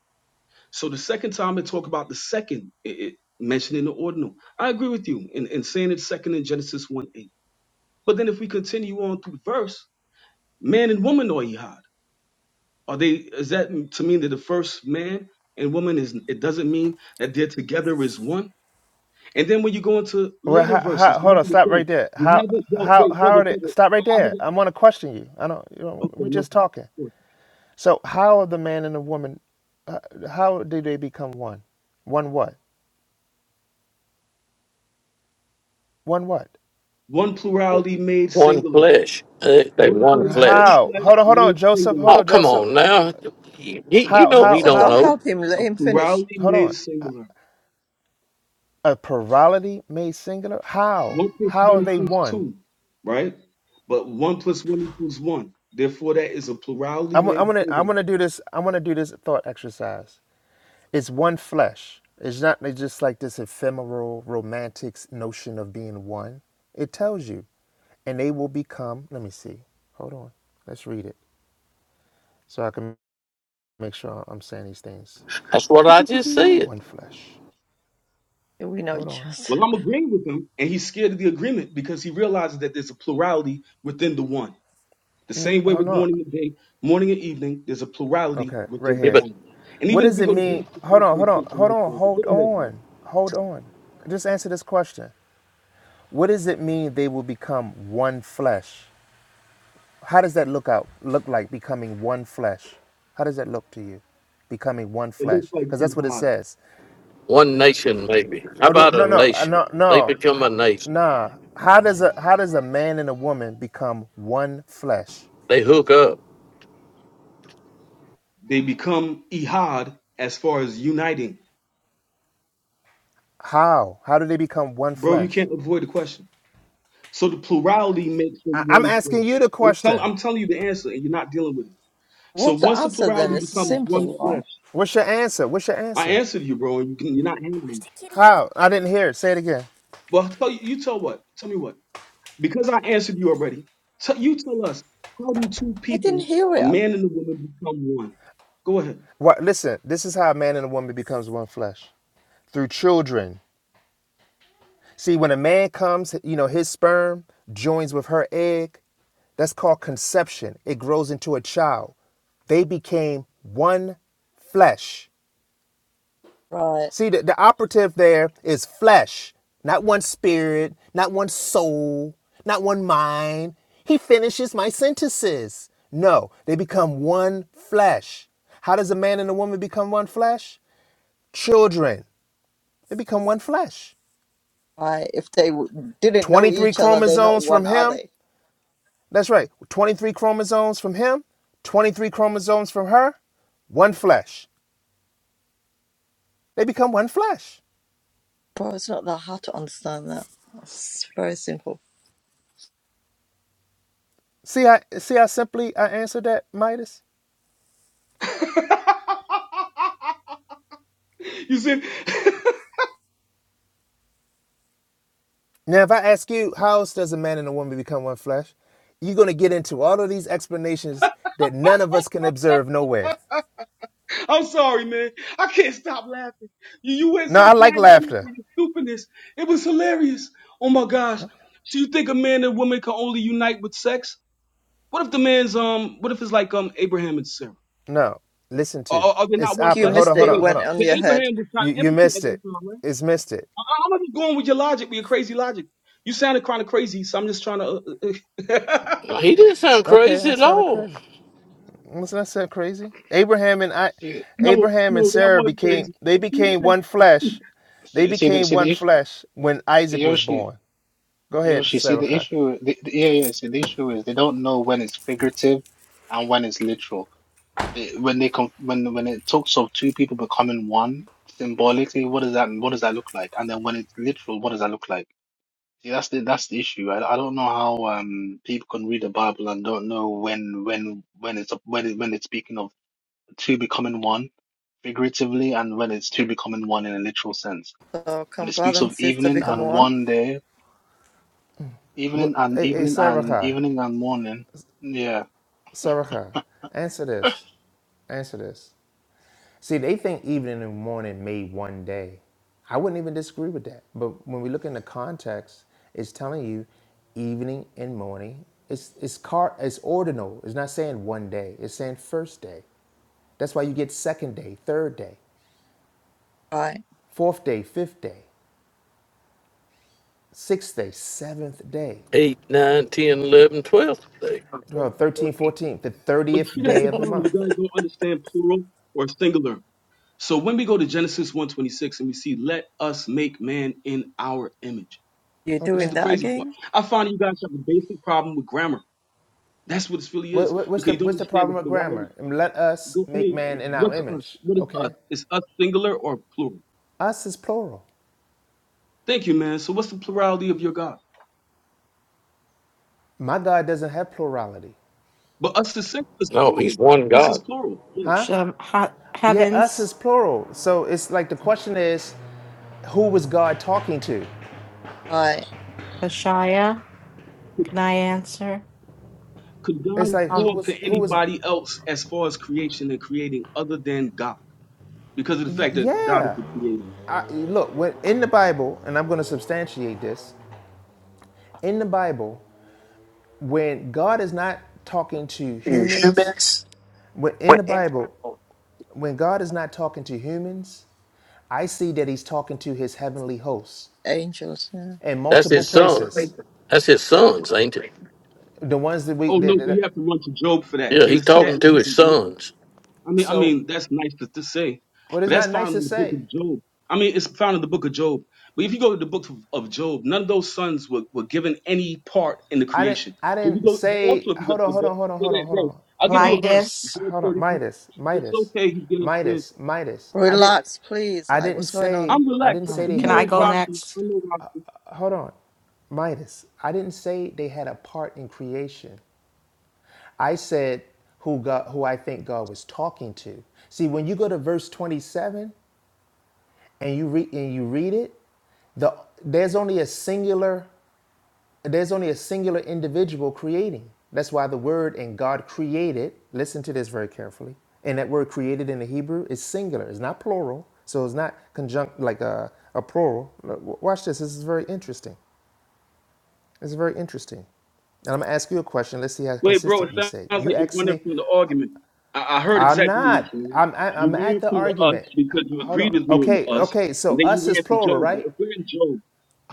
So the second time it talk about the second, it, it mentioned in the ordinal. I agree with you in, in saying it's second in Genesis one eight. But then if we continue on through the verse, man and woman are jihad. Are they is that to mean that the first man and woman is it doesn't mean that they're together as one? And then when you go into Well, later how, how, verses, hold look on, at the stop right thing. there. You How? haven't dealt how wait, how brother, are they brother, stop No, right I there haven't i want to question you i don't you know okay, we're no just problem. talking Go ahead. so how are the man and the woman uh, how do they become one one what one what One plurality made One singular. flesh. They, they One one plural one flesh. how flesh hold on hold made on joseph singular. hold Oh, on come joseph on now. You, you how know he how So don't how don't know. help him. Let A him finish. plurality hold made on singular. a plurality made singular how One plus how one are they equals one two, right? But one plus one equals one. Therefore, that is a plurality i'm, made I'm gonna i'm singular. gonna do this i'm gonna do this thought exercise It's one flesh. It's not like- just like this ephemeral romantic notion of being one. It tells you, and they will become. Let me see. Hold on. Let's read it so I can make sure I'm saying these things. That's what [laughs] I just said. One flesh. We know Hold on. Well, just. I'm agreeing with him, and he's scared of the agreement because he realizes that there's a plurality within the one. The N- same way with Hold on. morning and day, morning and evening, there's a plurality Okay, right within the Yeah, but here. one. And What even if does we it go to mean? Genesis Hold on, hold on, 126 and hold look on, further, hold go ahead, bro. on, hold on. Just answer this question. What does it mean they will become one flesh? How does that look out look like becoming one flesh? How does that look to you? Becoming one It looks flesh, like because that's what it Ehad. says. one nation maybe. How I don't- about a No, no, I- nation? no, They no, become h- a nation. nah. How does a how does a man and a woman become one flesh? They hook up. They become Ehad as far as uniting. How how do they become one Bro, you flesh? can't avoid the question. So the plurality makes them I, I'm one asking flesh. you the I'm tell question. I'm telling you the answer, and you're not dealing with it. [laughs] So What's the once the answer then? plurality It's becomes one simple, right? flesh, What's your answer? What's your I answer? answered you, bro, and you can, you're not handling it. How? I didn't hear it. Say it again. Well, I'll tell you, you tell what? Tell me what? Because I answered you already. Tell you tell us how do two I people, didn't hear a it. man and a woman, become one? Go ahead. What? Listen. This is how a man and a woman becomes one flesh through children. See, when a man comes, you know, his sperm joins with her egg. That's called conception. It grows into a child. They became one flesh. Right. See, the, the operative there is flesh, not one spirit, not one soul, not one mind. He finishes my sentences. No, they become one flesh. How does a man and a woman become one flesh? Children. They become one flesh. Right? If they w- didn't know 23 each other, they're not chromosomes from one, are him, they? That's right. 23 chromosomes from him, 23 chromosomes from her, one flesh. They become one flesh. Bro, it's not that hard to understand that. It's very simple. See how, see how simply I answered that, Midas? [laughs] you see? [laughs] Now, if I ask you, how else does a man and a woman become one flesh? You're going to get into all of these explanations that none of us can observe nowhere. I'm sorry, man. I can't stop laughing. You, you went No, so I like quietly laughter. with your stupidness. It was hilarious. Oh my gosh. So you think a man and woman can only unite with sex? What if the man's um? What if it's like um Abraham and Sarah? No, listen Are, to it. are, are they not it's one You opera. flesh? Hold missed on, it. hold Wait, It on, wait. hold went on. on The your head. Abraham was trying You, to you impotent at missed that it. time, right? It's missed it. I, I- I'm not just going with your logic, with your crazy logic. You sounded kind of crazy, so I'm just trying to. Uh, uh, He didn't sound Okay, crazy I at sounded all. crazy. Wasn't that so crazy? Abraham and I, see, [laughs] no, Abraham and no, that Sarah was became crazy. they He became said- one [laughs] flesh. They see, see the became see one the issue. flesh when See Isaac was Yoshi, born. Go ahead, Yoshi. See the Sarah. issue. The, the, yeah, yeah. See the issue is they don't know when it's figurative and when it's literal. They, when they com- when when it talks of two people becoming one symbolically, what does that what does that look like? And then when it's literal, what does that look like? See, that's the that's the issue. I, I don't know how um people can read the Bible and don't know when when when it's when it, when it's speaking of two becoming one figuratively and when it's two becoming one in a literal sense. So When can it brother speaks and of sister evening become and one? one day, What, evening and hey, hey evening and Sarah, evening and morning. Yeah. Sarah, answer this. Answer this. See, they think evening and morning made one day. I wouldn't even disagree with that. But when we look in the context, it's telling you evening and morning. It's it's car it's ordinal. It's not saying one day. It's saying first day. That's why you get second day, third day, Right. fourth day, fifth day, sixth day, seventh day, 8, nine, ten, eleven, twelve. 10, 12, 13, 14, But the see, 30th this is day the of the problem. month. You guys don't understand plural or singular. So when we go to Genesis 126 and we see let us make man in our image, You're which is doing Okay? the that crazy part. again? I find you guys have a basic problem with grammar. That's what this really What, is. what's, Because the, you don't what's the understand the problem with plurality. grammar? Let us Go I make mean, man in our what's us? image. What is us? Okay? Is us singular or plural? Us is plural. Thank you, man. So what's the plurality of your God? My God doesn't have plurality. But us is singular is No, plural. he's one Us is God. plural. Yeah. Huh? Shem- Ha- Yeah, us Heavens, is plural. So it's like the question is, who was God talking to? Right. Hashaya, Could can I answer? could It's God like who talk Um, to was who was anybody else as far as creation and creating other than God? Because of the fact that God is yeah. the creator. I, look, when in the Bible, and I'm going to substantiate this. in the Bible, when God is not talking to humans, Humans. when in the Bible, when God is not talking to humans, I see that He's talking to His heavenly hosts Angels. Yeah. in That's multiple his son. places. That's his sons, ain't it? The ones that we Oh no, that, that, but you have to run to Job for that. Yeah, Do you he's see that talking in the to book his of Job? sons. I mean, I so mean, that's nice to, to say, what but is that's not nice found to in the book say. of Job. I mean, it's found in the book of Job. But if you go to the book of, of Job, none of those sons were, were given any part in the I didn't creation. I If you didn't go, but say also if you go hold to on the hold book, on hold on go hold there, on hold bro. on I'll give hold you a on verse. Midas, Job hold on 33. Midas It's Midas okay, he's getting scared. Midas Midas. I didn't Relax, please. I Like, didn't what's going say on? I'm I didn't relaxed. say um, they He can had a I knows go part Rashi. next? I know Rashi. hold on, Midas. I didn't say they had a part in creation. I said who God, who I think God was talking to. See, when you go to verse 27 and you read and you read it, the there's only a singular there's only a singular individual creating. That's why the word and God created. Listen to this very carefully. And that word created in the Hebrew is singular. It's not plural. So it's not conjunct like a, a plural. Look, w- Watch this. This is very interesting. It's very interesting. And I'm gonna ask you a question. Let's see how Wait, bro, it consistent you say. sounds You like you're asked running me, from the argument. I, I heard I'm exactly what you not. said. I'm I, am not i am i You am at ran the from the us argument. because you Hold on. agreed with me on the Okay, us, okay. So and then you us is ran to plural, Job. But right? if we're in Job,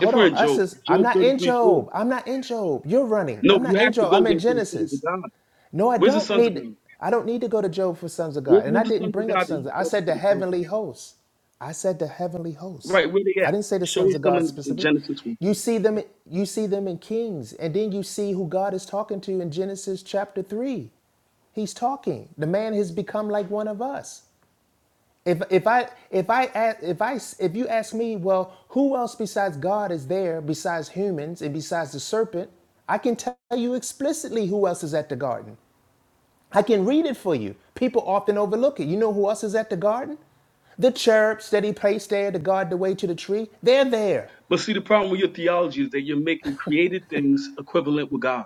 if we're on. in Us Job, is I'm Job not in 33 4, Job. I'm not in Job. You're running. no, I'm you not in have to Job. go I'm there in for the sons of Genesis. God. No, I Where's the don't sons of need God? I don't need to go to Job for sons of Where, God. And where's I the didn't sons of bring up God that you sons. Of, I showed us said to the the council? heavenly hosts. I said the heavenly hosts. Right, where they at? I didn't say the Show sons us of them God in, in specifically. Genesis 1. You see them you see them in Kings and then you see who God is talking to in Genesis chapter 3. He's talking. The man has become like one of us. If if I if I a- if I if you ask me, well, who else besides God is there besides humans and besides the serpent? I can tell you explicitly who else is at the garden. I can read it for you. People often overlook it. You know who else is at the garden? The cherubs that he placed there to guard the way to the tree. They're there. But see, the problem with your theology is that you're making created things equivalent with God.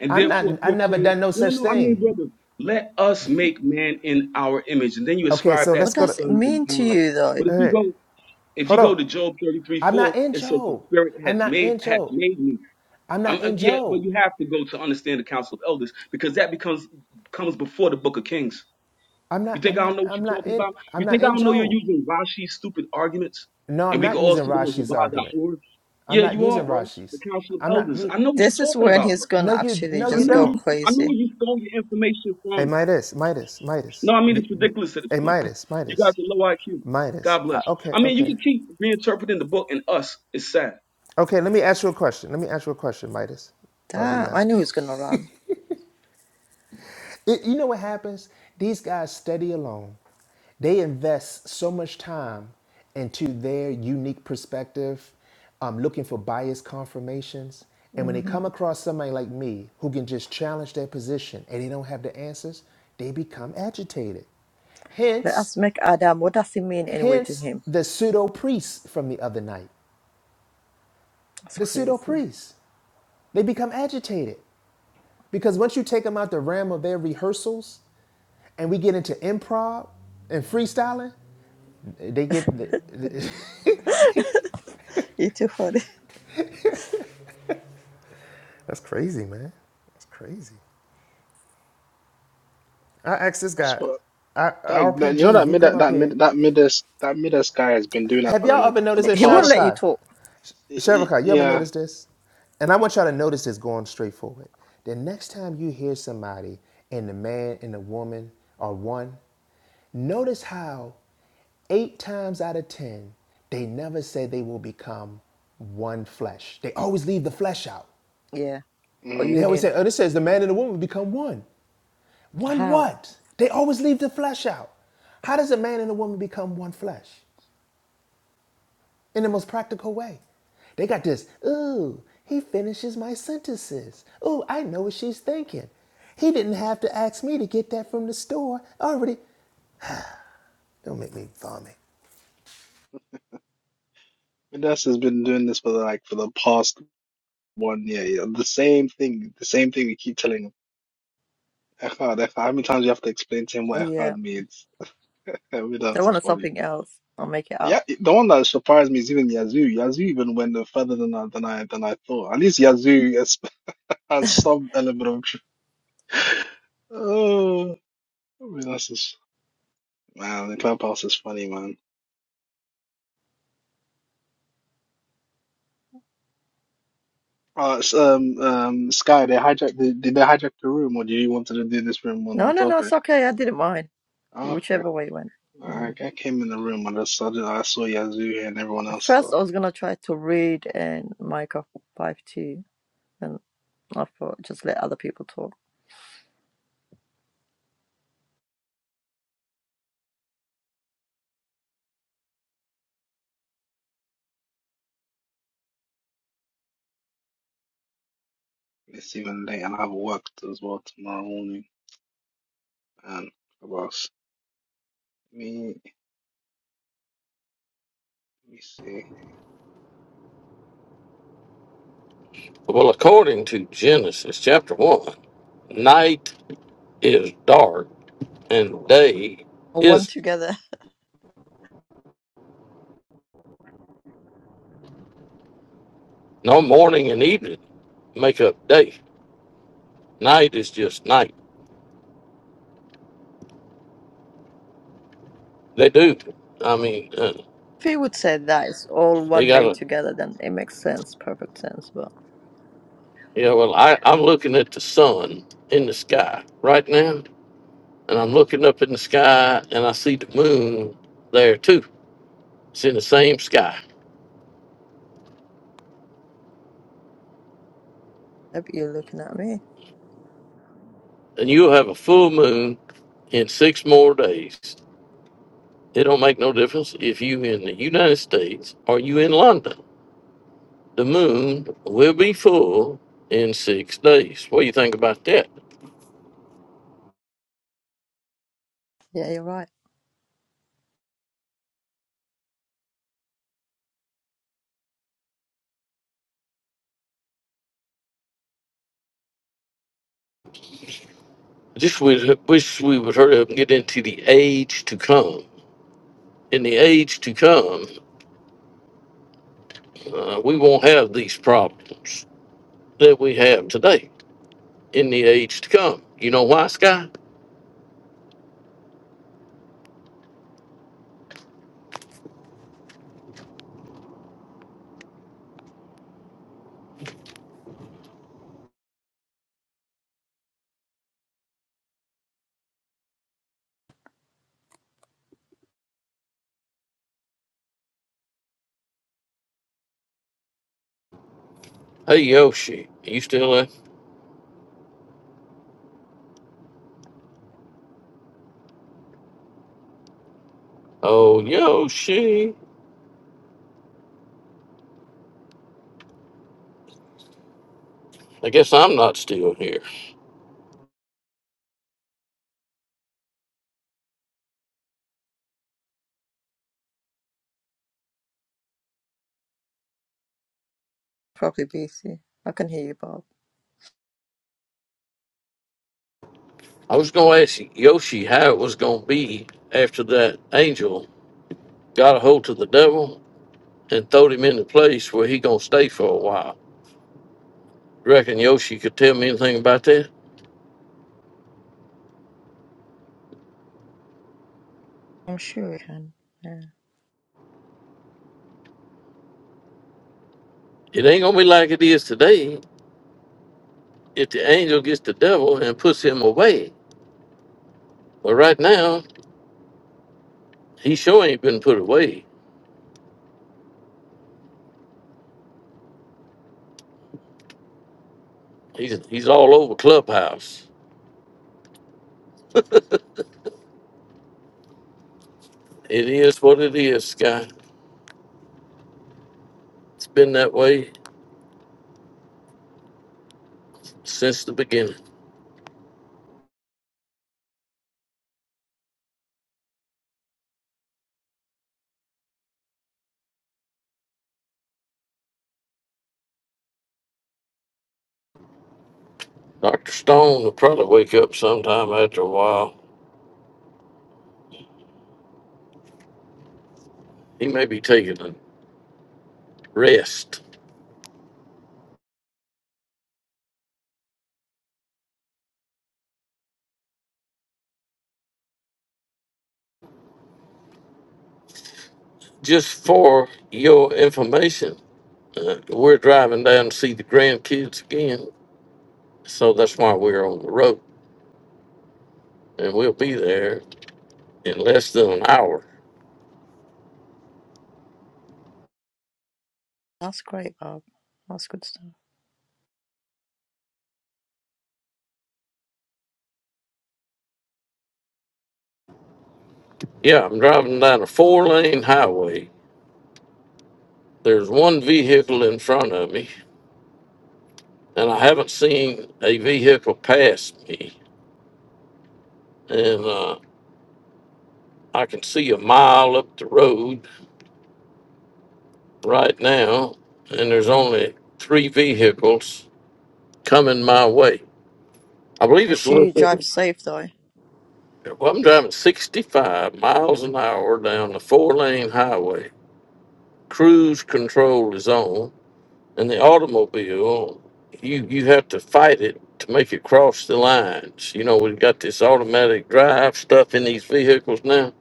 And I'm not, therefore, if I you're never saying, done no no, such no, no, I thing. mean, brother, let us make man in our image. And then you Okay, ascribe so that let's What to go the to, does it sons of mean to God. you, But though? if you hey, go, if you hold go on. to Job 33, I'm not 4, in it says the Job. spirit has I'm not made, in has Job. made me. I'm I'm, not uh, in yeah, but Job. you have to go to understand the council of elders because that becomes comes before the book of Kings. I'm You not, think I'm I don't not, know what I'm you're not talking in, about? I'm You not think I in don't know you're Job. using Rashi's stupid arguments? No, And I'm we can not all using see them on Rashi's argument. Habad.org. I'm Yeah, not you are, using bro. The Rashi's. council of I'm not, elders. I know what you're This is talking when about, bro. he's no, gonna you, actually no, I you just knew go you. don't. I know where crazy. you stole your information Hey from. Midas, Midas, No, Midas. I mean Be, it's be, ridiculous at this hey point. Midas, You guys Midas, are low IQ. God Midas. bless. I, okay, I mean, you okay, can keep reinterpreting the book, and us It's sad. okay. Let me ask you a question. Let me ask you a question, Midas. Oh, he Damn, I left. knew [laughs] he's gonna run. It, you know what happens? These guys study alone. They invest so much time into their unique perspective, um, looking for bias confirmations. And when they hmm come across somebody like me who can just challenge their position and they don't have the answers, they become agitated. Let Hence, us make Adam. What does it mean anyway to Hence him? the pseudo priests from the other night. That's The pseudo crazy. priests. They become agitated because once you take them out the realm of their rehearsals and we get into improv and freestyling, they get. They, they, [laughs] You're too funny. [laughs] that's crazy, man. That's crazy. I asked this What's guy, what I, that, that you know RPG, that if you mid come up that here, mid that mid that midas guy has been doing that have for the y'all like ever for noticed the this? He won't past let you Shavakai, talk. y- y- Shavakai, you ever yeah. noticed this? And I want y'all to notice this going straight forward. The next time you hear somebody and the man and the woman are one, Notice how eight times out of 10, they never say they will become one flesh. They always leave the flesh out. Yeah. Or Mm-hmm. They always say, union. oh, this says the man and the woman become one. One How? what? They always leave the flesh out. How does a man and a woman become one flesh? In the most practical way. They got this, ooh, he finishes my sentences. Ooh, I know what she's thinking. He didn't have to ask me to get that from the store. Already, don't make me vomit. Midas has been doing this for the like for the past One, yeah, yeah, the same thing, the same thing we keep telling him. Echad, Echad. How many times do you have to explain to him what Yeah. Echad means? [laughs] I mean, They that's wanted funny. something else. I'll make it up. Yeah, the one that surprised me is even Yazoo. Yazoo even went no further than I than I than I thought. At least Yazoo has, [laughs] has some element of truth. [laughs] Oh, I mean, that's just man. The clubhouse is funny, man. Uh, it's, um, um, Sky, they hijacked. The, did they hijack the room, or do you wanted to do this room on No, the no, no. It's topic? okay. I didn't mind. Okay. Whichever way it went. Yeah. I, I came in the room and I suddenly I saw Yazoo and everyone At else. First, So I was going to try to read and Micah 5 2. And I thought, just let other people talk. it's even late, and I have worked as well tomorrow morning. And about s- me, let me see. Well, according to Genesis chapter 1, night is dark and day Or one is together. [laughs] no morning and evening make up day. Night is just night. They do. I mean, uh, If he would say that it's all they one got day to. together, then it makes sense. Perfect sense. But Yeah, well, I, I'm looking at the sun in the sky right now. and I'm looking up in the sky and I see the moon there too. It's in the same sky. maybe you're looking at me. And you'll have a full moon in six more days. It don't make no difference if you in the United States or you in London. The moon will be full in six days. What do you think about that? Yeah, you're right. Just we wish we would hurry up and get into the age to come. In the age to come, uh, we won't have these problems that we have today. In the age to come, you know why, Sky? Hey Yoshi, are you still there? Oh Yoshi, I guess I'm not still here. Probably BC. I can hear you, Bob. I was gonna ask Yoshi how it was gonna be after that angel got a hold to the devil and throwed him in the place where he gonna stay for a while. You reckon Yoshi could tell me anything about that? I'm sure you can. Yeah. It ain't gonna be like it is today if the angel gets the devil and puts him away. But right now, he sure ain't been put away. He's he's all over clubhouse. It is what it is, guy. It's been that way since the beginning. Dr. Stone will probably wake up sometime after a while. He may be taking a rest. Just for your information, uh, we're driving down to see the grandkids again. So that's why we're on the road. And we'll be there in less than an hour. That's great, Bob. That's good stuff. Yeah, I'm driving down a four lane highway. There's one vehicle in front of me, and I haven't seen a vehicle pass me. And uh, I can see a mile up the road right now, and there's only three vehicles coming my way. I I believe it's a sure little you drive bit. safe though. Well, I'm driving 65 miles an hour down the four lane highway. Cruise control is on, and the automobile, you, you have to fight it to make it cross the lines. You know, we've got this automatic drive stuff in these vehicles now.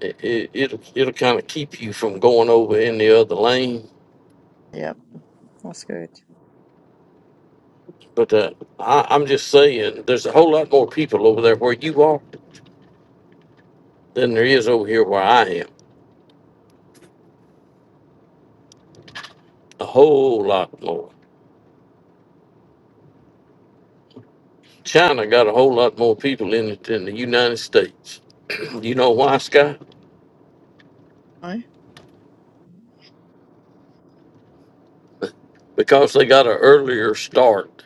It, it, it'll it'll kind of keep you from going over in the other lane Yep, that's good. But uh, I, I'm just saying, there's a whole lot more people over there where you are than there is over here where I am. A whole lot more. China got a whole lot more people in it than the United States. [clears throat] You know why, Scott? No, Because they got an earlier start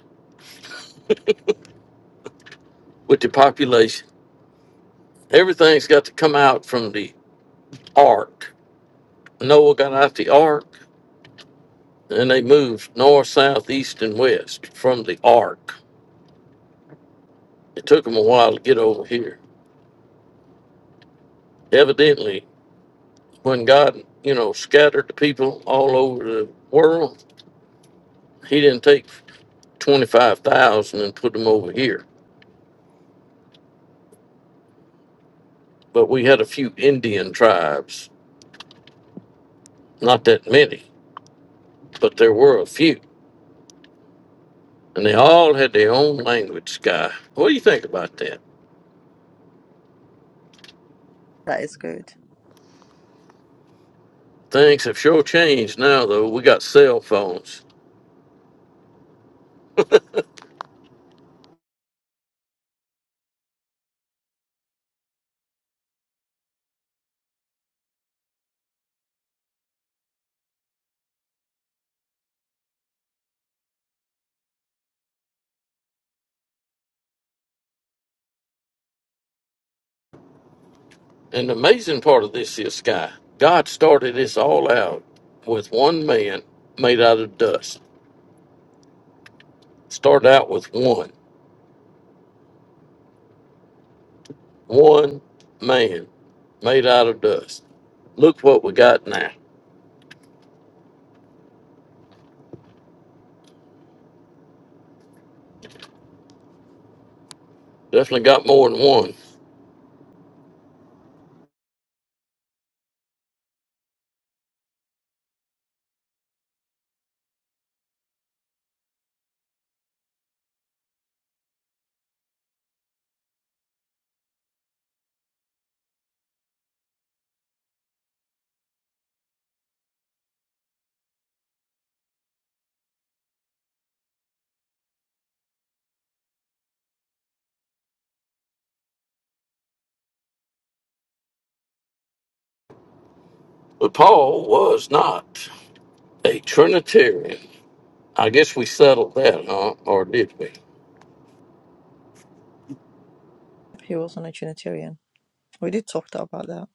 with the population. Everything's got to come out from the ark. Noah got out the ark, and they moved north, south, east, and west from the ark. It took them a while to get over here. Evidently, When God, you know, scattered the people all over the world, He didn't take 25,000 and put them over here. But we had a few Indian tribes, not that many, but there were a few. And they all had their own language, Guy. What do you think about that? that is good. Things have sure changed now, though. We got cell phones. And the amazing part of this is, guy, God started this all out with one man made out of dust. Started out with one. One man made out of dust. Look what we got now. Definitely got more than one. But Paul was not a Trinitarian. I guess we settled that, huh? Or did we? He wasn't a Trinitarian. We did talk about that.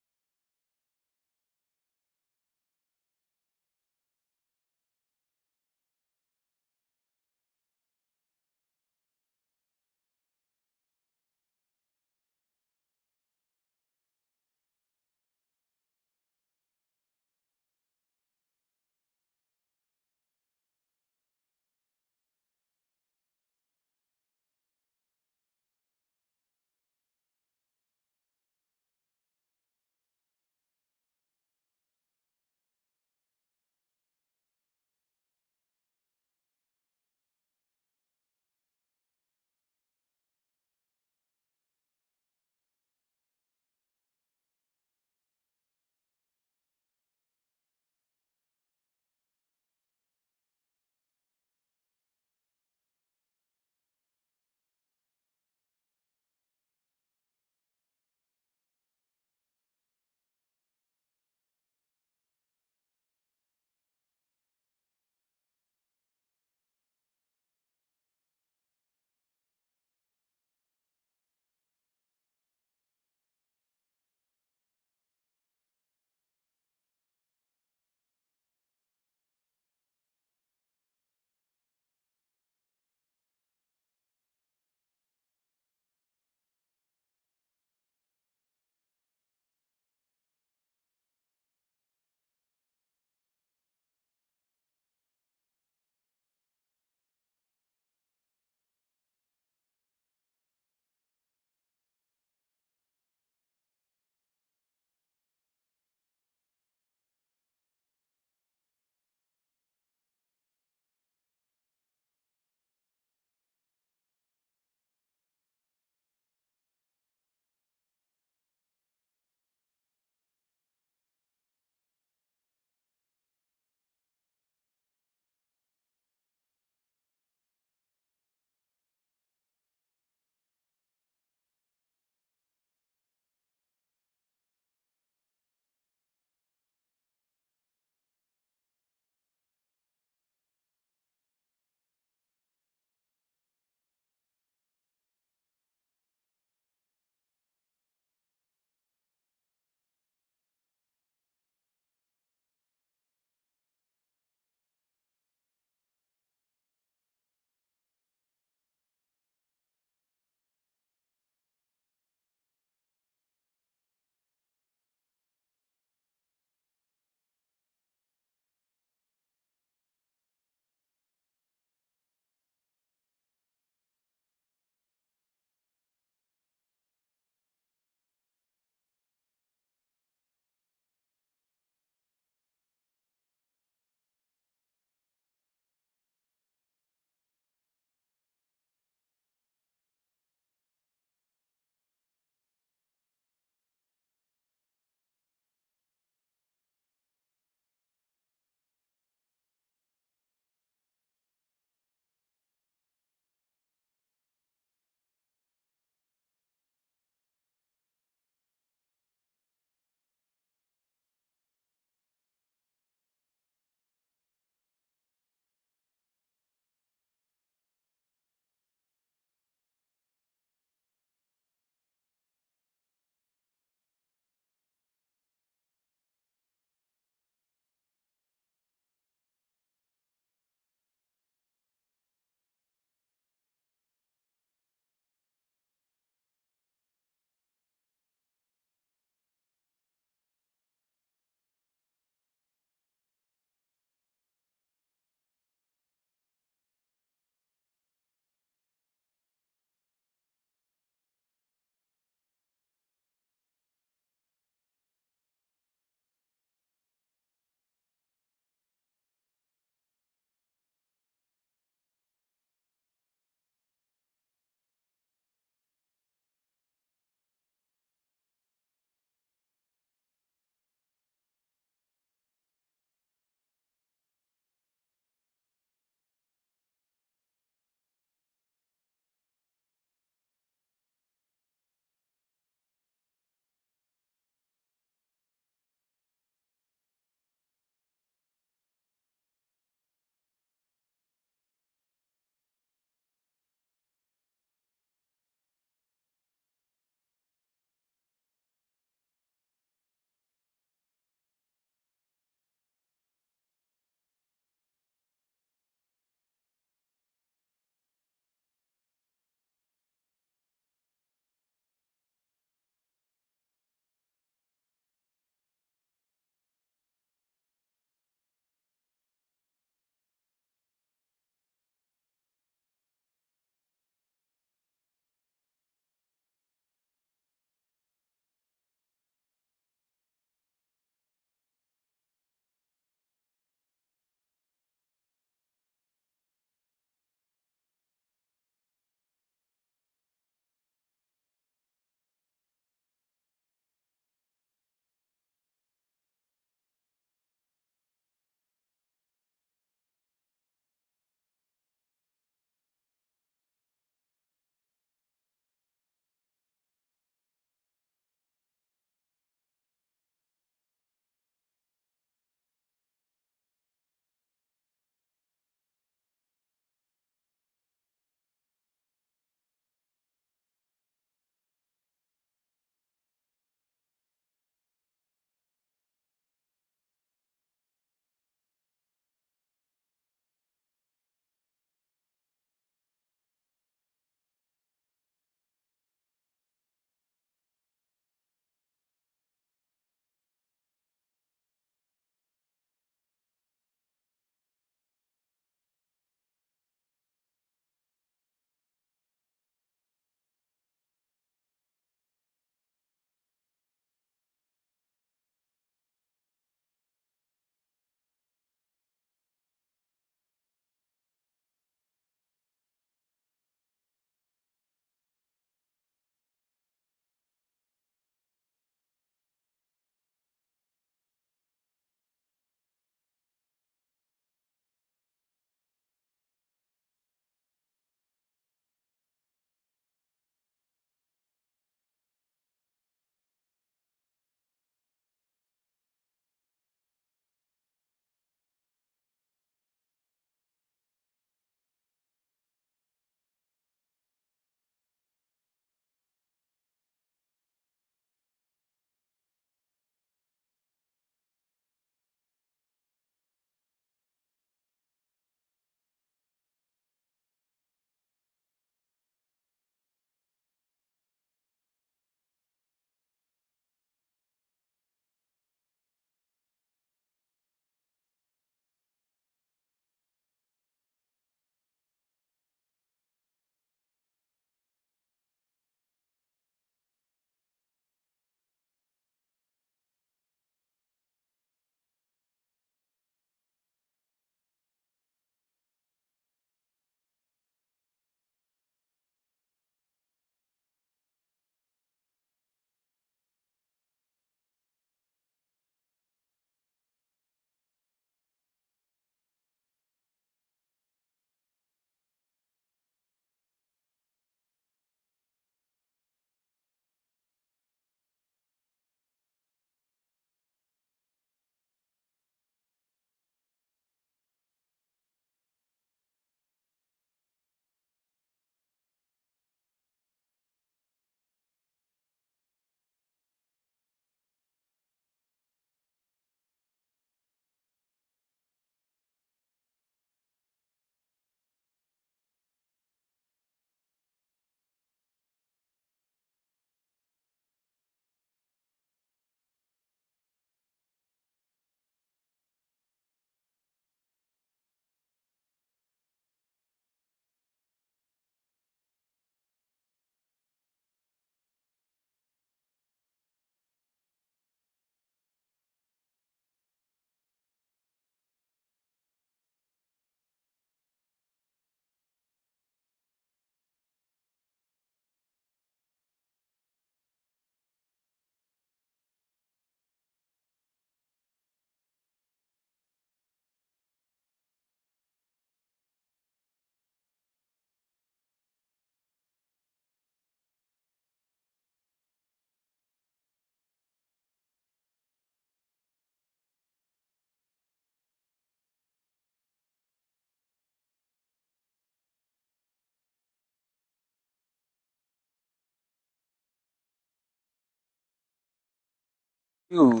you?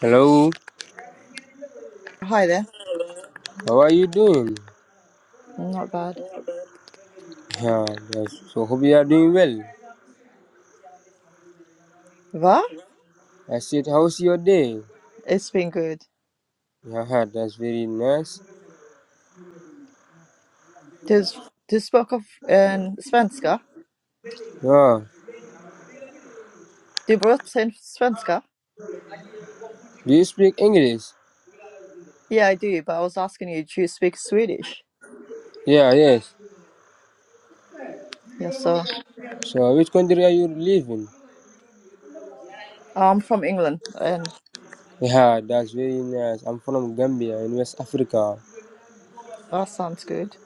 Hello, Hi there. how are you doing? Not bad. Yeah, that's, so hope you are doing well. Va? I said, how's your day? It's been good. Yeah, huh, that's very nice. Does do you spoke of um, svenska? Yeah, Do you pratar in svenska? do you speak English? Yeah, I do, but I was asking you, do you speak Swedish? Yeah, yes. Yes, sir. So which country are you living? I'm from England, and Yeah, that's very nice. I'm from Gambia in West Africa. that sounds good.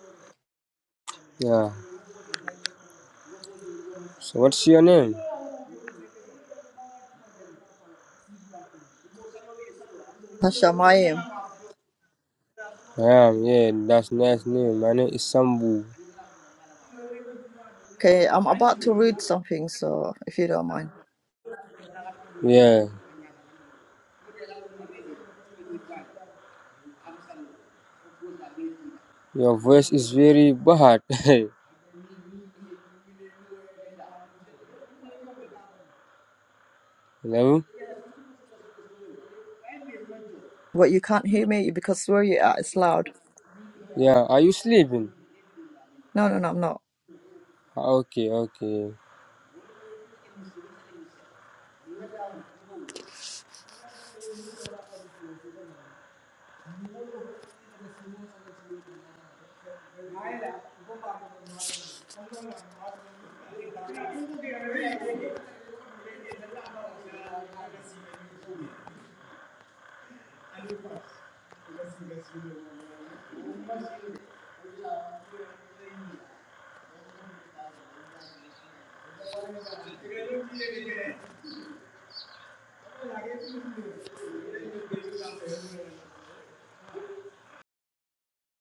Yeah. So what's your name? Hashamayim. Yeah, yeah, that's nice name. My name is Sambu. Okay, I'm about to read something, so if you don't mind. Yeah. Your voice is very bad. [laughs] Hello? But you can't hear me because where you are, it's loud. Yeah, are you sleeping? No, no, no, I'm not. Ah, Okay, okay.